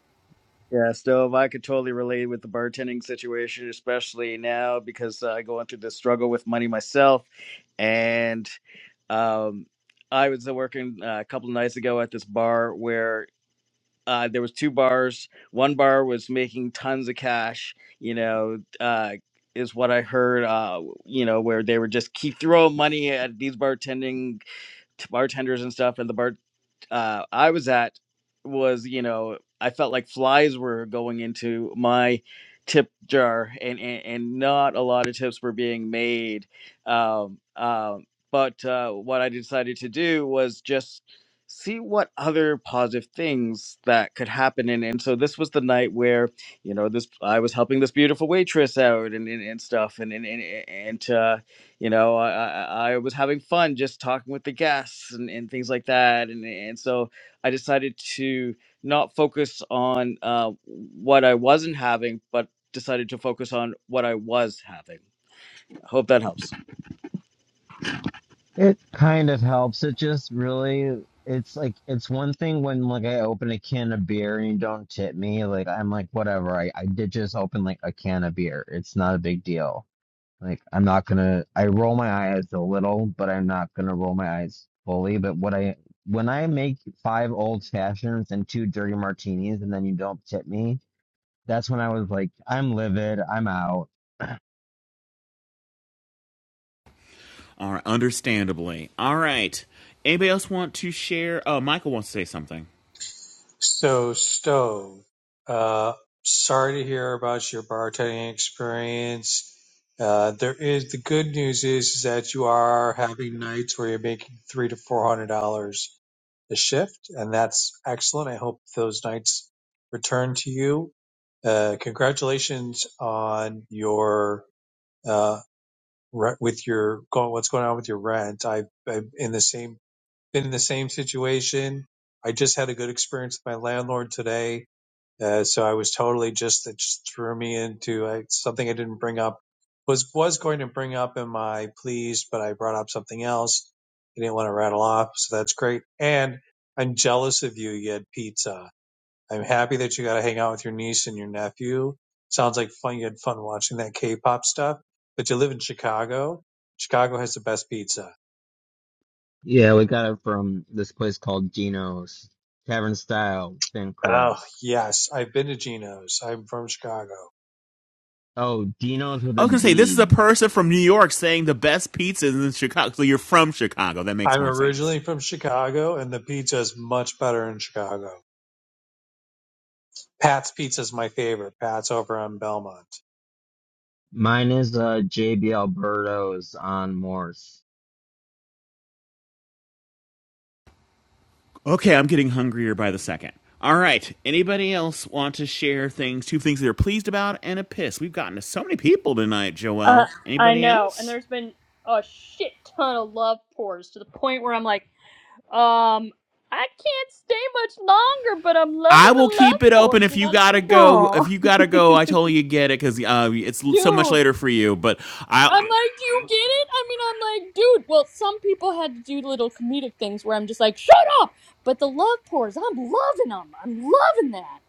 [SPEAKER 4] Yeah, Stove, I could totally relate with the bartending situation, especially now because I'm uh, going through the struggle with money myself. And um, I was working uh, a couple of nights ago at this bar where uh, there was two bars. One bar was making tons of cash. You know, uh, is what I heard. Uh, you know, where they were just keep throwing money at these bartending bartenders and stuff and the bar uh, i was at was you know i felt like flies were going into my tip jar and and, and not a lot of tips were being made um, um, but uh, what i decided to do was just see what other positive things that could happen and, and so this was the night where you know this i was helping this beautiful waitress out and and, and stuff and and and, and uh, you know i i, I was having fun just talking with the guests and, and things like that and and so i decided to not focus on uh, what i wasn't having but decided to focus on what i was having hope that helps
[SPEAKER 14] It kind of helps. It just really, it's like it's one thing when like I open a can of beer and you don't tip me. Like I'm like whatever. I I did just open like a can of beer. It's not a big deal Like, I'm not gonna, I roll my eyes a little, but I'm not gonna roll my eyes fully. But what I, when I make five old fashions and two dirty martinis and then you don't tip me, that's when I was like, I'm livid, I'm out.
[SPEAKER 1] All right, understandably. All right. Anybody else want to share? Oh, Michael wants to say something.
[SPEAKER 9] So, Stowe, uh, sorry to hear about your bartending experience. Uh, there is the good news is, is that you are having nights where you're making three to four hundred dollars a shift, and that's excellent. I hope those nights return to you. Uh, congratulations on your uh, re- with your go- what's going on with your rent. I've, I've in the same been in the same situation. I just had a good experience with my landlord today uh, so I was totally just it just threw me into I, something I didn't bring up was was going to bring up in my pleas, but I brought up something else. I didn't want to rattle off, so that's great. And I'm jealous of you. You had pizza. I'm happy that you got to hang out with your niece and your nephew. Sounds like fun. You had fun watching that K-pop stuff, but you live in Chicago. Chicago has the best pizza.
[SPEAKER 14] Yeah, we got it from this place called Dino's Tavern Style, Thin
[SPEAKER 9] Oh
[SPEAKER 14] Crust.
[SPEAKER 9] yes, I've been to Geno's. I'm from Chicago
[SPEAKER 14] Oh, Dino's with
[SPEAKER 1] I
[SPEAKER 14] a
[SPEAKER 1] was gonna say this is a
[SPEAKER 14] D.
[SPEAKER 1] person from New York saying the best pizza is in Chicago. So you're from Chicago. That makes
[SPEAKER 9] I'm
[SPEAKER 1] more sense.
[SPEAKER 9] originally from Chicago, and the pizza is much better in Chicago. Pat's Pizza is my favorite. Pat's over on Belmont.
[SPEAKER 14] Mine is uh JB Alberto's on Morse.
[SPEAKER 1] Okay, I'm getting hungrier by the second. All right. Anybody else want to share things? Two things they're pleased about and a piss. We've gotten to so many people tonight, Joelle.
[SPEAKER 2] Uh, I
[SPEAKER 1] Anybody
[SPEAKER 2] know, and
[SPEAKER 1] else?
[SPEAKER 2] there's been a shit ton of love pours to the point where I'm like, um, I can't stay much longer, but I'm loving
[SPEAKER 1] I will
[SPEAKER 2] the love
[SPEAKER 1] keep it open
[SPEAKER 2] pours.
[SPEAKER 1] if
[SPEAKER 2] You know
[SPEAKER 1] you
[SPEAKER 2] what I'm
[SPEAKER 1] gotta go. If
[SPEAKER 8] Oh,
[SPEAKER 1] you gotta go, I totally get it because uh, it's so much
[SPEAKER 2] saying?
[SPEAKER 1] later for you. But I,
[SPEAKER 2] I'm like, do you get it? I mean, I'm like, dude, well, some people had to do little comedic things where I'm just like, shut up! But the love pours, I'm loving them. I'm loving that.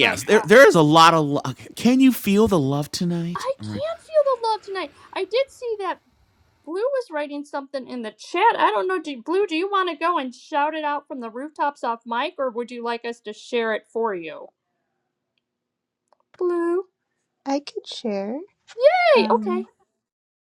[SPEAKER 2] But
[SPEAKER 1] there
[SPEAKER 2] uh,
[SPEAKER 1] there is a lot of. love. Can you feel the love tonight?
[SPEAKER 2] I
[SPEAKER 1] All
[SPEAKER 2] can
[SPEAKER 1] Right.
[SPEAKER 2] feel the love tonight. I did see that Blue was writing something in the chat. I don't know, do, Blue, do you want to go and shout it out from the rooftops off mic, or would you like us to share it for you? Blue.
[SPEAKER 15] I could share.
[SPEAKER 2] Hey,
[SPEAKER 15] Um,
[SPEAKER 2] okay.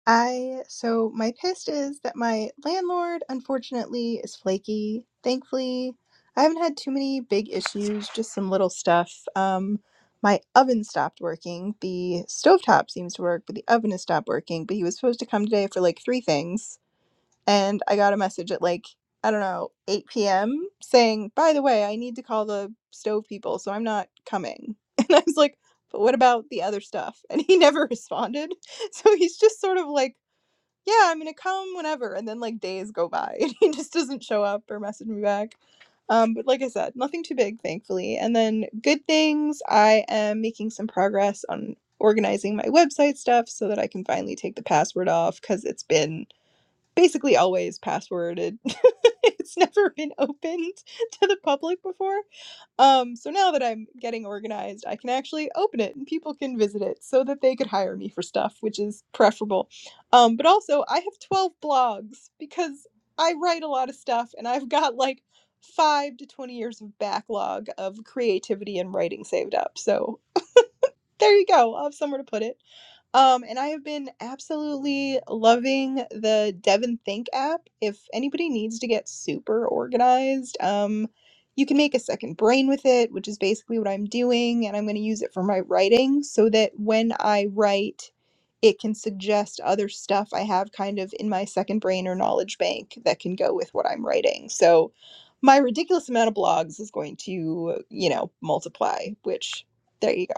[SPEAKER 15] I so my pist is that my landlord unfortunately is flaky. Thankfully, I haven't had too many big issues, just some little stuff. Um, my oven stopped working. The stovetop seems to work, but the oven has stopped working. But he was supposed to come today for like three things and I got a message at like I don't know 8 p.m. saying, "By the way, I need to call the stove people, so I'm not coming." And I was like, "But what about the other stuff?" And he never responded. So he's just sort of like, "Yeah, I'm gonna come whenever," and then like days go by and he just doesn't show up or message me back. Um, but like I said, nothing too big, thankfully. And then good things, I am making some progress on organizing my website stuff so that I can finally take the password off because it's been basically always passworded. it's never been opened to the public before. Um, so now that I'm getting organized, I can actually open it and people can visit it so that they could hire me for stuff, which is preferable. Um, but also, I have 12 blogs because I write a lot of stuff and I've got like five to 20 years of backlog of creativity and writing saved up. So there you go. I'll have somewhere to put it. Um, and I have been absolutely loving the Devon Think app. If anybody needs to get super organized, um, you can make a second brain with it, which is basically what I'm doing. And I'm going to use it for my writing so that when I write, it can suggest other stuff I have kind of in my second brain or knowledge bank that can go with what I'm writing. So my ridiculous amount of blogs is going to, you know, multiply, which there you go.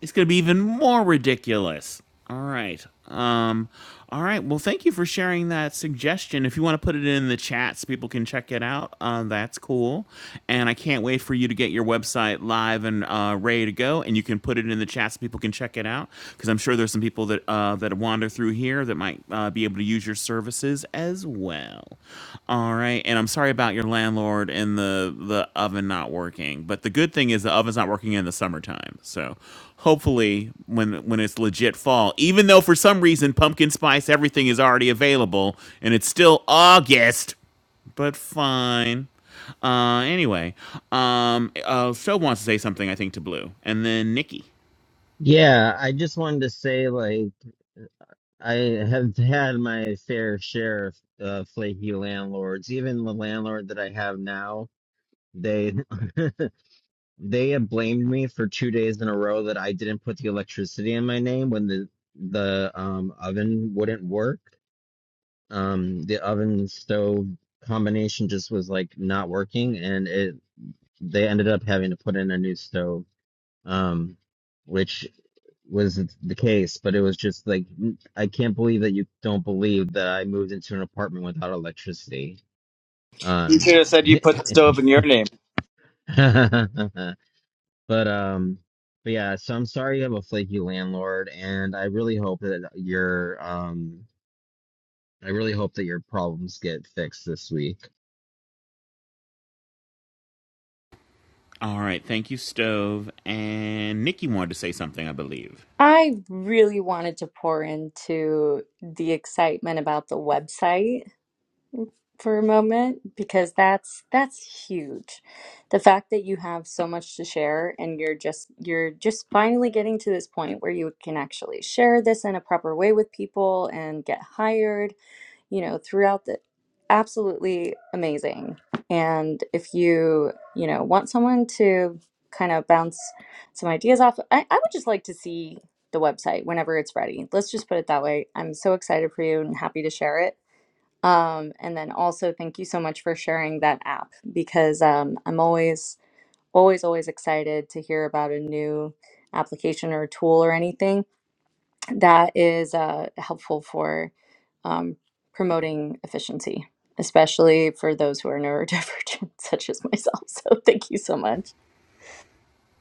[SPEAKER 1] It's going to be even more ridiculous. All right. Um, all right. Well, thank you for sharing that suggestion. If you want to put it in the chat so people can check it out, uh, that's cool. And I can't wait for you to get your website live and uh, ready to go. And you can put it in the chat so people can check it out because I'm sure there's some people that uh, that wander through here here that might uh, be able to use your services as well. All right, and I'm sorry about your landlord and the the oven not working, but the good thing is the oven's not working in the summertime. So hopefully, when when it's legit fall, even though for some reason pumpkin spice everything is already available and it's still August, but fine. Uh, anyway, um, uh, Phil wants to say something I think to Blue, and then Nikki.
[SPEAKER 14] Yeah, I just wanted to say like I have had my fair share of uh, flaky landlords. Even the landlord that I have now, they they have blamed me for two days in a row that I didn't put the electricity in my name when the the um oven wouldn't work. Um, the oven stove combination just was like not working, and it they ended up having to put in a new stove. Um, which was the case, but it was just like I I can't believe that you don't believe that I moved into an apartment without electricity.
[SPEAKER 4] You could
[SPEAKER 14] Um,
[SPEAKER 4] have said you put the stove in your name.
[SPEAKER 14] but um, but yeah, so I'm sorry you have a flaky landlord, and I really hope that your um, I really hope that your problems get fixed this week.
[SPEAKER 1] All right, thank you, Stove. And Nikki wanted to say something, I believe.
[SPEAKER 8] I really wanted to pour into the excitement about the website. for a moment because that's that's huge. The fact that you have so much to share and you're just you're just finally getting to this point where you can actually share this in a proper way with people and get hired, you know, throughout the absolutely amazing. And if you, you know, want someone to kind of bounce some ideas off, I, I would just like to see the website whenever it's ready. Let's just put it that way. I'm so excited for you and happy to share it um, and then also thank you so much for sharing that app because um, I'm always, always, always excited to hear about a new application or tool or anything that is uh, helpful for um, promoting efficiency, especially for those who are neurodivergent, such as myself. So thank you so much.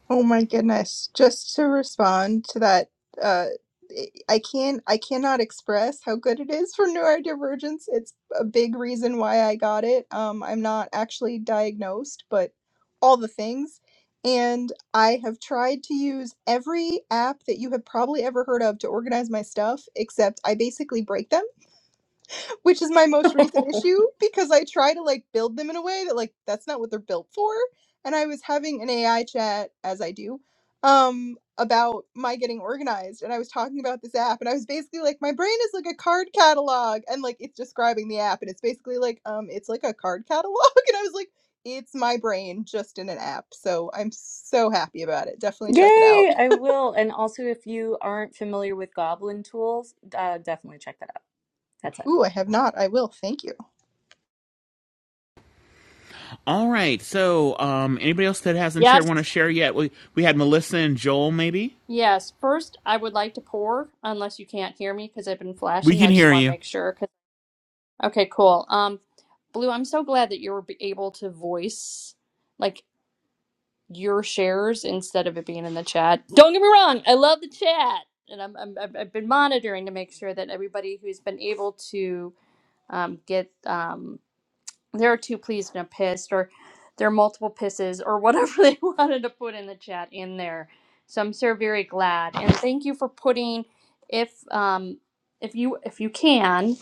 [SPEAKER 15] Oh my goodness. Just to respond to that, uh, I can't, I cannot express how good it is for neurodivergence. It's a big reason why I got it. Um, I'm not actually diagnosed, but all the things. And I have tried to use every app that you have probably ever heard of to organize my stuff, except I basically break them which is my most recent issue because I try to like build them in a way that like that's not what they're built for. And I was having an AI chat as I do um about my getting organized and I was talking about this app and I was basically like my brain is like a card catalog and like it's describing the app and it's basically like um it's like a card catalog and I was like it's my brain just in an app. So I'm so happy about it. Definitely check it out.
[SPEAKER 8] Yay, I will. And also, if you aren't familiar with goblin tools, uh, definitely check that out. That's it.
[SPEAKER 15] Ooh, I have not. I will. Thank you.
[SPEAKER 1] All right, so um, anybody else that hasn't shared
[SPEAKER 2] Yes.
[SPEAKER 1] want to share yet? We we had Melissa and Joel, maybe.
[SPEAKER 2] Yes. First, I would like to pour, unless you can't hear me because I've been
[SPEAKER 1] We
[SPEAKER 2] flashing.
[SPEAKER 1] can
[SPEAKER 2] I just
[SPEAKER 1] hear
[SPEAKER 2] want to
[SPEAKER 1] you.
[SPEAKER 2] make sure. 'cause- okay, cool. Um. Blue, I'm so glad that you were able to voice like your shares instead of it being in the chat. Don't get me wrong, I love the chat, and I'm, I'm I've I've been monitoring to make sure that everybody who's been able to um, get um, there are two pleased and a pissed, or there are multiple pisses, or whatever they wanted to put in the chat in there. So I'm so very glad, and thank you for putting if um, if you if you can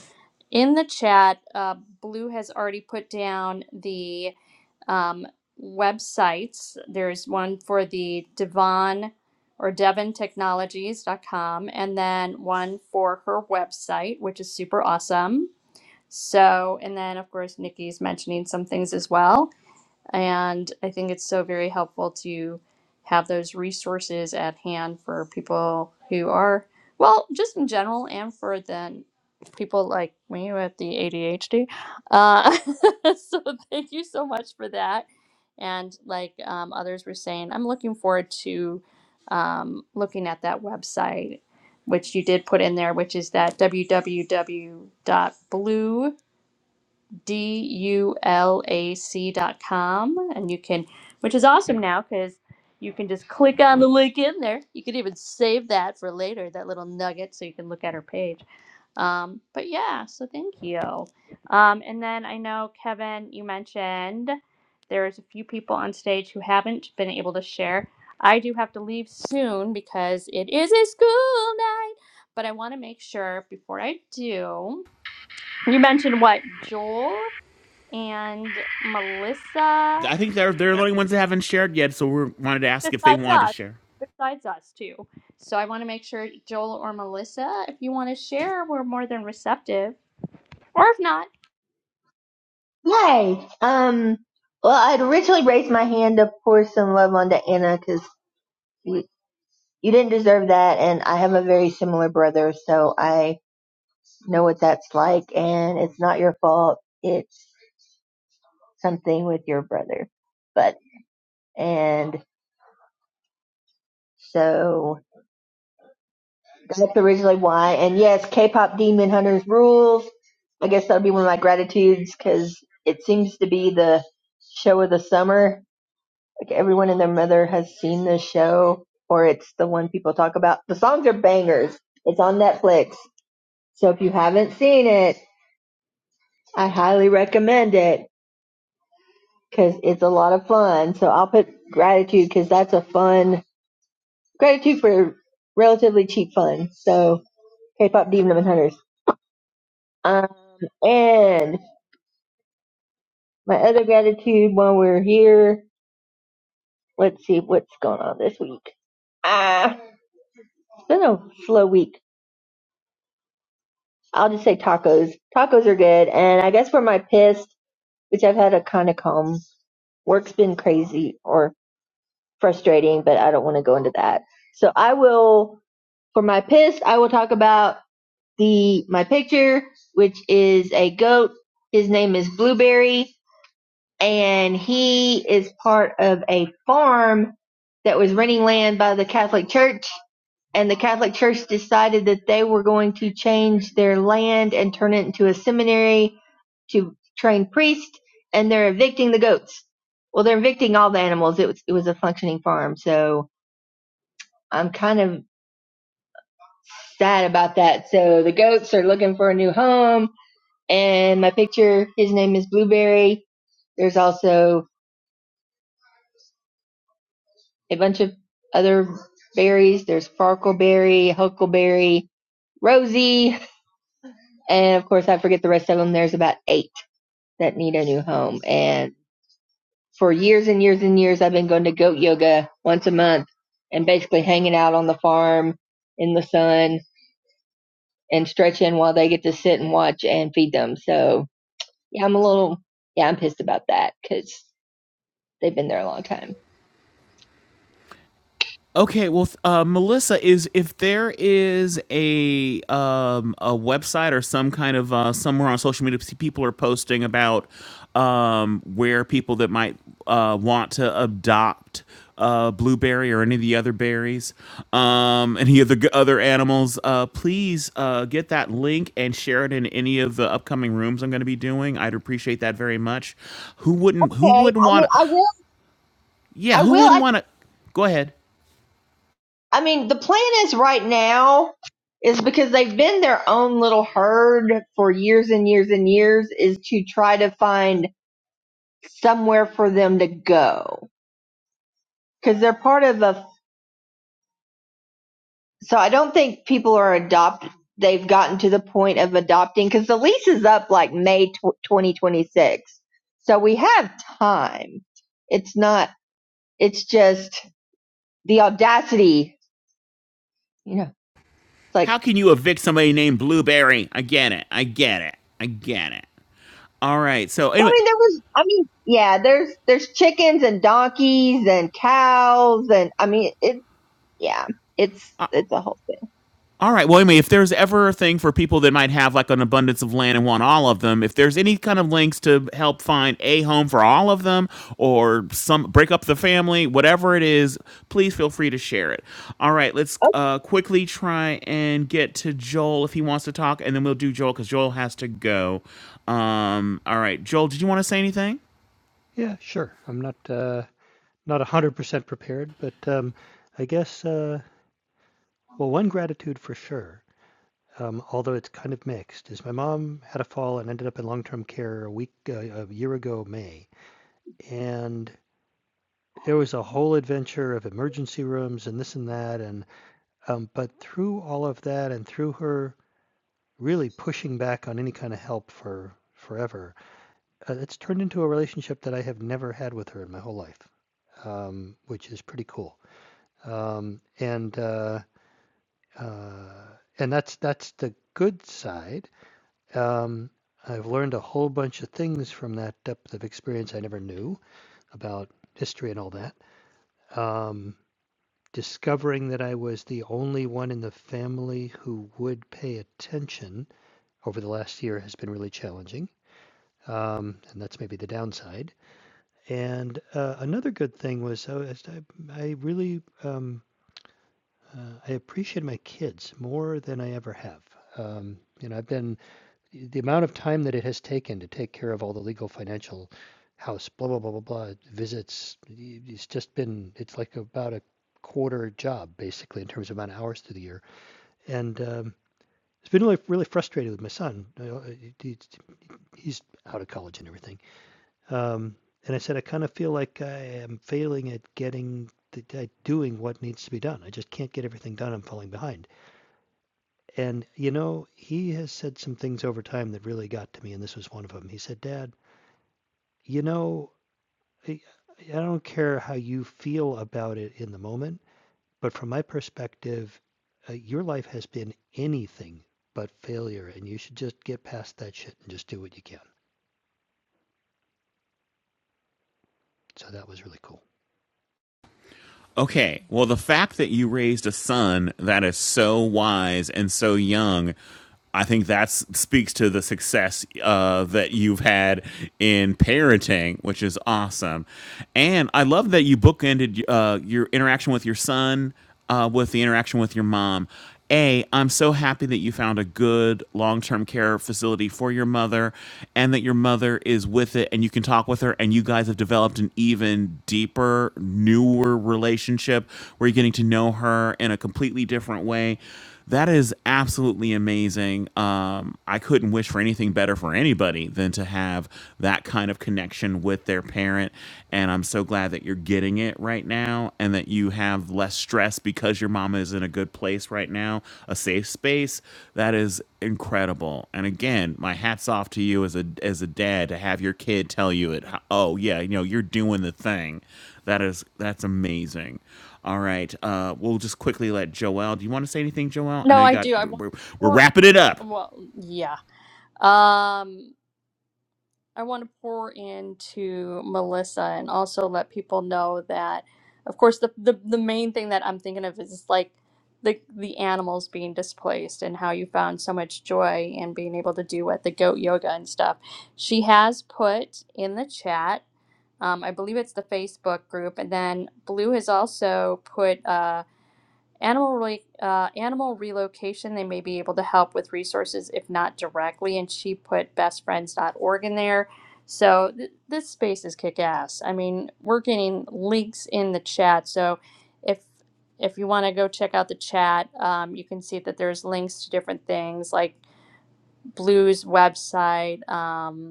[SPEAKER 2] in the chat, uh, Blue has already put down the um, websites. There's one for the Devon or DevonTechnologies.com, and then one for her website, which is super awesome. So, and then of course, Nikki's mentioning some things as well. And I think it's so very helpful to have those resources at hand for people who are, well, just in general, and for then people like me with the ADHD. Uh, so thank you so much for that. And like um, others were saying, I'm looking forward to um, looking at that website, which you did put in there, which is that www.blue dulac.com and you can which is awesome now because you can just click on the link in there you can even save that for later that little nugget so you can look at her page um, but yeah so thank you um, and then i know kevin you mentioned there's a few people on stage who haven't been able to share i do have to leave soon because it is a school night but i want to make sure before i do you mentioned what joel and Melissa
[SPEAKER 1] I think they're they're the
[SPEAKER 2] is
[SPEAKER 1] only ones that haven't shared yet, so we wanted to ask if they
[SPEAKER 2] besides
[SPEAKER 1] wanted to
[SPEAKER 2] us,
[SPEAKER 1] share.
[SPEAKER 2] besides us too. So I want to make sure Joel or Melissa, if you want to share, we're more than receptive. Or if not,
[SPEAKER 16] Yay! Um, well, I'd originally raised my hand to pour some love onto Anna because you, you didn't deserve that, and I have a very similar brother, so I know what that's like, and it's not your fault. It's something with your brother. But, and so that's originally why. And yes, K-pop Demon Hunters rules. I guess that'll be one of my gratitudes because it seems to be the show of the summer Like everyone and their mother has seen this show, or it's the one people talk about. The songs are bangers. It's on Netflix. So if you haven't seen it, I highly recommend it because it's a lot of fun. So I'll put gratitude because that's a fun gratitude for relatively cheap fun. So K-pop Demon and Hunters. Uh, and my other gratitude while we're here, let's see what's going on this week. Ah, it's been a slow week. I'll just say tacos. Tacos are good. And I guess for my piss, which I've had a kind of calm, work's been crazy or frustrating, but I don't want to go into that. So I will, for my piss, I will talk about the, my picture, which is a goat. His name is Blueberry and he is part of a farm that was renting land by the Catholic Church and the Catholic Church decided that they were going to change their land and turn it into a seminary to train priests, and they're evicting the goats. Well, they're evicting all the animals. It was it was a functioning farm, so I'm kind of sad about that. So the goats are looking for a new home, and my picture, his name is Blueberry. There's also a bunch of other berries. There's farkleberry, huckleberry, Rosie. And of course, I forget the rest of them. There's about eight that need a new home. And for years and years and years, I've been going to goat yoga once a month and basically hanging out on the farm in the sun and stretching while they get to sit and watch and feed them. So yeah, I'm a little, yeah, I'm pissed about that because they've been there a long time.
[SPEAKER 1] Okay, well, uh, Melissa is if there is a um, a website or some kind of uh, somewhere on social media, see people are posting about um, where people that might uh, want to adopt uh, blueberry or any of the other berries, um, any of the g- other animals. Uh, please uh, get that link and share it in any of the upcoming rooms I'm going to be doing. I'd appreciate that very much. Who wouldn't?
[SPEAKER 16] Okay.
[SPEAKER 1] Who
[SPEAKER 16] I
[SPEAKER 1] wouldn't
[SPEAKER 16] mean,
[SPEAKER 1] want to?
[SPEAKER 16] I will,
[SPEAKER 1] Yeah,
[SPEAKER 16] I
[SPEAKER 1] who
[SPEAKER 16] will.
[SPEAKER 1] wouldn't
[SPEAKER 16] I,
[SPEAKER 1] want to? Go ahead.
[SPEAKER 16] I mean, the plan is right now is because they've been their own little herd for years and years and years is to try to find somewhere for them to go because they're part of a. So I don't think people are adopt. They've gotten to the point of adopting because the lease is up like May 2026. So we have time. It's not. It's just the audacity. You know, it's like.
[SPEAKER 1] How can you evict somebody named Blueberry? I get it. I get it. I get it. All right. So
[SPEAKER 16] Well, I
[SPEAKER 1] anyway,
[SPEAKER 16] mean, there was. I mean, yeah. There's there's chickens and donkeys and cows and I mean it. Yeah, it's it's a whole
[SPEAKER 1] all right. Well, anyway, if there's ever a thing for people that might have like an abundance of land and want all of them, if there's any kind of links to help find a home for all of them or some break up the family, whatever it is, please feel free to share it. All right. Let's
[SPEAKER 16] thing.
[SPEAKER 1] uh, quickly try and get to Joel if he wants to talk, and then we'll do Joel because Joel has to go. Um, all right, Joel, did you want to say anything?
[SPEAKER 17] Yeah, sure. I'm not uh, not 100% prepared, but um, I guess uh, well, one gratitude for sure. Um, although it's kind of mixed, is my mom had a fall and ended up in long-term care a week uh, a year ago May, and it was a whole adventure of emergency rooms and this and that, and um, but through all of that and through her really pushing back on any kind of help for forever, uh, it's turned into a relationship that I have never had with her in my whole life, um, which is pretty cool. um, and uh, uh, and that's that's the good side. Um, I've learned a whole bunch of things from that depth of experience I never knew about history and all that. Um, discovering that I was the only one in the family who would pay attention over the last year has been really challenging, um, and that's maybe the downside. And uh, another good thing was uh, I, I really um, uh, I appreciate my kids more than I ever have. Um, you know, I've been the amount of time that it has taken to take care of all the legal, financial, house, blah blah blah blah blah visits. It's just been it's like about a quarter job basically in terms of amount of hours through the year, and um, it's been really really frustrating with my son. You know, uh, he- he's out of college and everything. Um, and I said I kind of feel like I am failing at getting the, at doing what needs to be done. I just can't get everything done. I'm falling behind. And, you know, he has said some things over time that really got to me, and this was one of them. He said, Dad, you know, I I don't care how you feel about it in the moment, but from my perspective, uh, your life has been anything but failure, and you should just get past that shit and just do what you can. So that was really cool.
[SPEAKER 1] Okay. Well, the fact that you raised a son that is so wise and so young, I think that speaks to the success uh, that you've had in parenting, which is awesome. And I love that you bookended uh, your interaction with your son uh, with the interaction with your mom. A, I'm so happy that you found a good long term care facility for your mother and that your mother is with it and you can talk with her and you guys have developed an even deeper, newer relationship where you're getting to know her in a completely different way that is absolutely amazing. Um, I couldn't wish for anything better for anybody than to have that kind of connection with their parent. And I'm so glad that you're getting it right now and that you have less stress because your mama is in a good place right now, a safe space. That is incredible. And again, my hat's off to you as a as a dad to have your kid tell you it. Oh yeah, you know, you're doing the thing. That is that's amazing. All right. Uh, we'll just quickly let Joel. Do you want to say anything, Joel? I
[SPEAKER 2] no,
[SPEAKER 1] know you
[SPEAKER 2] I
[SPEAKER 1] got.
[SPEAKER 2] do. I
[SPEAKER 1] We're,
[SPEAKER 2] want
[SPEAKER 1] we're,
[SPEAKER 2] or
[SPEAKER 1] wrapping it up.
[SPEAKER 2] well, yeah. Um, I want to pour into Melissa and also let people know that, of course, the, the, the main thing that I'm thinking of is like the, the animals being displaced and how you found so much joy in being able to do what the goat yoga and stuff. She has put in the chat, um, I believe it's the Facebook group, and then Blue has also put. uh, Animal, re- uh, animal relocation, they may be able to help with resources if not directly. And she put best friends dot org in there. So th- this space is kick ass. I mean, we're getting links in the chat. So if if you want to go check out the chat, um, you can see that there's links to different things like Blue's website. Um,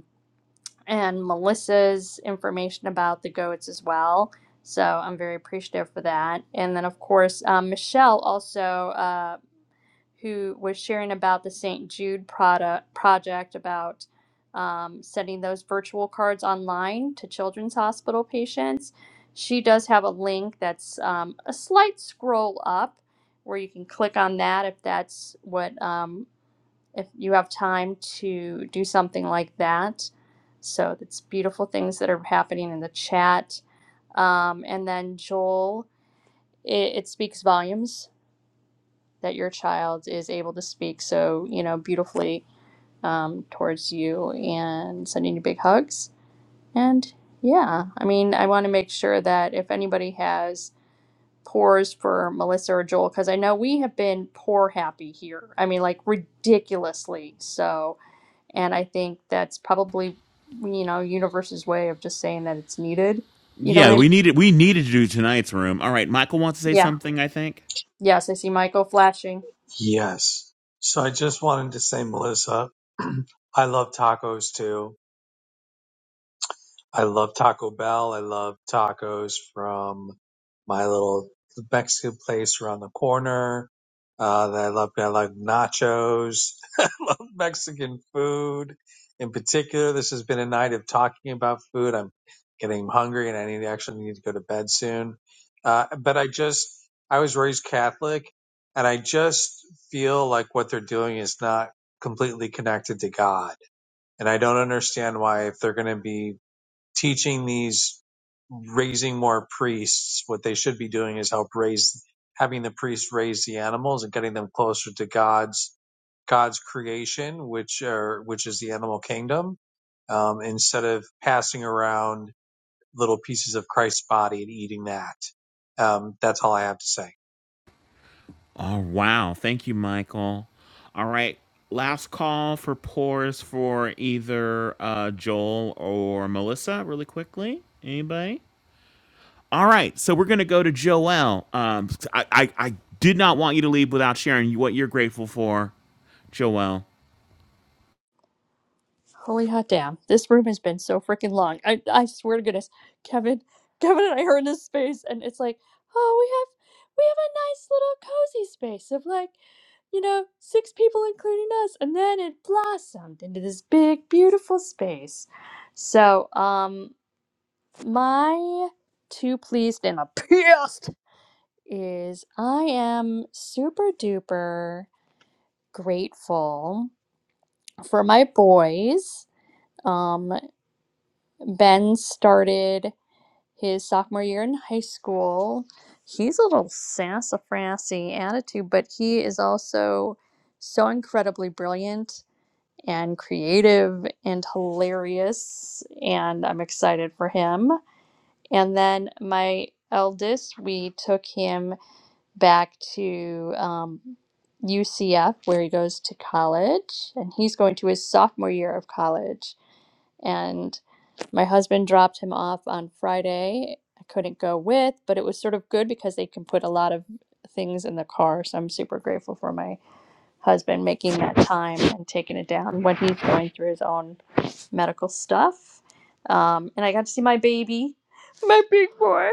[SPEAKER 2] and Melissa's information about the goats as well. So I'm very appreciative for that. And then, of course, um, Michelle also, uh, who was sharing about the St. Jude product project about um, sending those virtual cards online to children's hospital patients. She does have a link that's um, a slight scroll up where you can click on that if that's what. um, if you have time to do something like that. So it's beautiful things that are happening in the chat. Um, and then Joel, it, it speaks volumes that your child is able to speak so you know beautifully um, towards you and sending you big hugs. And yeah, I mean, I want to make sure that if anybody has pours for Melissa or Joel, because I know we have been poor happy here. I mean, like ridiculously so And I think that's probably, you know, universe's way of just saying that it's needed. You know what
[SPEAKER 1] Yeah,
[SPEAKER 2] I mean?
[SPEAKER 1] we needed we needed to do tonight's room. All right, Michael wants to say
[SPEAKER 2] Yeah.
[SPEAKER 1] something. I think.
[SPEAKER 2] Yes, I see Michael flashing.
[SPEAKER 9] Yes. So I just wanted to say, Melissa, I love tacos too. I love Taco Bell. I love tacos from my little Mexican place around the corner. Uh, that I love. I love nachos. I love Mexican food. In particular, this has been a night of talking about food. I'm getting hungry, and I need actually need to go to bed soon. Uh, but I just I was raised Catholic, and I just feel like what they're doing is not completely connected to God and I don't understand why if they're going to be teaching these raising more priests what they should be doing is help raise having the priests raise the animals and getting them closer to god's god's creation which are which is the animal kingdom um, instead of passing around little pieces of christ's body and eating that um, that's all i have to say
[SPEAKER 1] Oh wow! Thank you, Michael. All right. Last call for pores for either uh, Joel or Melissa, really quickly. Anybody? All right, so we're gonna go to Joel. Um, I, I I did not want you to leave without sharing what you're grateful for, Joel.
[SPEAKER 2] Holy hot damn. This room has been so freaking long. I, I swear to goodness, Kevin, Kevin and I are in this space and it's like, oh, we have we have a nice little cozy space of like, you know, six people including us. And then it blossomed into this big, beautiful space. So, um, my two pleased and a pissed is I am super duper grateful for my boys. Um, ben started his sophomore year in high school. He's a little sassafrassy attitude, but he is also so incredibly brilliant and creative and hilarious, and I'm excited for him. And then my eldest, we took him back to um, UCF where he goes to college, and he's going to his sophomore year of college. And my husband dropped him off on Friday. I couldn't go with, but it was sort of good because they can put a lot of things in the car. So I'm super grateful for my husband making that time and taking it down when he's going through his own medical stuff. Um, and I got to see my baby, my big boy,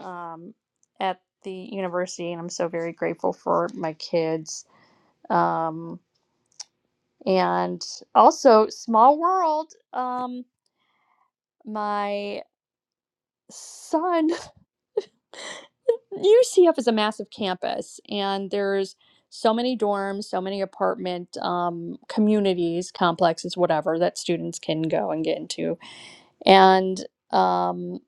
[SPEAKER 2] um, at the university, and I'm so very grateful for my kids. Um, and also, small world. Um, my son UCF is a massive campus, and there's so many dorms, so many apartment um, communities, complexes, whatever that students can go and get into. And um,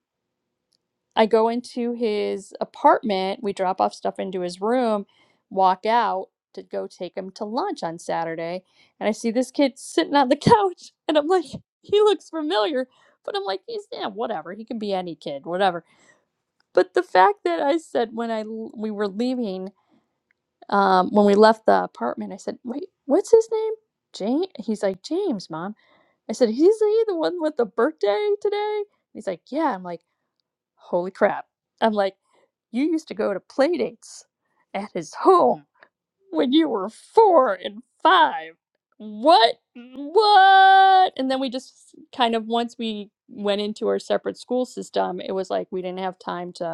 [SPEAKER 2] I go into his apartment. We drop off stuff into his room, walk out to go take him to lunch on Saturday, and I see this kid sitting on the couch, and I'm like, he looks familiar, but I'm like, he's yeah, whatever. He can be any kid, whatever but the fact that I said when I we were leaving, um, when we left the apartment, I said, "Wait, what's his name?" James. He's like James, mom. I said, "He's he the one with the birthday today?" He's like, "Yeah." I'm like, "Holy crap!" I'm like, "You used to go to play dates at his home when you were four and five. What? What?" And then we just kind of once we went into our separate school system, it was like we didn't have time to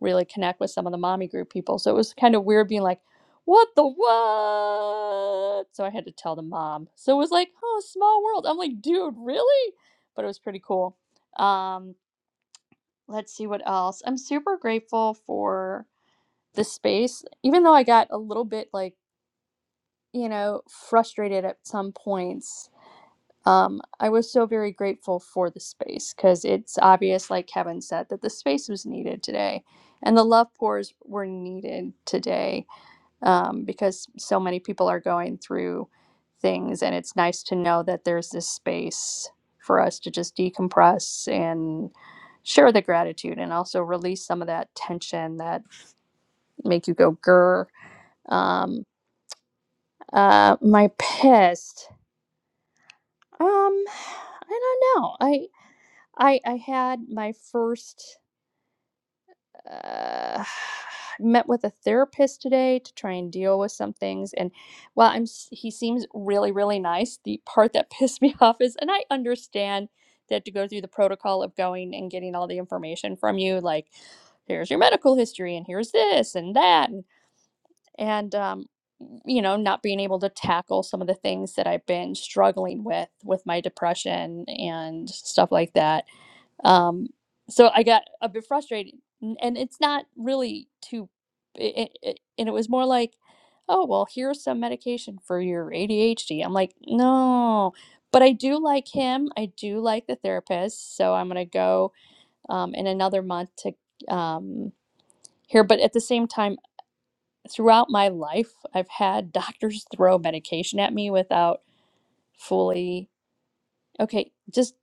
[SPEAKER 2] really connect with some of the mommy group people. So it was kind of weird being like, what the what? So I had to tell the mom. So it was like, oh, small world. I'm like, dude, really? But it was pretty cool. Um, let's see what else. I'm super grateful for the space, even though I got a little bit like, you know, frustrated at some points um, I was so very grateful for the space because it's obvious, like Kevin said, that the space was needed today. And the love pours were needed today um, because so many people are going through things. And it's nice to know that there's this space for us to just decompress and share the gratitude and also release some of that tension that make you go grr. Um, uh, my pissed. Um, I don't know. I I had my first uh, met with a therapist today to try and deal with some things. And while I'm s- he seems really really nice, the part that pissed me off is, and I understand that to go through the protocol of going and getting all the information from you, like here's your medical history and here's this and that and, and um, you know not being able to tackle some of the things that i've been struggling with with my depression and stuff like that um so i got a bit frustrated N- and it's not really too it, it, and it was more like oh well here's some medication for your adhd i'm like no but i do like him i do like the therapist so i'm going to go um, in another month to um, here but at the same time throughout my life i've had doctors throw medication at me without fully Okay, just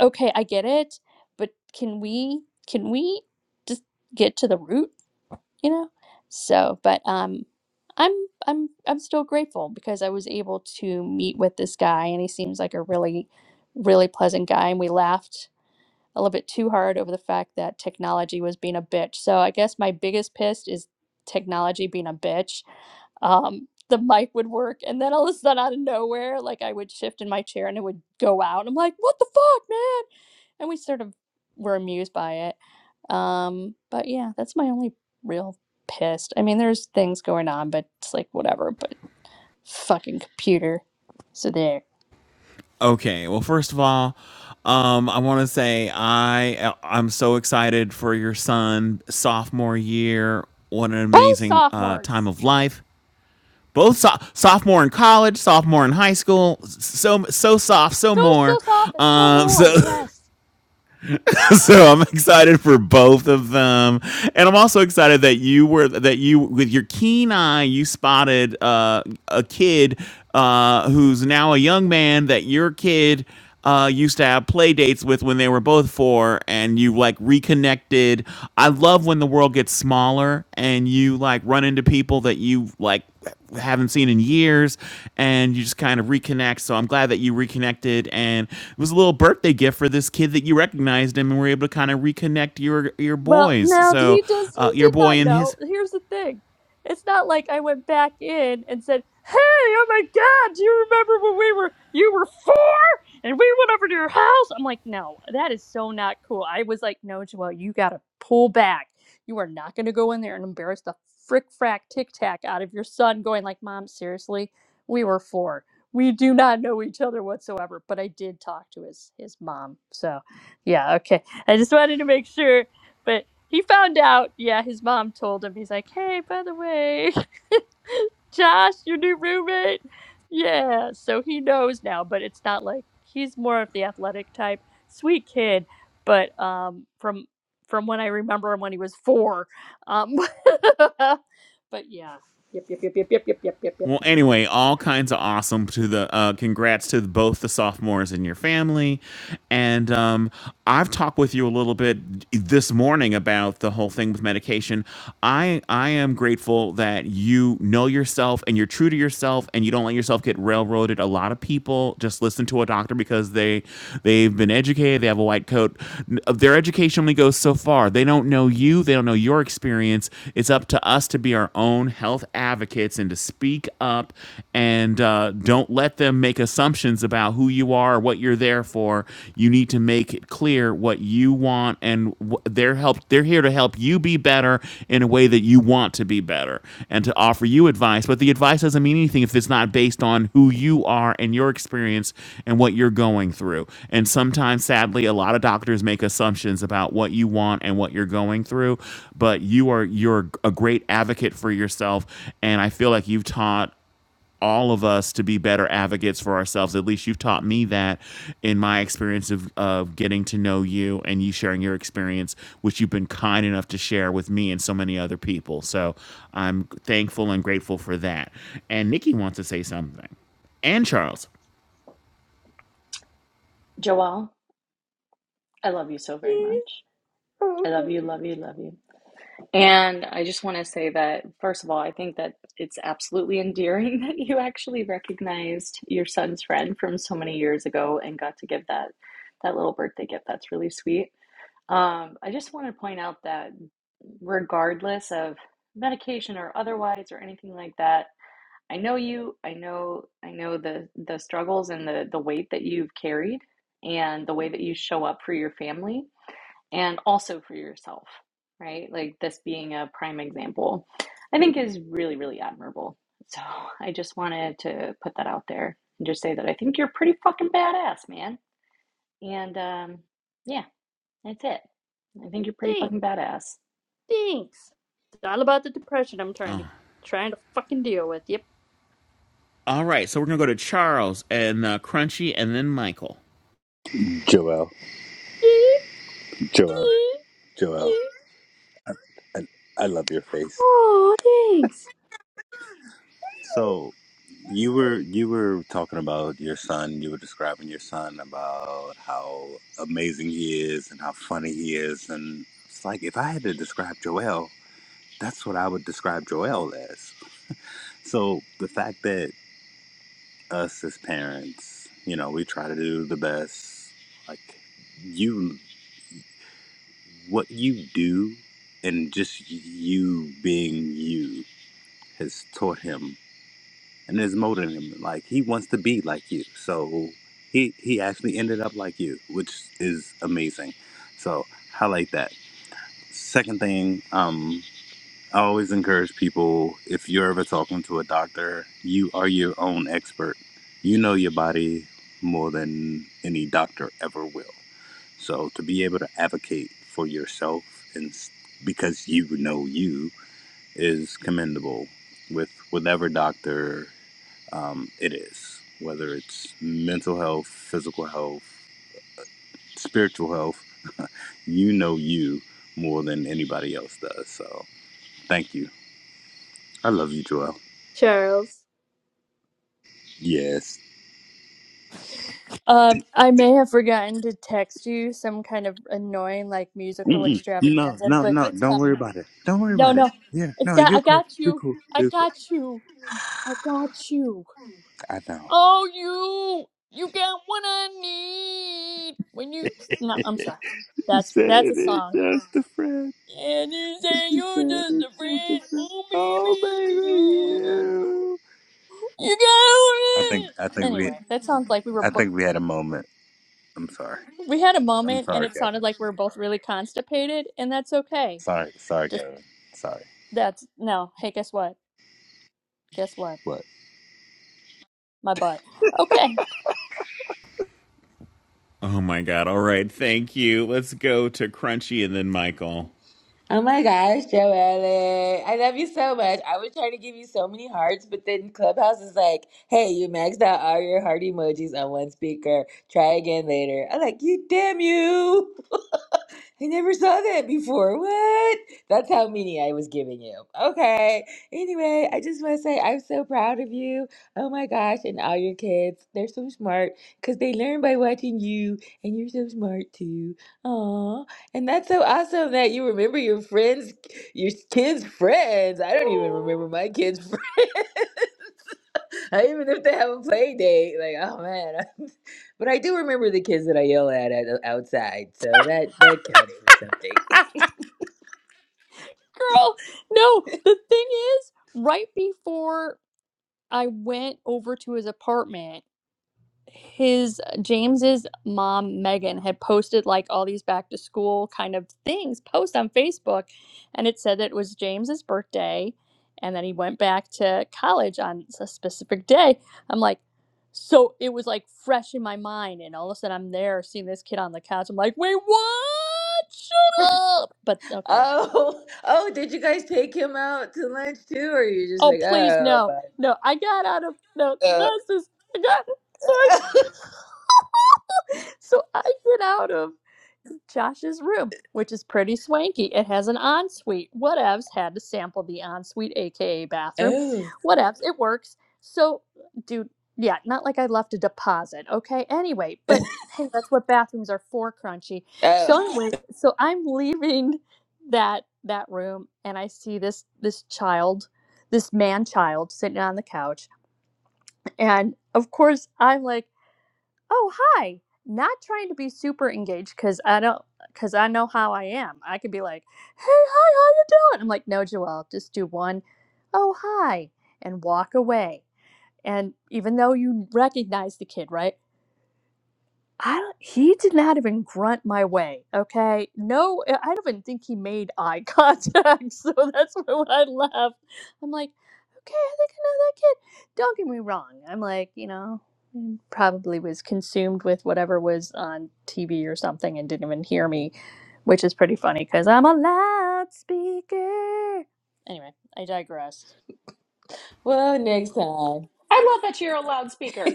[SPEAKER 2] okay, I get it, but can we can we just get to the root, you know? So, but um I'm I'm I'm still grateful because I was able to meet with this guy and he seems like a really really pleasant guy and we laughed a little bit too hard over the fact that technology was being a bitch. So, I guess my biggest piss is technology being a bitch um, the mic would work. And then all of a sudden, out of nowhere, like I would shift in my chair and it would go out. I'm like, what the fuck, man? And we sort of were amused by it. Um, but yeah, that's my only real pissed. I mean, there's things going on, but it's like whatever. But fucking computer. So there.
[SPEAKER 1] Okay. Well, first of all, um, I want to say I I'm so excited for your son sophomore year. What an
[SPEAKER 2] Both
[SPEAKER 1] amazing uh, time
[SPEAKER 2] sophomores.
[SPEAKER 1] of life. Both so- sophomore in college, sophomore in high school, so so soft, so
[SPEAKER 2] So, so
[SPEAKER 1] more.
[SPEAKER 2] soft and so
[SPEAKER 1] Um,
[SPEAKER 2] more.
[SPEAKER 1] so
[SPEAKER 2] Yes.
[SPEAKER 1] so I'm excited for both of them, and I'm also excited that you were that you with your keen eye you spotted uh, a kid uh, who's now a young man that your kid uh, used to have play dates with when they were both four, and you like reconnected. I love when the world gets smaller and you like run into people that you like haven't seen in years and you just kind of reconnect so i'm glad that you reconnected and it was a little birthday gift for this kid that you recognized him and were able to kind of reconnect your your
[SPEAKER 2] Well,
[SPEAKER 1] boys
[SPEAKER 2] no,
[SPEAKER 1] so
[SPEAKER 2] he does.
[SPEAKER 1] uh,
[SPEAKER 2] He
[SPEAKER 1] your
[SPEAKER 2] did
[SPEAKER 1] boy
[SPEAKER 2] not
[SPEAKER 1] and his
[SPEAKER 2] know. Here's the thing: it's not like I went back in and said, "Hey, oh my God, do you remember when we were you were four and we went over to your house?" I'm like, no, that is so not cool. I was like, no, Joelle, you gotta pull back. You are not gonna go in there and embarrass the frick frack tic tac out of your son. Going like, Mom, seriously, we were four. We do not know each other whatsoever. But I did talk to his his mom. So, yeah, okay. I just wanted to make sure. But he found out, yeah, his mom told him. He's like, hey, by the way, Josh, your new roommate. Yeah, so he knows now, but it's not like he's more of the athletic type. Sweet kid, but um from from when I remember him when he was four. Um but yeah. Yep, yep, yep, yep, yep, yep, yep, yep, yep.
[SPEAKER 1] Well, anyway, all kinds of awesome to the uh, congrats to both the sophomores in your family. And um, I've talked with you a little bit this morning about the whole thing with medication. I, I am grateful that you know yourself and you're true to yourself and you don't let yourself get railroaded. A lot of people just listen to a doctor because they They've been educated. They have a white coat. Their education only goes so far. They don't know you. They don't know your experience. It's up to us to be our own health advocates and to speak up and uh, don't let them make assumptions about who you are, or what you're there for. You need to make it clear what you want and wh- they're help. They're here to help help you be better in a way that you want to be better and to offer you advice. But the advice doesn't mean anything if it's not based on who you are and your experience and what you're going through. And sometimes, sadly, a lot of doctors make assumptions about what you want and what you're going through. But you are you're a great advocate for yourself, and I feel like you've taught all of us to be better advocates for ourselves. At least you've taught me that in my experience of, of getting to know you and you sharing your experience, which you've been kind enough to share with me and so many other people. So I'm thankful and grateful for that. And Nikki wants to say something. And Charles.
[SPEAKER 8] Joelle, I love you so very much.
[SPEAKER 2] Oh,
[SPEAKER 8] I
[SPEAKER 2] Okay.
[SPEAKER 8] love you, love you, love you. And I just want to say that, first of all, I think that it's absolutely endearing that you actually recognized your son's friend from so many years ago and got to give that that little birthday gift. That's really sweet. Um, I just want to point out that regardless of medication or otherwise or anything like that, I know you, I know, I know the the struggles and the the weight that you've carried and the way that you show up for your family and also for yourself, right? Like this being a prime example, I think is really, really admirable. So I just wanted to put that out there and just say that I think you're pretty fucking badass, man. And um, yeah, that's it. I think you're pretty
[SPEAKER 2] Thanks.
[SPEAKER 8] fucking badass.
[SPEAKER 2] Thanks. It's all about the depression I'm trying to
[SPEAKER 1] Oh,
[SPEAKER 2] trying to fucking deal with. Yep.
[SPEAKER 1] all right. So we're going to go to Charles and uh, Crunchy and then Michael.
[SPEAKER 11] Joel, Joel, Joel, and I love your face.
[SPEAKER 2] Oh, thanks,
[SPEAKER 11] So you were you were talking about your son. You were describing your son about how amazing he is and how funny he is, and it's like if I had to describe Joel, that's what I would describe Joel as. So the fact that us as parents, you know, we try to do the best, like you, what you do, and just you being you has taught him and has molded him. Like he wants to be like you, so he he actually ended up like you, which is amazing. So highlight that. Second thing, um, I always encourage people if you're ever talking to a doctor, you are your own expert. You know your body more than any doctor ever will. So to be able to advocate for yourself and s- because you know you is commendable with whatever doctor um, it is, whether it's mental health, physical health, spiritual health. You know you more than anybody else does. So thank you. I love you, Joel.
[SPEAKER 2] Charles.
[SPEAKER 11] Yes.
[SPEAKER 2] Um, I may have forgotten to text you some kind of annoying like musical
[SPEAKER 11] Mm-mm. No,
[SPEAKER 2] extravaganza,
[SPEAKER 11] no,
[SPEAKER 2] but
[SPEAKER 11] no.
[SPEAKER 2] it's
[SPEAKER 11] Don't worry
[SPEAKER 2] coming.
[SPEAKER 11] about it. Don't worry
[SPEAKER 2] No,
[SPEAKER 11] about it.
[SPEAKER 2] no,
[SPEAKER 11] Yeah,
[SPEAKER 2] it's
[SPEAKER 11] no,
[SPEAKER 2] got. I
[SPEAKER 11] you're cool.
[SPEAKER 2] got
[SPEAKER 11] You're
[SPEAKER 2] you.
[SPEAKER 11] cool.
[SPEAKER 2] I
[SPEAKER 11] You're cool.
[SPEAKER 2] got you. I got you.
[SPEAKER 11] I know.
[SPEAKER 2] Oh, you. You got what I need when you. No, I'm sorry.
[SPEAKER 11] You
[SPEAKER 2] That's that's
[SPEAKER 11] said
[SPEAKER 2] a
[SPEAKER 11] it
[SPEAKER 2] song.
[SPEAKER 11] just a friend.
[SPEAKER 2] And you
[SPEAKER 11] But
[SPEAKER 2] say
[SPEAKER 11] you
[SPEAKER 2] you're
[SPEAKER 11] said
[SPEAKER 2] just
[SPEAKER 11] it
[SPEAKER 2] a
[SPEAKER 11] just a
[SPEAKER 2] friend.
[SPEAKER 11] friend.
[SPEAKER 2] Oh,
[SPEAKER 11] Oh,
[SPEAKER 2] baby,
[SPEAKER 11] baby,
[SPEAKER 2] you.
[SPEAKER 11] you.
[SPEAKER 2] You
[SPEAKER 11] I
[SPEAKER 2] got
[SPEAKER 11] think
[SPEAKER 2] it.
[SPEAKER 11] I think we
[SPEAKER 2] Anyway, that sounds like we were
[SPEAKER 11] I
[SPEAKER 2] booked.
[SPEAKER 11] think we had a moment. I'm sorry.
[SPEAKER 2] We had a
[SPEAKER 11] I'm
[SPEAKER 2] moment and
[SPEAKER 11] sorry,
[SPEAKER 2] it
[SPEAKER 11] Kevin.
[SPEAKER 2] sounded like we were both really constipated, and that's okay.
[SPEAKER 11] Sorry, sorry,
[SPEAKER 2] Just
[SPEAKER 11] Kevin. Sorry.
[SPEAKER 2] that's no. Hey, guess what? Guess what?
[SPEAKER 11] What?
[SPEAKER 2] My butt. Okay.
[SPEAKER 1] Oh my God. All right. Thank you. Let's go to Crunchy and then Michael.
[SPEAKER 10] Oh my gosh, Joelle. I love you so much. I was trying to give you so many hearts, but then Clubhouse is like, hey, you maxed out all your heart emojis on one speaker. Try again later. I'm like, you damn you. I never saw that before. What? That's how many I was giving you. Okay. Anyway, I just want to say I'm so proud of you. Oh my gosh. And all your kids. They're so smart because they learn by watching you, and you're so smart too. Aw. And that's so awesome that you remember your friends, your kids' friends. I don't even
[SPEAKER 8] Mm,
[SPEAKER 10] remember my kids' friends. I even if they have a play date, like oh man. but I do remember the kids that I yell at, at uh, outside, so that that counts for something.
[SPEAKER 2] Girl, no. The thing is, right before I went over to his apartment, his uh, James's mom Megan had posted like all these back to school kind of things post on Facebook and it said that it was James's birthday and then he went back to college on a specific day. I'm like so it was like fresh in my mind and all of a sudden I'm there seeing this kid on the couch. I'm like, "Wait, what? Shut up." But okay.
[SPEAKER 10] oh, oh, did you guys take him out to lunch too, or you just
[SPEAKER 2] Oh,
[SPEAKER 10] like
[SPEAKER 2] please
[SPEAKER 10] oh,
[SPEAKER 2] no.
[SPEAKER 10] but
[SPEAKER 2] No, I got out of no,
[SPEAKER 10] uh,
[SPEAKER 2] that's just I got sorry. So I get out of Josh's room, which is pretty swanky. It has an ensuite. Whatevs, had to sample the ensuite, aka bathroom.
[SPEAKER 10] oh,
[SPEAKER 2] Whatevs, it works. So, dude, yeah, not like I left a deposit, okay? Anyway, but hey, that's what bathrooms are for, crunchy. So
[SPEAKER 10] oh.
[SPEAKER 2] anyway, so I'm leaving that that room and I see this this child, this man child sitting on the couch. And of course I'm like oh hi not trying to be super engaged because i don't because i know how i am i could be like hey hi how you doing i'm like no joelle just do one oh hi and walk away and even though you recognize the kid right I don't, he did not even grunt my way. Okay, no, I I don't even think he made eye contact. So that's why when I left, I'm like, okay, I think I know that kid. Don't get me wrong. I'm like, you know, mm, probably was consumed with whatever was on TV or something and didn't even hear me, which is pretty funny because I'm a loudspeaker. Anyway, I digress.
[SPEAKER 10] well, next time.
[SPEAKER 8] I love that you're a loudspeaker.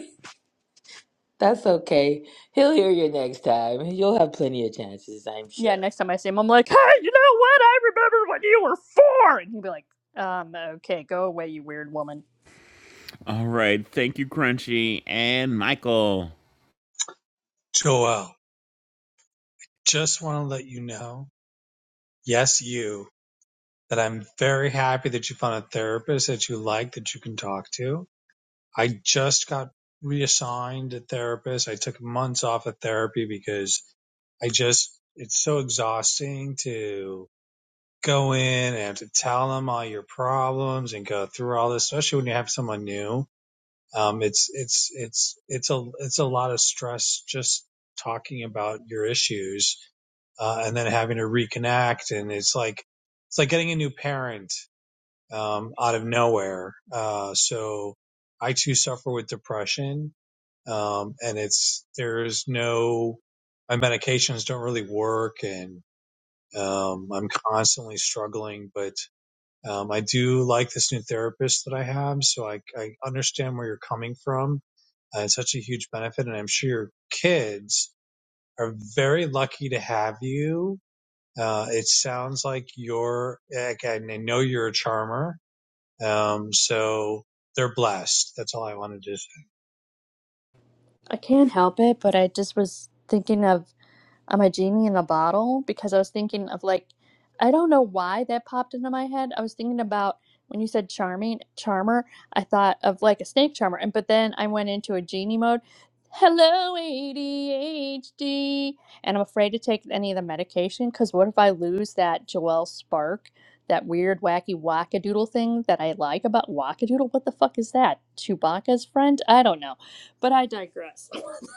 [SPEAKER 10] That's okay. He'll hear you next time. You'll have plenty of chances, I'm
[SPEAKER 2] Yeah,
[SPEAKER 10] sure.
[SPEAKER 2] next time I see him, I'm like, hey, you know what? I remember when you were four. And he'd be like, um, okay, go away, you weird woman.
[SPEAKER 1] All right. Thank you, Crunchy and Michael.
[SPEAKER 9] Joel, just want to let you know, yes, you, that I'm very happy that you found a therapist that you like that you can talk to. I just got reassigned a therapist. I took months off of therapy because I just, it's so exhausting to go in and to tell them all your problems and go through all this, especially when you have someone new. Um, it's, it's, it's, it's a, it's a lot of stress just talking about your issues, uh, and then having to reconnect. And it's like, it's like getting a new parent, um, out of nowhere. Uh, so I too suffer with depression um, and it's there's no my medications don't really work, and um, I'm constantly struggling. But um, I do like this new therapist that I have, so I, I understand where you're coming from. Uh, it's such a huge benefit, and I'm sure your kids are very lucky to have you. Uh, it sounds like you're, like, I know you're a charmer, um, so they're blessed. That's all I wanted to
[SPEAKER 2] I can't help it, but I just was thinking of I'm a genie in a bottle because I was thinking of like I don't know why that popped into my head. I was thinking about when you said charming charmer, I thought of like a snake charmer and but then I went into a genie mode. Hello ADHD and I'm afraid to take any of the medication cuz what if I lose that Joelle spark, that weird wacky wackadoodle thing that I like about wackadoodle? What the fuck is that? Chewbacca's friend? I don't know. But I digress.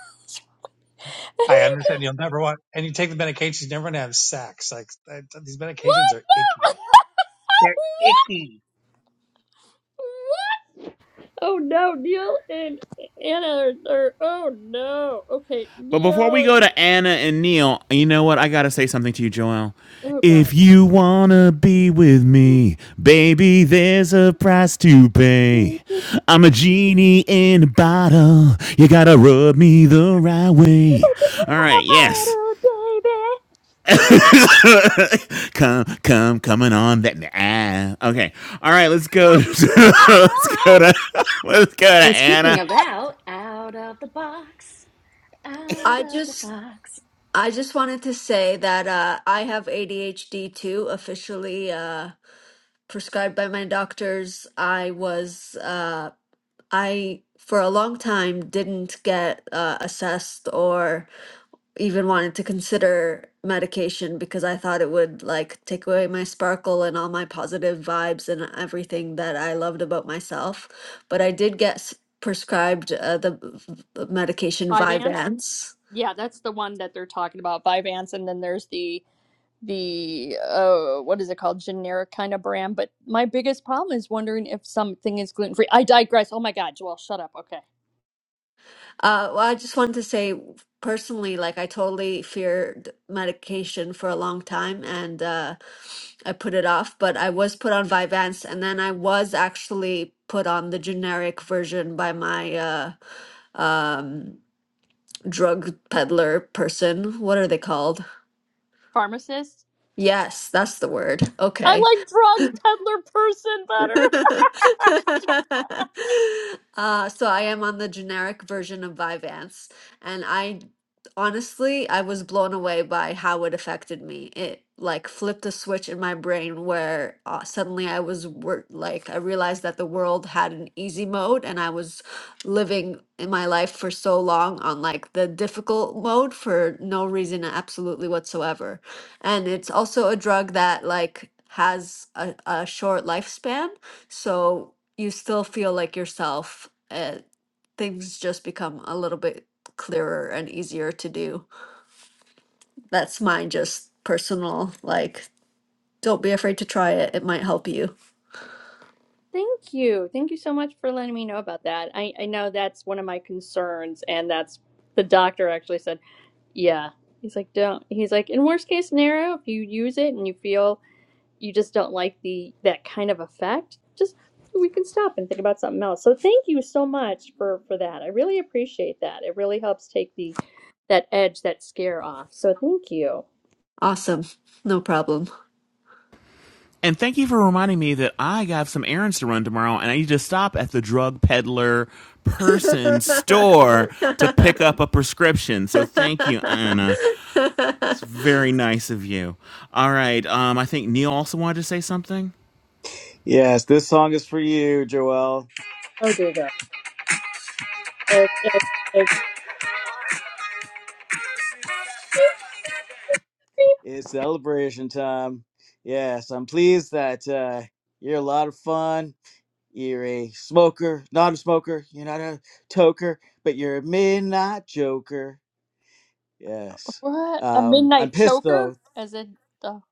[SPEAKER 9] I
[SPEAKER 2] Anyway, okay.
[SPEAKER 9] understand you'll never want, and you take the medications, you never want to have sex. Like that, these medications are
[SPEAKER 2] What?
[SPEAKER 9] icky. They're icky.
[SPEAKER 2] Oh no, Neil and Anna are, are oh no. Okay,
[SPEAKER 1] But before we
[SPEAKER 2] Neil and
[SPEAKER 1] go to Anna and Neil, you know what? I gotta say something to you, Joel.
[SPEAKER 2] oh
[SPEAKER 1] If
[SPEAKER 2] god.
[SPEAKER 1] you wanna be with me, baby, there's a price to pay.
[SPEAKER 2] Bottle
[SPEAKER 1] I'm a genie in a bottle. You gotta rub me the right way. All right, yes.
[SPEAKER 2] baby.
[SPEAKER 1] Come, come, coming on that. Ah. Okay. All right. Let's go. To, let's go to. Let's go to
[SPEAKER 8] And speaking
[SPEAKER 1] Anna.
[SPEAKER 8] of out, out of the box, out
[SPEAKER 3] I
[SPEAKER 8] of the
[SPEAKER 3] just
[SPEAKER 8] box.
[SPEAKER 3] I just wanted to say that uh, I have ADHD too, officially uh, prescribed by my doctors. I was, uh, I for a long time didn't get uh, assessed or even wanted to consider medication because I thought it would like take away my sparkle and all my positive vibes and everything that I loved about myself. But I did get s- prescribed uh, the v- v- medication
[SPEAKER 2] Vyvanse.
[SPEAKER 3] Vyvanse.
[SPEAKER 2] Yeah, that's the one that they're talking about, Vyvanse, and then there's the the uh what is it called? Generic kind of brand. But my biggest problem is wondering if something is gluten free. I digress. Oh my god, Joel, shut up. Okay.
[SPEAKER 3] Uh, well, I just wanted to say personally, like I totally feared medication for a long time and uh, I put it off, but I was put on Vyvanse and then I was actually put on the generic version by my uh, drug peddler person. What are they called?
[SPEAKER 2] Pharmacist?
[SPEAKER 3] Yes, that's the word.
[SPEAKER 2] I
[SPEAKER 3] Okay.
[SPEAKER 2] like drug peddler person better.
[SPEAKER 3] Uh, so I am on the generic version of Vyvanse, and I honestly I was blown away by how it affected me. It like flipped a switch in my brain where uh, suddenly I was wor like I realized that the world had an easy mode, and I was living in my life for so long on like the difficult mode for no reason absolutely whatsoever. And it's also a drug that like has a, a short lifespan. So you still feel like yourself. Uh, things just become a little bit clearer and easier to do. That's mine, just personal. Like, don't be afraid to try it, it might help you.
[SPEAKER 2] Thank you. Thank you so much for letting me know about that. I, I know that's one of my concerns, and that's the doctor actually said, yeah. He's like, don't. He's like, in worst case scenario, if you use it and you feel you just don't like the that kind of effect, just we can stop and think about something else. So thank you so much for for that. I really appreciate that. It really helps take the that edge, that scare off. So thank you.
[SPEAKER 3] Awesome. No problem.
[SPEAKER 1] And thank you for reminding me that I got some errands to run tomorrow and I need to stop at the drug peddler person store to pick up a prescription. So thank you, Anna. It's very nice of you. All right. Um, I think Neil also wanted to say something.
[SPEAKER 4] yes this song is for you Joelle.
[SPEAKER 2] Oh dear God. Uh, uh, uh,
[SPEAKER 4] It's celebration time. Yes, I'm pleased that uh, you're a lot of fun. You're a smoker, not a smoker. You're not a toker, but you're a midnight joker. Yes.
[SPEAKER 2] what a
[SPEAKER 4] Um, I'm
[SPEAKER 2] midnight
[SPEAKER 4] pissed
[SPEAKER 2] choker?
[SPEAKER 4] though.
[SPEAKER 2] As in, oh,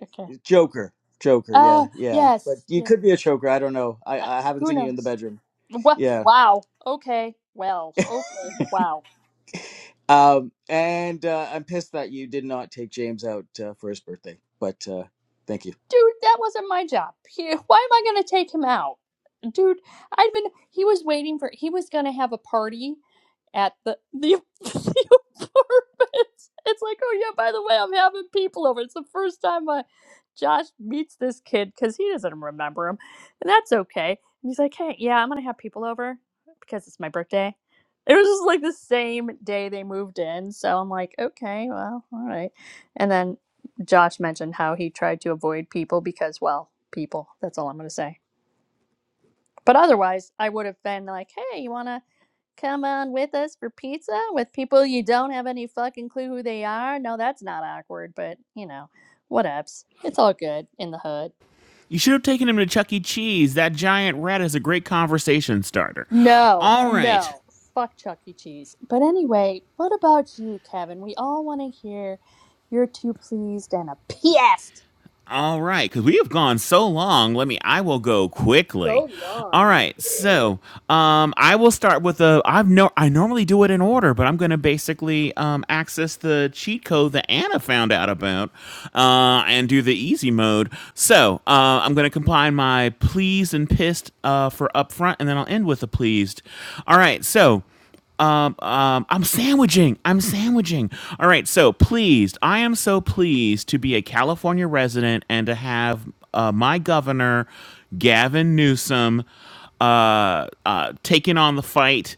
[SPEAKER 2] okay.
[SPEAKER 4] Joker, joker. Yeah,
[SPEAKER 2] Oh,
[SPEAKER 4] yeah. But
[SPEAKER 2] yes.
[SPEAKER 4] you
[SPEAKER 2] Yeah.
[SPEAKER 4] could be a choker. I don't know. I,
[SPEAKER 2] Uh,
[SPEAKER 4] I haven't
[SPEAKER 2] who
[SPEAKER 4] seen you in the
[SPEAKER 2] knows?
[SPEAKER 4] bedroom.
[SPEAKER 2] What?
[SPEAKER 4] Yeah.
[SPEAKER 2] Wow. Okay. Well, okay. Wow.
[SPEAKER 4] Um, and uh, I'm pissed that you did not take James out uh, for his birthday. But uh, thank you.
[SPEAKER 2] Dude, that wasn't my job. He- Why am I going to take him out? dude, I'd been he was waiting for he was gonna have a party at the the, the apartment. It's like, oh yeah, by the way, I'm having people over. It's the first time uh, Josh meets this kid because he doesn't remember him, and that's okay. And he's like, hey, yeah, I'm gonna have people over because it's my birthday. It was just like the same day they moved in, so I'm like, okay, well, all right. And then Josh mentioned how he tried to avoid people because, well, people. That's all I'm gonna say but otherwise, I would have been like, hey, you want to come on with us for pizza with people you don't have any fucking clue who they are? No, that's not awkward, but you know, whatevs. It's all good in the hood.
[SPEAKER 1] You should have taken him to Chuck E. Cheese. That giant rat is a great conversation starter.
[SPEAKER 2] No,
[SPEAKER 1] All right.
[SPEAKER 2] no. Fuck Chuck E. Cheese. But anyway, what about you, Kevin? We all want to hear you're too pleased and a pissed.
[SPEAKER 1] All right, because we have gone so long. Let me. I will go quickly.
[SPEAKER 2] So
[SPEAKER 1] All
[SPEAKER 2] long.
[SPEAKER 1] right, so um, I will start with a. I've no. I normally do it in order, but I'm going to basically um, access the cheat code that Anna found out about, uh, and do the easy mode. So uh, I'm going to combine my pleased and pissed uh, for upfront, and then I'll end with a pleased. All right, so. Um, um, I'm sandwiching. I'm sandwiching. All right. So pleased. I am so pleased to be a California resident and to have uh, my governor, Gavin Newsom, uh, uh, taking on the fight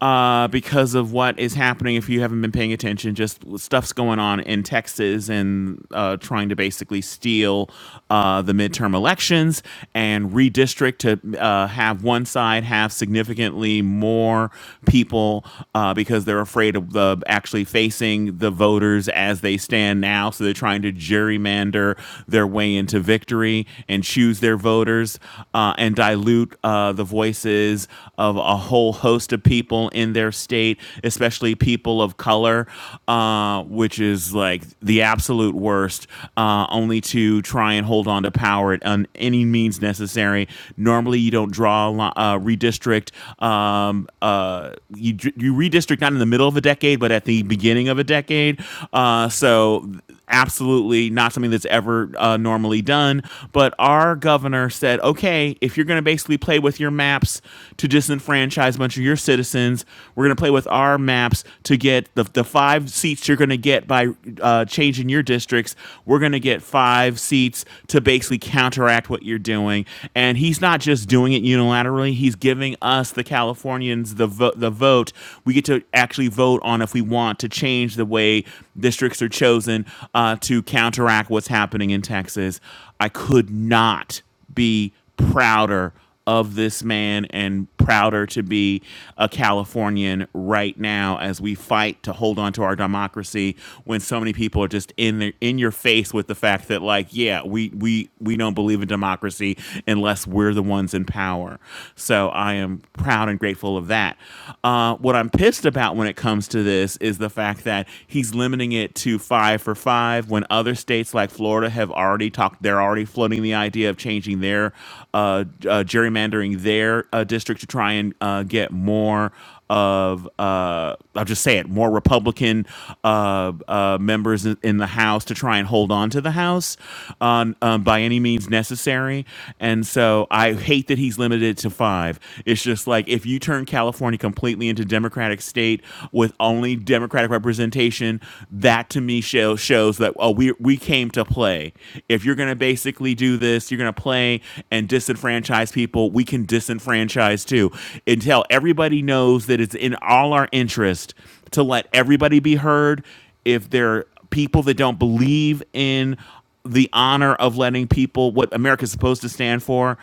[SPEAKER 1] uh, because of what is happening. If you haven't been paying attention, just stuff's going on in Texas and uh, trying to basically steal uh, the midterm elections and redistrict to uh, have one one side have significantly more people uh, because they're afraid of the actually facing the voters as they stand now. So they're trying to gerrymander their way into victory and choose their voters uh, and dilute uh, the voices of a whole host of people in their state, especially people of color, uh, which is like the absolute worst, uh, only to try and hold on to power at un- on any means necessary. Normally, you don't draw uh, redistrict. Um, uh, you you redistrict not in the middle of a decade, but at the beginning of a decade. Uh, so absolutely not something that's ever uh, normally done. But our governor said, okay, if you're going to basically play with your maps to disenfranchise a bunch of your citizens, we're going to play with our maps to get the, the five seats you're going to get by uh, changing your districts. We're going to get five seats to basically counteract what you're doing. And he's not just doing it unilaterally, he's giving us, the Californians, the, vo- the vote. We get to actually vote on if we want to change the way districts are chosen uh, to counteract what's happening in Texas. I could not be prouder of this man and prouder to be a Californian right now as we fight to hold on to our democracy when so many people are just in their, in your face with the fact that like yeah we we we don't believe in democracy unless we're the ones in power so I am proud and grateful of that uh, what I'm pissed about when it comes to this is the fact that he's limiting it to five for five when other states like Florida have already talked they're already floating the idea of changing their uh, uh, uh, gerrymandering their uh, district to try and uh, get more of uh, I'll just say it more Republican uh, uh, members in the House to try and hold on to the House on um, by any means necessary. And so I hate that he's limited to five. It's just like if you turn California completely into Democratic state with only Democratic representation, that to me shows shows that oh we we came to play. If you're gonna basically do this, you're gonna play money and disenfranchise people, we can disenfranchise too. Until everybody knows that it's in all our interest to let everybody be heard. If there are people that don't believe in the honor of letting people, what America's supposed to stand for,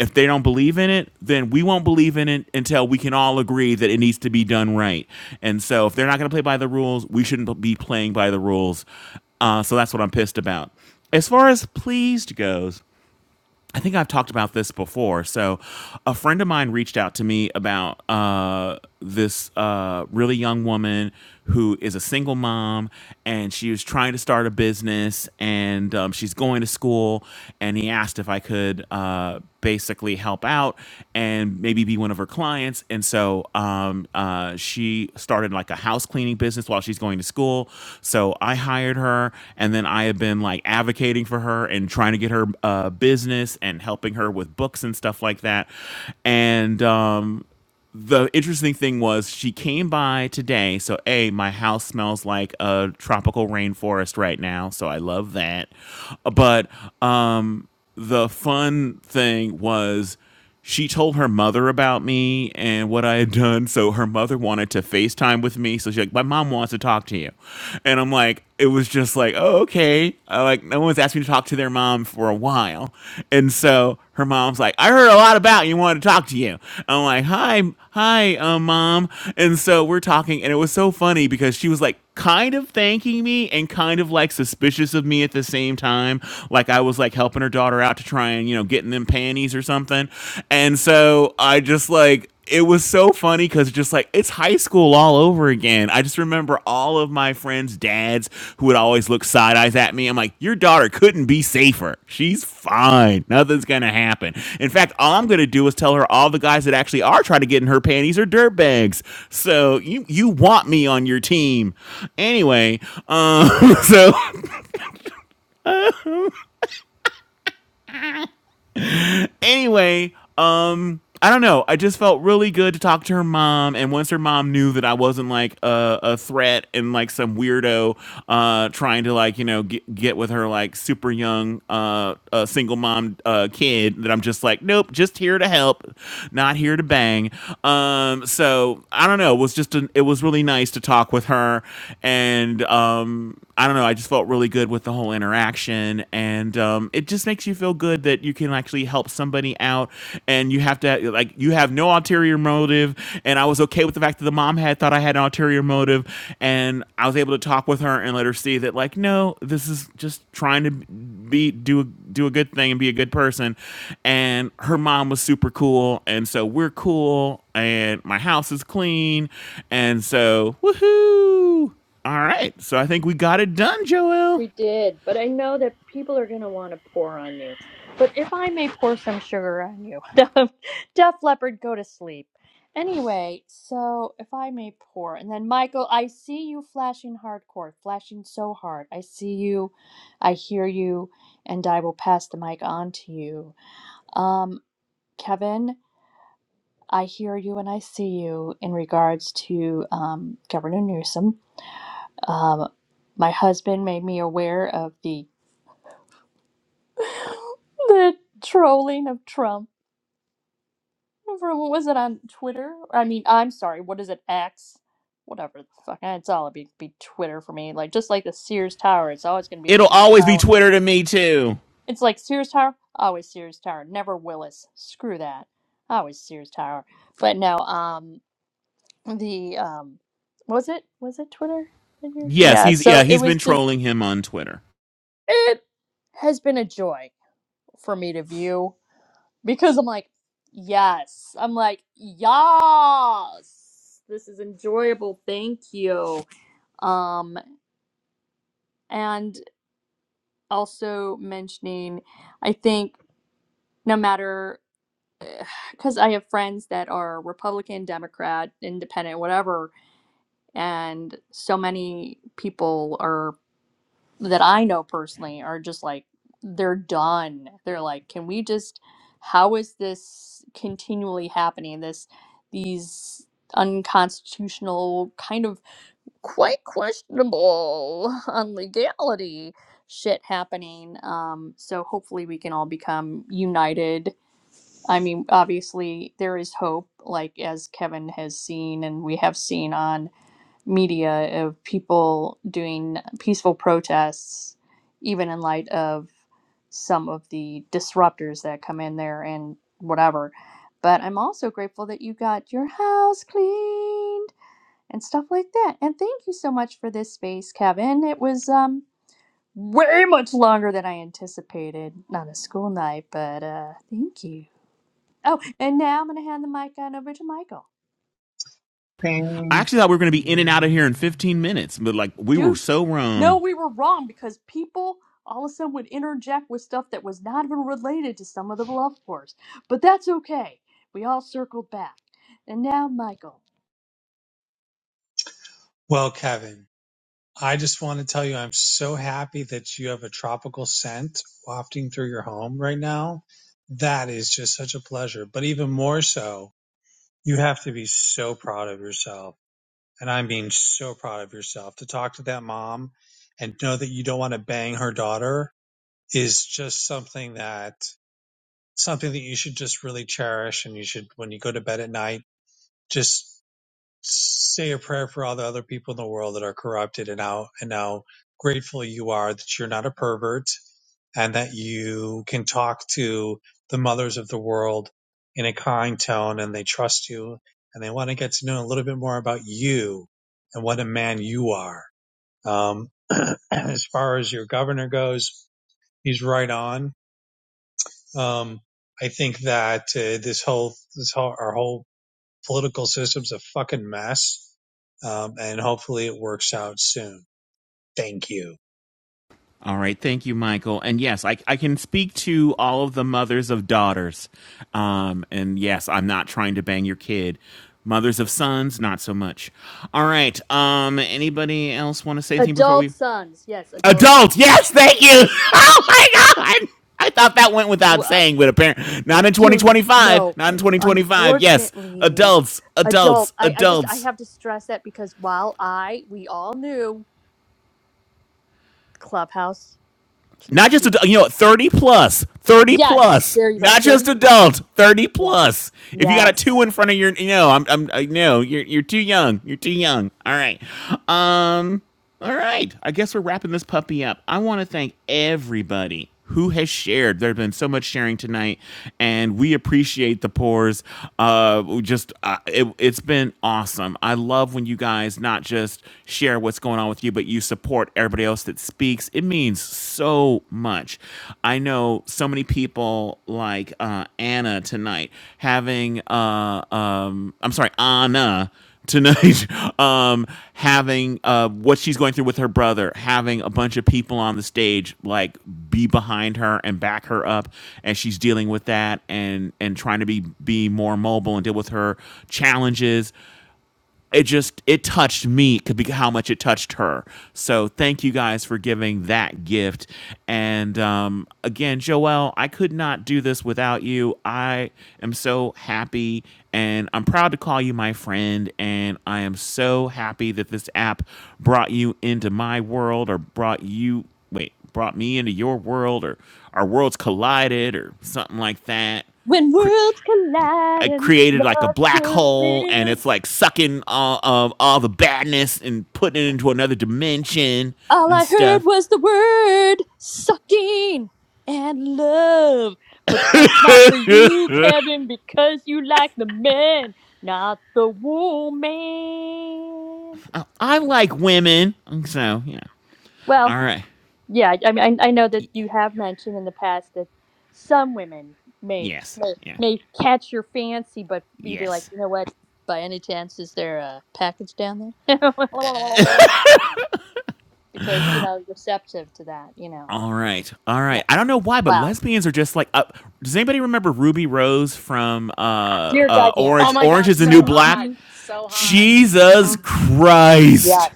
[SPEAKER 1] if they don't believe in it, then we won't believe in it until we can all agree that it needs to be done right. And so, if they're not going to play by the rules, we shouldn't be playing by the rules. Uh, so that's what I'm pissed about. As far as pleased goes, I think I've talked about this before. So, a friend of mine reached out to me about uh, this uh, really young woman who is a single mom and she was trying to start a business and um, she's going to school. And he asked if I could uh, basically help out out and maybe be one of her clients. And so um, uh, she started like a house cleaning business while she's going to school. So I hired her, and then I have been like advocating for her and trying to get her uh, business and helping her with books and stuff like that. And um, the interesting thing was she came by today. So, A, my house smells like a tropical rainforest right now. So, I love that. But um, the fun thing was she told her mother about me and what I had done. So, her mother wanted to FaceTime with me. So, she's like, My mom wants to talk to you. And I'm like, It was just like, oh, okay okay. Uh, like no one's asked me to talk to their mom for a while, and so her mom's like, I heard a lot about you. Wanted to talk to you. I'm like, hi, hi, uh, mom. And so we're talking, and it was so funny because she was like kind of thanking me and kind of like suspicious of me at the same time. Like I was like helping her daughter out to try and you know getting them panties or something, and so I just like it was so funny because just like it's high school all over again. I just remember all of my friends' dads who would always look side eyes at me. I'm like, your daughter couldn't be safer. She's fine. Nothing's gonna happen. In fact, all I'm gonna do is tell her all the guys that actually are trying to get in her panties are dirtbags. So you you want me on your team. Anyway, um, so anyway, I don't know. I just felt really good to talk to her mom, and once her mom knew that I wasn't like a, a threat and like some weirdo uh, trying to like you know get, get with her like super young uh, uh, single mom uh, kid, that I'm just like nope, just here to help, not here to bang. Um, so I don't know. It was just an, it was really nice to talk with her, and um, I don't know. I just felt really good with the whole interaction, and um, it just makes you feel good that you can actually help somebody out, and you have to like you have no ulterior motive. And I was okay with the fact that the mom had thought I had an ulterior motive, and I was able to talk with her and let her see that like no, this is just trying to be do a, do a good thing and be a good person. And her mom was super cool, and so we're cool, and my house is clean, and so woohoo. All right. So I think we got it done, Joel.
[SPEAKER 2] We did, but I know that people are going to want to pour on you. But if I may pour some sugar on you, Def Leopard, go to sleep. Anyway, so if I may pour, and then Michael, I see you flashing hardcore, flashing so hard. I see you, I hear you, and I will pass the mic on to you. Um, Kevin, I hear you and I see you in regards to um, Governor Newsom. Um, my husband made me aware of the the trolling of Trump. From, was it on Twitter? I mean, I'm sorry, what is it, X? Whatever the fuck. eh, It's all be, be Twitter for me. Like, just like the Sears Tower, it's always going to be the
[SPEAKER 1] It'll
[SPEAKER 2] Sears
[SPEAKER 1] always be
[SPEAKER 2] Tower.
[SPEAKER 1] Twitter to me too.
[SPEAKER 2] It's like Sears Tower, always Sears Tower. Never Willis. Screw that. Always Sears Tower. But no, um, the, um, was it, was it Twitter?
[SPEAKER 1] Yes,
[SPEAKER 2] Yeah,
[SPEAKER 1] he's yeah,
[SPEAKER 2] so it
[SPEAKER 1] he's
[SPEAKER 2] was
[SPEAKER 1] been
[SPEAKER 2] just,
[SPEAKER 1] trolling him on Twitter.
[SPEAKER 2] it has been a joy for me to view because I'm like, yes. I'm like, yes. This is enjoyable. Thank you. Um, and also mentioning, I think no matter because I have friends that are Republican, Democrat, Independent, whatever, and so many people are. that I know personally are just like they're done. They're like, can we just how is this continually happening? This these unconstitutional kind of quite questionable on legality shit happening. Um so hopefully we can all become united. I mean obviously there is hope like as Kevin has seen and we have seen on media of people doing peaceful protests, even in light of some of the disruptors that come in there and whatever. But I'm also grateful that you got your house cleaned and stuff like that. And thank you so much for this space, Kevin. It was um way much longer than I anticipated. Not a school night, but uh thank you. Oh, and now I'm gonna hand the mic on over to Michael.
[SPEAKER 9] Thank
[SPEAKER 1] I actually thought we were going to be in and out of
[SPEAKER 9] you.
[SPEAKER 1] here in 15 minutes, but like we were
[SPEAKER 2] dude,
[SPEAKER 1] so
[SPEAKER 2] no,
[SPEAKER 1] wrong.
[SPEAKER 2] we were wrong because people all of a sudden would interject with stuff that was not even related to some of the love wars. But that's okay. We all circled back. And now, Michael.
[SPEAKER 9] Well, Kevin, I just want to tell you, I'm so happy that you have a tropical scent wafting through your home right now. That is just such a pleasure. But even more so, you have to be so proud of yourself. And I mean, so proud of yourself to talk to that mom and know that you don't want to bang her daughter is just something that something that you should just really cherish and you should when you go to bed at night just say a prayer for all the other people in the world that are corrupted and how and how grateful you are that you're not a pervert and that you can talk to the mothers of the world in a kind tone and they trust you and they want to get to know a little bit more about you and what a man you are um, as far as your governor goes he's right on um, I think that uh, this whole this whole our whole political system's a fucking mess, um, and hopefully it works out soon. Thank you.
[SPEAKER 1] All right, thank you, Michael. And yes, I, I can speak to all of the mothers of daughters. Um, and yes, I'm not trying to bang your kid. Mothers of sons, not so much. All right. Um, anybody else want to say anything before
[SPEAKER 2] Adult
[SPEAKER 1] we?
[SPEAKER 2] sons. Yes, adult sons.
[SPEAKER 1] Adults, yes, thank you. Oh my god. I thought that went
[SPEAKER 2] Well,
[SPEAKER 1] without
[SPEAKER 2] uh,
[SPEAKER 1] saying, but apparently not in
[SPEAKER 2] dude,
[SPEAKER 1] 2025.
[SPEAKER 2] no.
[SPEAKER 1] Not in 2025. Yes,
[SPEAKER 2] Unfortunately,
[SPEAKER 1] adults, adults,
[SPEAKER 2] adult. I, I just, I
[SPEAKER 1] adults.
[SPEAKER 2] have to stress that because while I, we all knew Clubhouse.
[SPEAKER 1] Not just
[SPEAKER 2] Yeah.
[SPEAKER 1] adult, you know, 30 plus, 30
[SPEAKER 2] Yes.
[SPEAKER 1] plus.
[SPEAKER 2] There you go.
[SPEAKER 1] Not
[SPEAKER 2] 30
[SPEAKER 1] just
[SPEAKER 2] plus.
[SPEAKER 1] adult, 30 plus.
[SPEAKER 2] Yes.
[SPEAKER 1] If you got a
[SPEAKER 2] Yes.
[SPEAKER 1] two in front of your, you know, I'm, I'm, I know you're, you're too young. You're too young. All right. Um. All right. I guess we're wrapping this puppy up. I want to thank everybody who has shared. There's been so much sharing tonight, and we appreciate the pores. Uh, just uh, it, it's been awesome. I love when you guys not just share what's going on with you, but you support everybody else that speaks. It means so much. I know so many people like uh, Anna tonight having. Uh, um, I'm sorry, Anna tonight um having uh what she's going through with her brother having a bunch of people on the stage like be behind her and back her up and she's dealing with that and and trying to be be more mobile and deal with her challenges it just it touched me could be how much it touched her so thank you guys for giving that gift and um, again Joelle, i could not do this without you i am so happy and i'm proud to call you my friend and i am so happy that this app brought you into my world or brought you wait brought me into your world or our worlds collided or something like that
[SPEAKER 2] When
[SPEAKER 1] cre-
[SPEAKER 2] worlds collide
[SPEAKER 1] it
[SPEAKER 2] and
[SPEAKER 1] created like a
[SPEAKER 2] love
[SPEAKER 1] black hole and it's
[SPEAKER 2] prevails,
[SPEAKER 1] like sucking all of all the badness and putting it into another dimension
[SPEAKER 2] all
[SPEAKER 1] and
[SPEAKER 2] I heard
[SPEAKER 1] stuff.
[SPEAKER 2] was the word sucking and love. But that's not for you, Kevin, because you like the man, not the woman.
[SPEAKER 1] I like women. So, yeah.
[SPEAKER 2] Well,
[SPEAKER 1] All right.
[SPEAKER 2] yeah, I mean, I, I know that you have mentioned in the past that some women may
[SPEAKER 1] Yes.
[SPEAKER 2] may
[SPEAKER 1] Yeah.
[SPEAKER 2] may catch your fancy, but you'd be like,
[SPEAKER 1] Yes.
[SPEAKER 2] you know what? By any chance, is there a package down there? because you know receptive to that you know
[SPEAKER 1] All right. All
[SPEAKER 2] yeah
[SPEAKER 1] right. I don't know why, but
[SPEAKER 2] wow
[SPEAKER 1] lesbians are just like up. Does anybody remember Ruby Rose from uh
[SPEAKER 2] dear
[SPEAKER 1] uh
[SPEAKER 2] god
[SPEAKER 8] Oh
[SPEAKER 1] Orange
[SPEAKER 2] yes
[SPEAKER 8] my
[SPEAKER 1] Orange
[SPEAKER 8] God,
[SPEAKER 1] is the New
[SPEAKER 8] so
[SPEAKER 2] mhm
[SPEAKER 1] Black?
[SPEAKER 8] hot,
[SPEAKER 2] mhm
[SPEAKER 8] so hot.
[SPEAKER 2] mhm
[SPEAKER 1] Jesus
[SPEAKER 2] mhm
[SPEAKER 1] Christ.
[SPEAKER 2] yes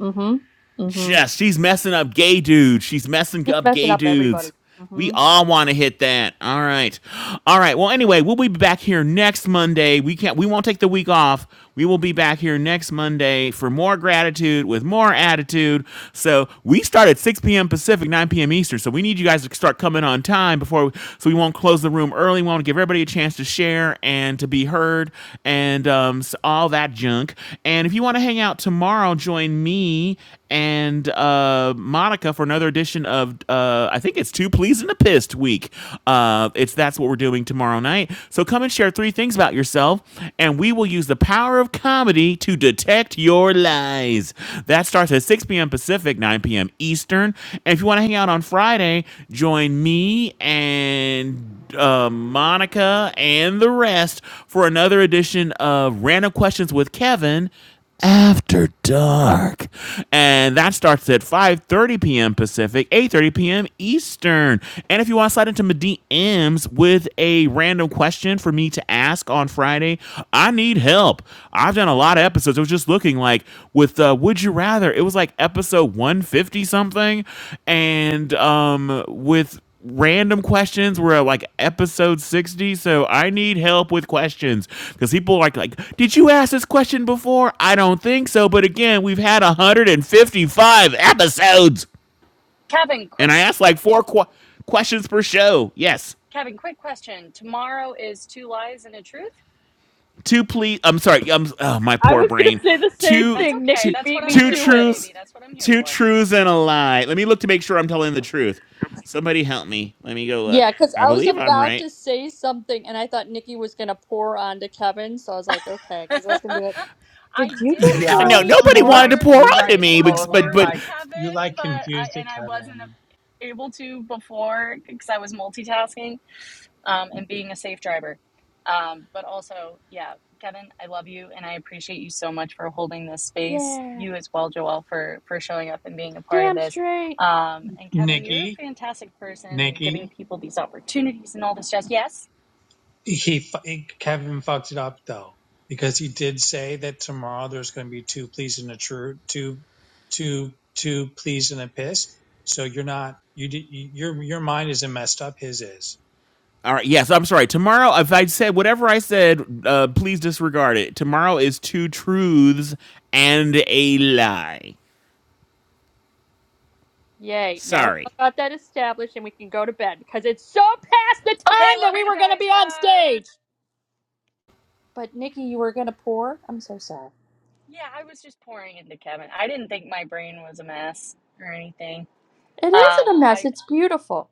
[SPEAKER 2] mhm mhm
[SPEAKER 1] Just she's messing up gay dudes. She's messing
[SPEAKER 2] just
[SPEAKER 1] up
[SPEAKER 2] messing
[SPEAKER 1] gay
[SPEAKER 2] up everybody
[SPEAKER 1] dudes. We
[SPEAKER 2] mhm
[SPEAKER 1] all want to hit that. All right. All right. Well, anyway, we'll be back here next Monday. We can't we won't take the week off. We will be back here next Monday for more gratitude with more attitude. So we start at 6 p.m. Pacific, 9 p.m. Eastern. So we need you guys to start coming on time before we, so we won't close the room early. We want to give everybody a chance to share share and to be heard and um, all that junk. And if you want to hang out tomorrow, join me and uh, Monica for another edition of uh, I think it's Too Pleased and a Pissed Week. Uh, it's that's what we're doing tomorrow night. So come and share three things about yourself, and we will use the power of comedy to detect your lies. That starts at 6 p.m. Pacific, 9 p.m. Eastern. And if you want to hang out on Friday, join me and uh, Monica and the rest for another edition of Random Questions with Kevin after dark and that starts at 5.30 p.m pacific 8.30 p.m eastern and if you want to slide into my dms with a random question for me to ask on friday i need help i've done a lot of episodes it was just looking like with uh, would you rather it was like episode 150 something and um with random questions. We're at like episode 60, so I need help with questions because people are like, like, did you ask this question before? I don't think so, but again, we've had 155 episodes,
[SPEAKER 8] Kevin, quick
[SPEAKER 1] and I asked like four qu- questions per show. Yes,
[SPEAKER 8] Kevin, quick question. Tomorrow is two lies and a truth.
[SPEAKER 1] two please. I'm sorry. I'm oh, my
[SPEAKER 2] I
[SPEAKER 1] poor
[SPEAKER 2] was going
[SPEAKER 1] brain.
[SPEAKER 2] to say the same
[SPEAKER 1] Two
[SPEAKER 8] That's
[SPEAKER 2] thing.
[SPEAKER 8] okay.
[SPEAKER 1] two
[SPEAKER 2] Nikki
[SPEAKER 8] That's
[SPEAKER 2] beat
[SPEAKER 8] what
[SPEAKER 2] me
[SPEAKER 8] I'm
[SPEAKER 1] two
[SPEAKER 8] here
[SPEAKER 2] to
[SPEAKER 8] for,
[SPEAKER 2] it.
[SPEAKER 8] baby.
[SPEAKER 1] truths,
[SPEAKER 8] That's what I'm here
[SPEAKER 1] two
[SPEAKER 8] for.
[SPEAKER 1] truths and a lie. Let me look to make sure I'm telling the truth. Somebody help me. Let me go look.
[SPEAKER 2] yeah cuz
[SPEAKER 1] I
[SPEAKER 2] i was
[SPEAKER 1] believe I'm
[SPEAKER 2] about
[SPEAKER 1] right.
[SPEAKER 2] to say something and i thought nikki was going to pour on to kevin so i was like okay cuz i was going to be like
[SPEAKER 8] I
[SPEAKER 2] did you
[SPEAKER 8] did
[SPEAKER 2] just
[SPEAKER 9] Yeah,
[SPEAKER 1] no,
[SPEAKER 8] actually
[SPEAKER 9] but
[SPEAKER 2] say
[SPEAKER 8] want
[SPEAKER 1] nobody
[SPEAKER 8] to
[SPEAKER 9] you
[SPEAKER 8] pour.
[SPEAKER 1] wanted
[SPEAKER 9] like
[SPEAKER 1] to
[SPEAKER 2] mort
[SPEAKER 1] pour
[SPEAKER 9] you
[SPEAKER 8] I
[SPEAKER 9] like
[SPEAKER 1] onto
[SPEAKER 8] did
[SPEAKER 1] me,
[SPEAKER 8] want to
[SPEAKER 1] because,
[SPEAKER 9] totally
[SPEAKER 1] but
[SPEAKER 8] pour
[SPEAKER 1] but
[SPEAKER 8] into
[SPEAKER 9] like you
[SPEAKER 8] Kevin,
[SPEAKER 9] like
[SPEAKER 8] but I
[SPEAKER 9] confused it,
[SPEAKER 8] and I wasn't
[SPEAKER 9] Kevin.
[SPEAKER 8] able to before because I was multitasking. um, and being a safe driver. Um, but also, yeah, Kevin, I love you and I appreciate you so much for holding this space.
[SPEAKER 2] yeah
[SPEAKER 8] You as well, Joel, for for showing up and being a part of
[SPEAKER 2] Damn
[SPEAKER 8] this.
[SPEAKER 2] straight.
[SPEAKER 8] Um, and Kevin, you're
[SPEAKER 9] Nikki,
[SPEAKER 8] a fantastic person and
[SPEAKER 9] Nikki.
[SPEAKER 8] giving people these opportunities and all this jazz. Yes.
[SPEAKER 9] he fu- Kevin fucked it up though because he did say that tomorrow there's going to be two pleas and a true two two two pleas and a piss. So you're not you did you- your your mind isn't messed up. His is.
[SPEAKER 1] all right. Yes, I'm sorry. Tomorrow, if I said whatever I said, uh, please disregard it. Tomorrow is two truths and a lie.
[SPEAKER 2] Yay. Now we
[SPEAKER 1] Sorry.
[SPEAKER 2] all got that established and we can go to bed because it's so past the
[SPEAKER 8] Okay,
[SPEAKER 2] time that
[SPEAKER 8] love
[SPEAKER 2] we
[SPEAKER 8] you
[SPEAKER 2] were going to be
[SPEAKER 8] guys.
[SPEAKER 2] on
[SPEAKER 8] Bye.
[SPEAKER 2] stage. But Nikki, you were going to pour? I'm so sorry.
[SPEAKER 8] Yeah, I was just pouring into Kevin. I didn't think my brain was a mess or anything.
[SPEAKER 2] It
[SPEAKER 8] Um,
[SPEAKER 2] isn't a mess.
[SPEAKER 8] I
[SPEAKER 2] It's beautiful.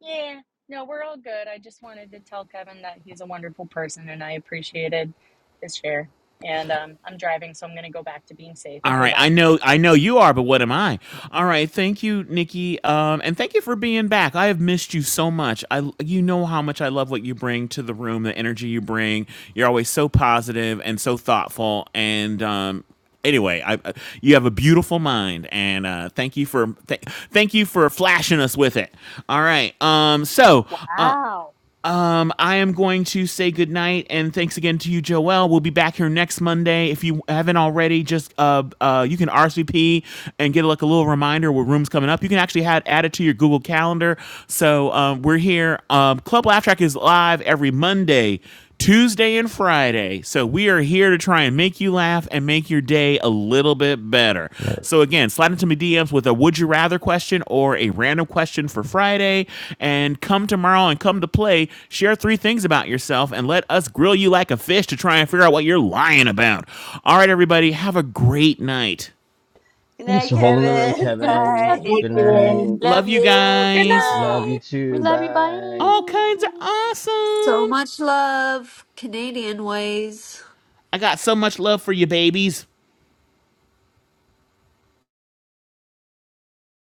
[SPEAKER 8] Yeah, no, we're all good. I just wanted to tell Kevin that he's a wonderful person and I appreciated his share. And um, I'm driving, so I'm going to go back to being safe.
[SPEAKER 1] All
[SPEAKER 8] Okay,
[SPEAKER 1] right, I
[SPEAKER 8] bye.
[SPEAKER 1] know, I know you are, but what am I? All right, thank you, Nikki, um, and thank you for being back. I have missed you so much. I, you know how much I love what you bring to the room, the energy you bring. You're always so positive and so thoughtful, and um, anyway, I, I- you have a beautiful mind, and uh, thank you for th- thank you for flashing us with it. All right, um, so. Uh,
[SPEAKER 2] Wow.
[SPEAKER 1] um, I am going to say goodnight and thanks again to you, Joelle. We'll be back here next Monday. If you haven't already, just uh, uh, you can RSVP and get like a little reminder where rooms coming up. You can actually add, add it to your Google Calendar. So um, we're here. Um, Club Laugh Track is live every Monday Tuesday and Friday. So we are here to try and make you laugh and make your day a little bit better.
[SPEAKER 14] Yeah.
[SPEAKER 1] So again, slide into my DMs with a would you rather question or a random question for Friday and come tomorrow and come to play. Share three things about yourself and let us grill you like a fish to try and figure out what you're lying about. All right, everybody, have a great night.
[SPEAKER 10] Good
[SPEAKER 14] Thanks
[SPEAKER 10] night,
[SPEAKER 14] for holding the room,
[SPEAKER 10] Kevin.
[SPEAKER 2] Good night,
[SPEAKER 10] Bye.
[SPEAKER 14] Kevin. Good
[SPEAKER 2] Kevin.
[SPEAKER 16] Okay.
[SPEAKER 14] night.
[SPEAKER 1] Love
[SPEAKER 10] Love
[SPEAKER 1] you
[SPEAKER 10] you.
[SPEAKER 8] Good
[SPEAKER 1] guys.
[SPEAKER 14] Love
[SPEAKER 10] Mwah.
[SPEAKER 8] night.
[SPEAKER 14] you
[SPEAKER 2] We
[SPEAKER 14] too.
[SPEAKER 2] love you.
[SPEAKER 14] Bye.
[SPEAKER 1] All kinds of
[SPEAKER 2] Bye.
[SPEAKER 3] so
[SPEAKER 1] awesome.
[SPEAKER 3] much love, Canadian ways.
[SPEAKER 1] I got so much love for you babies.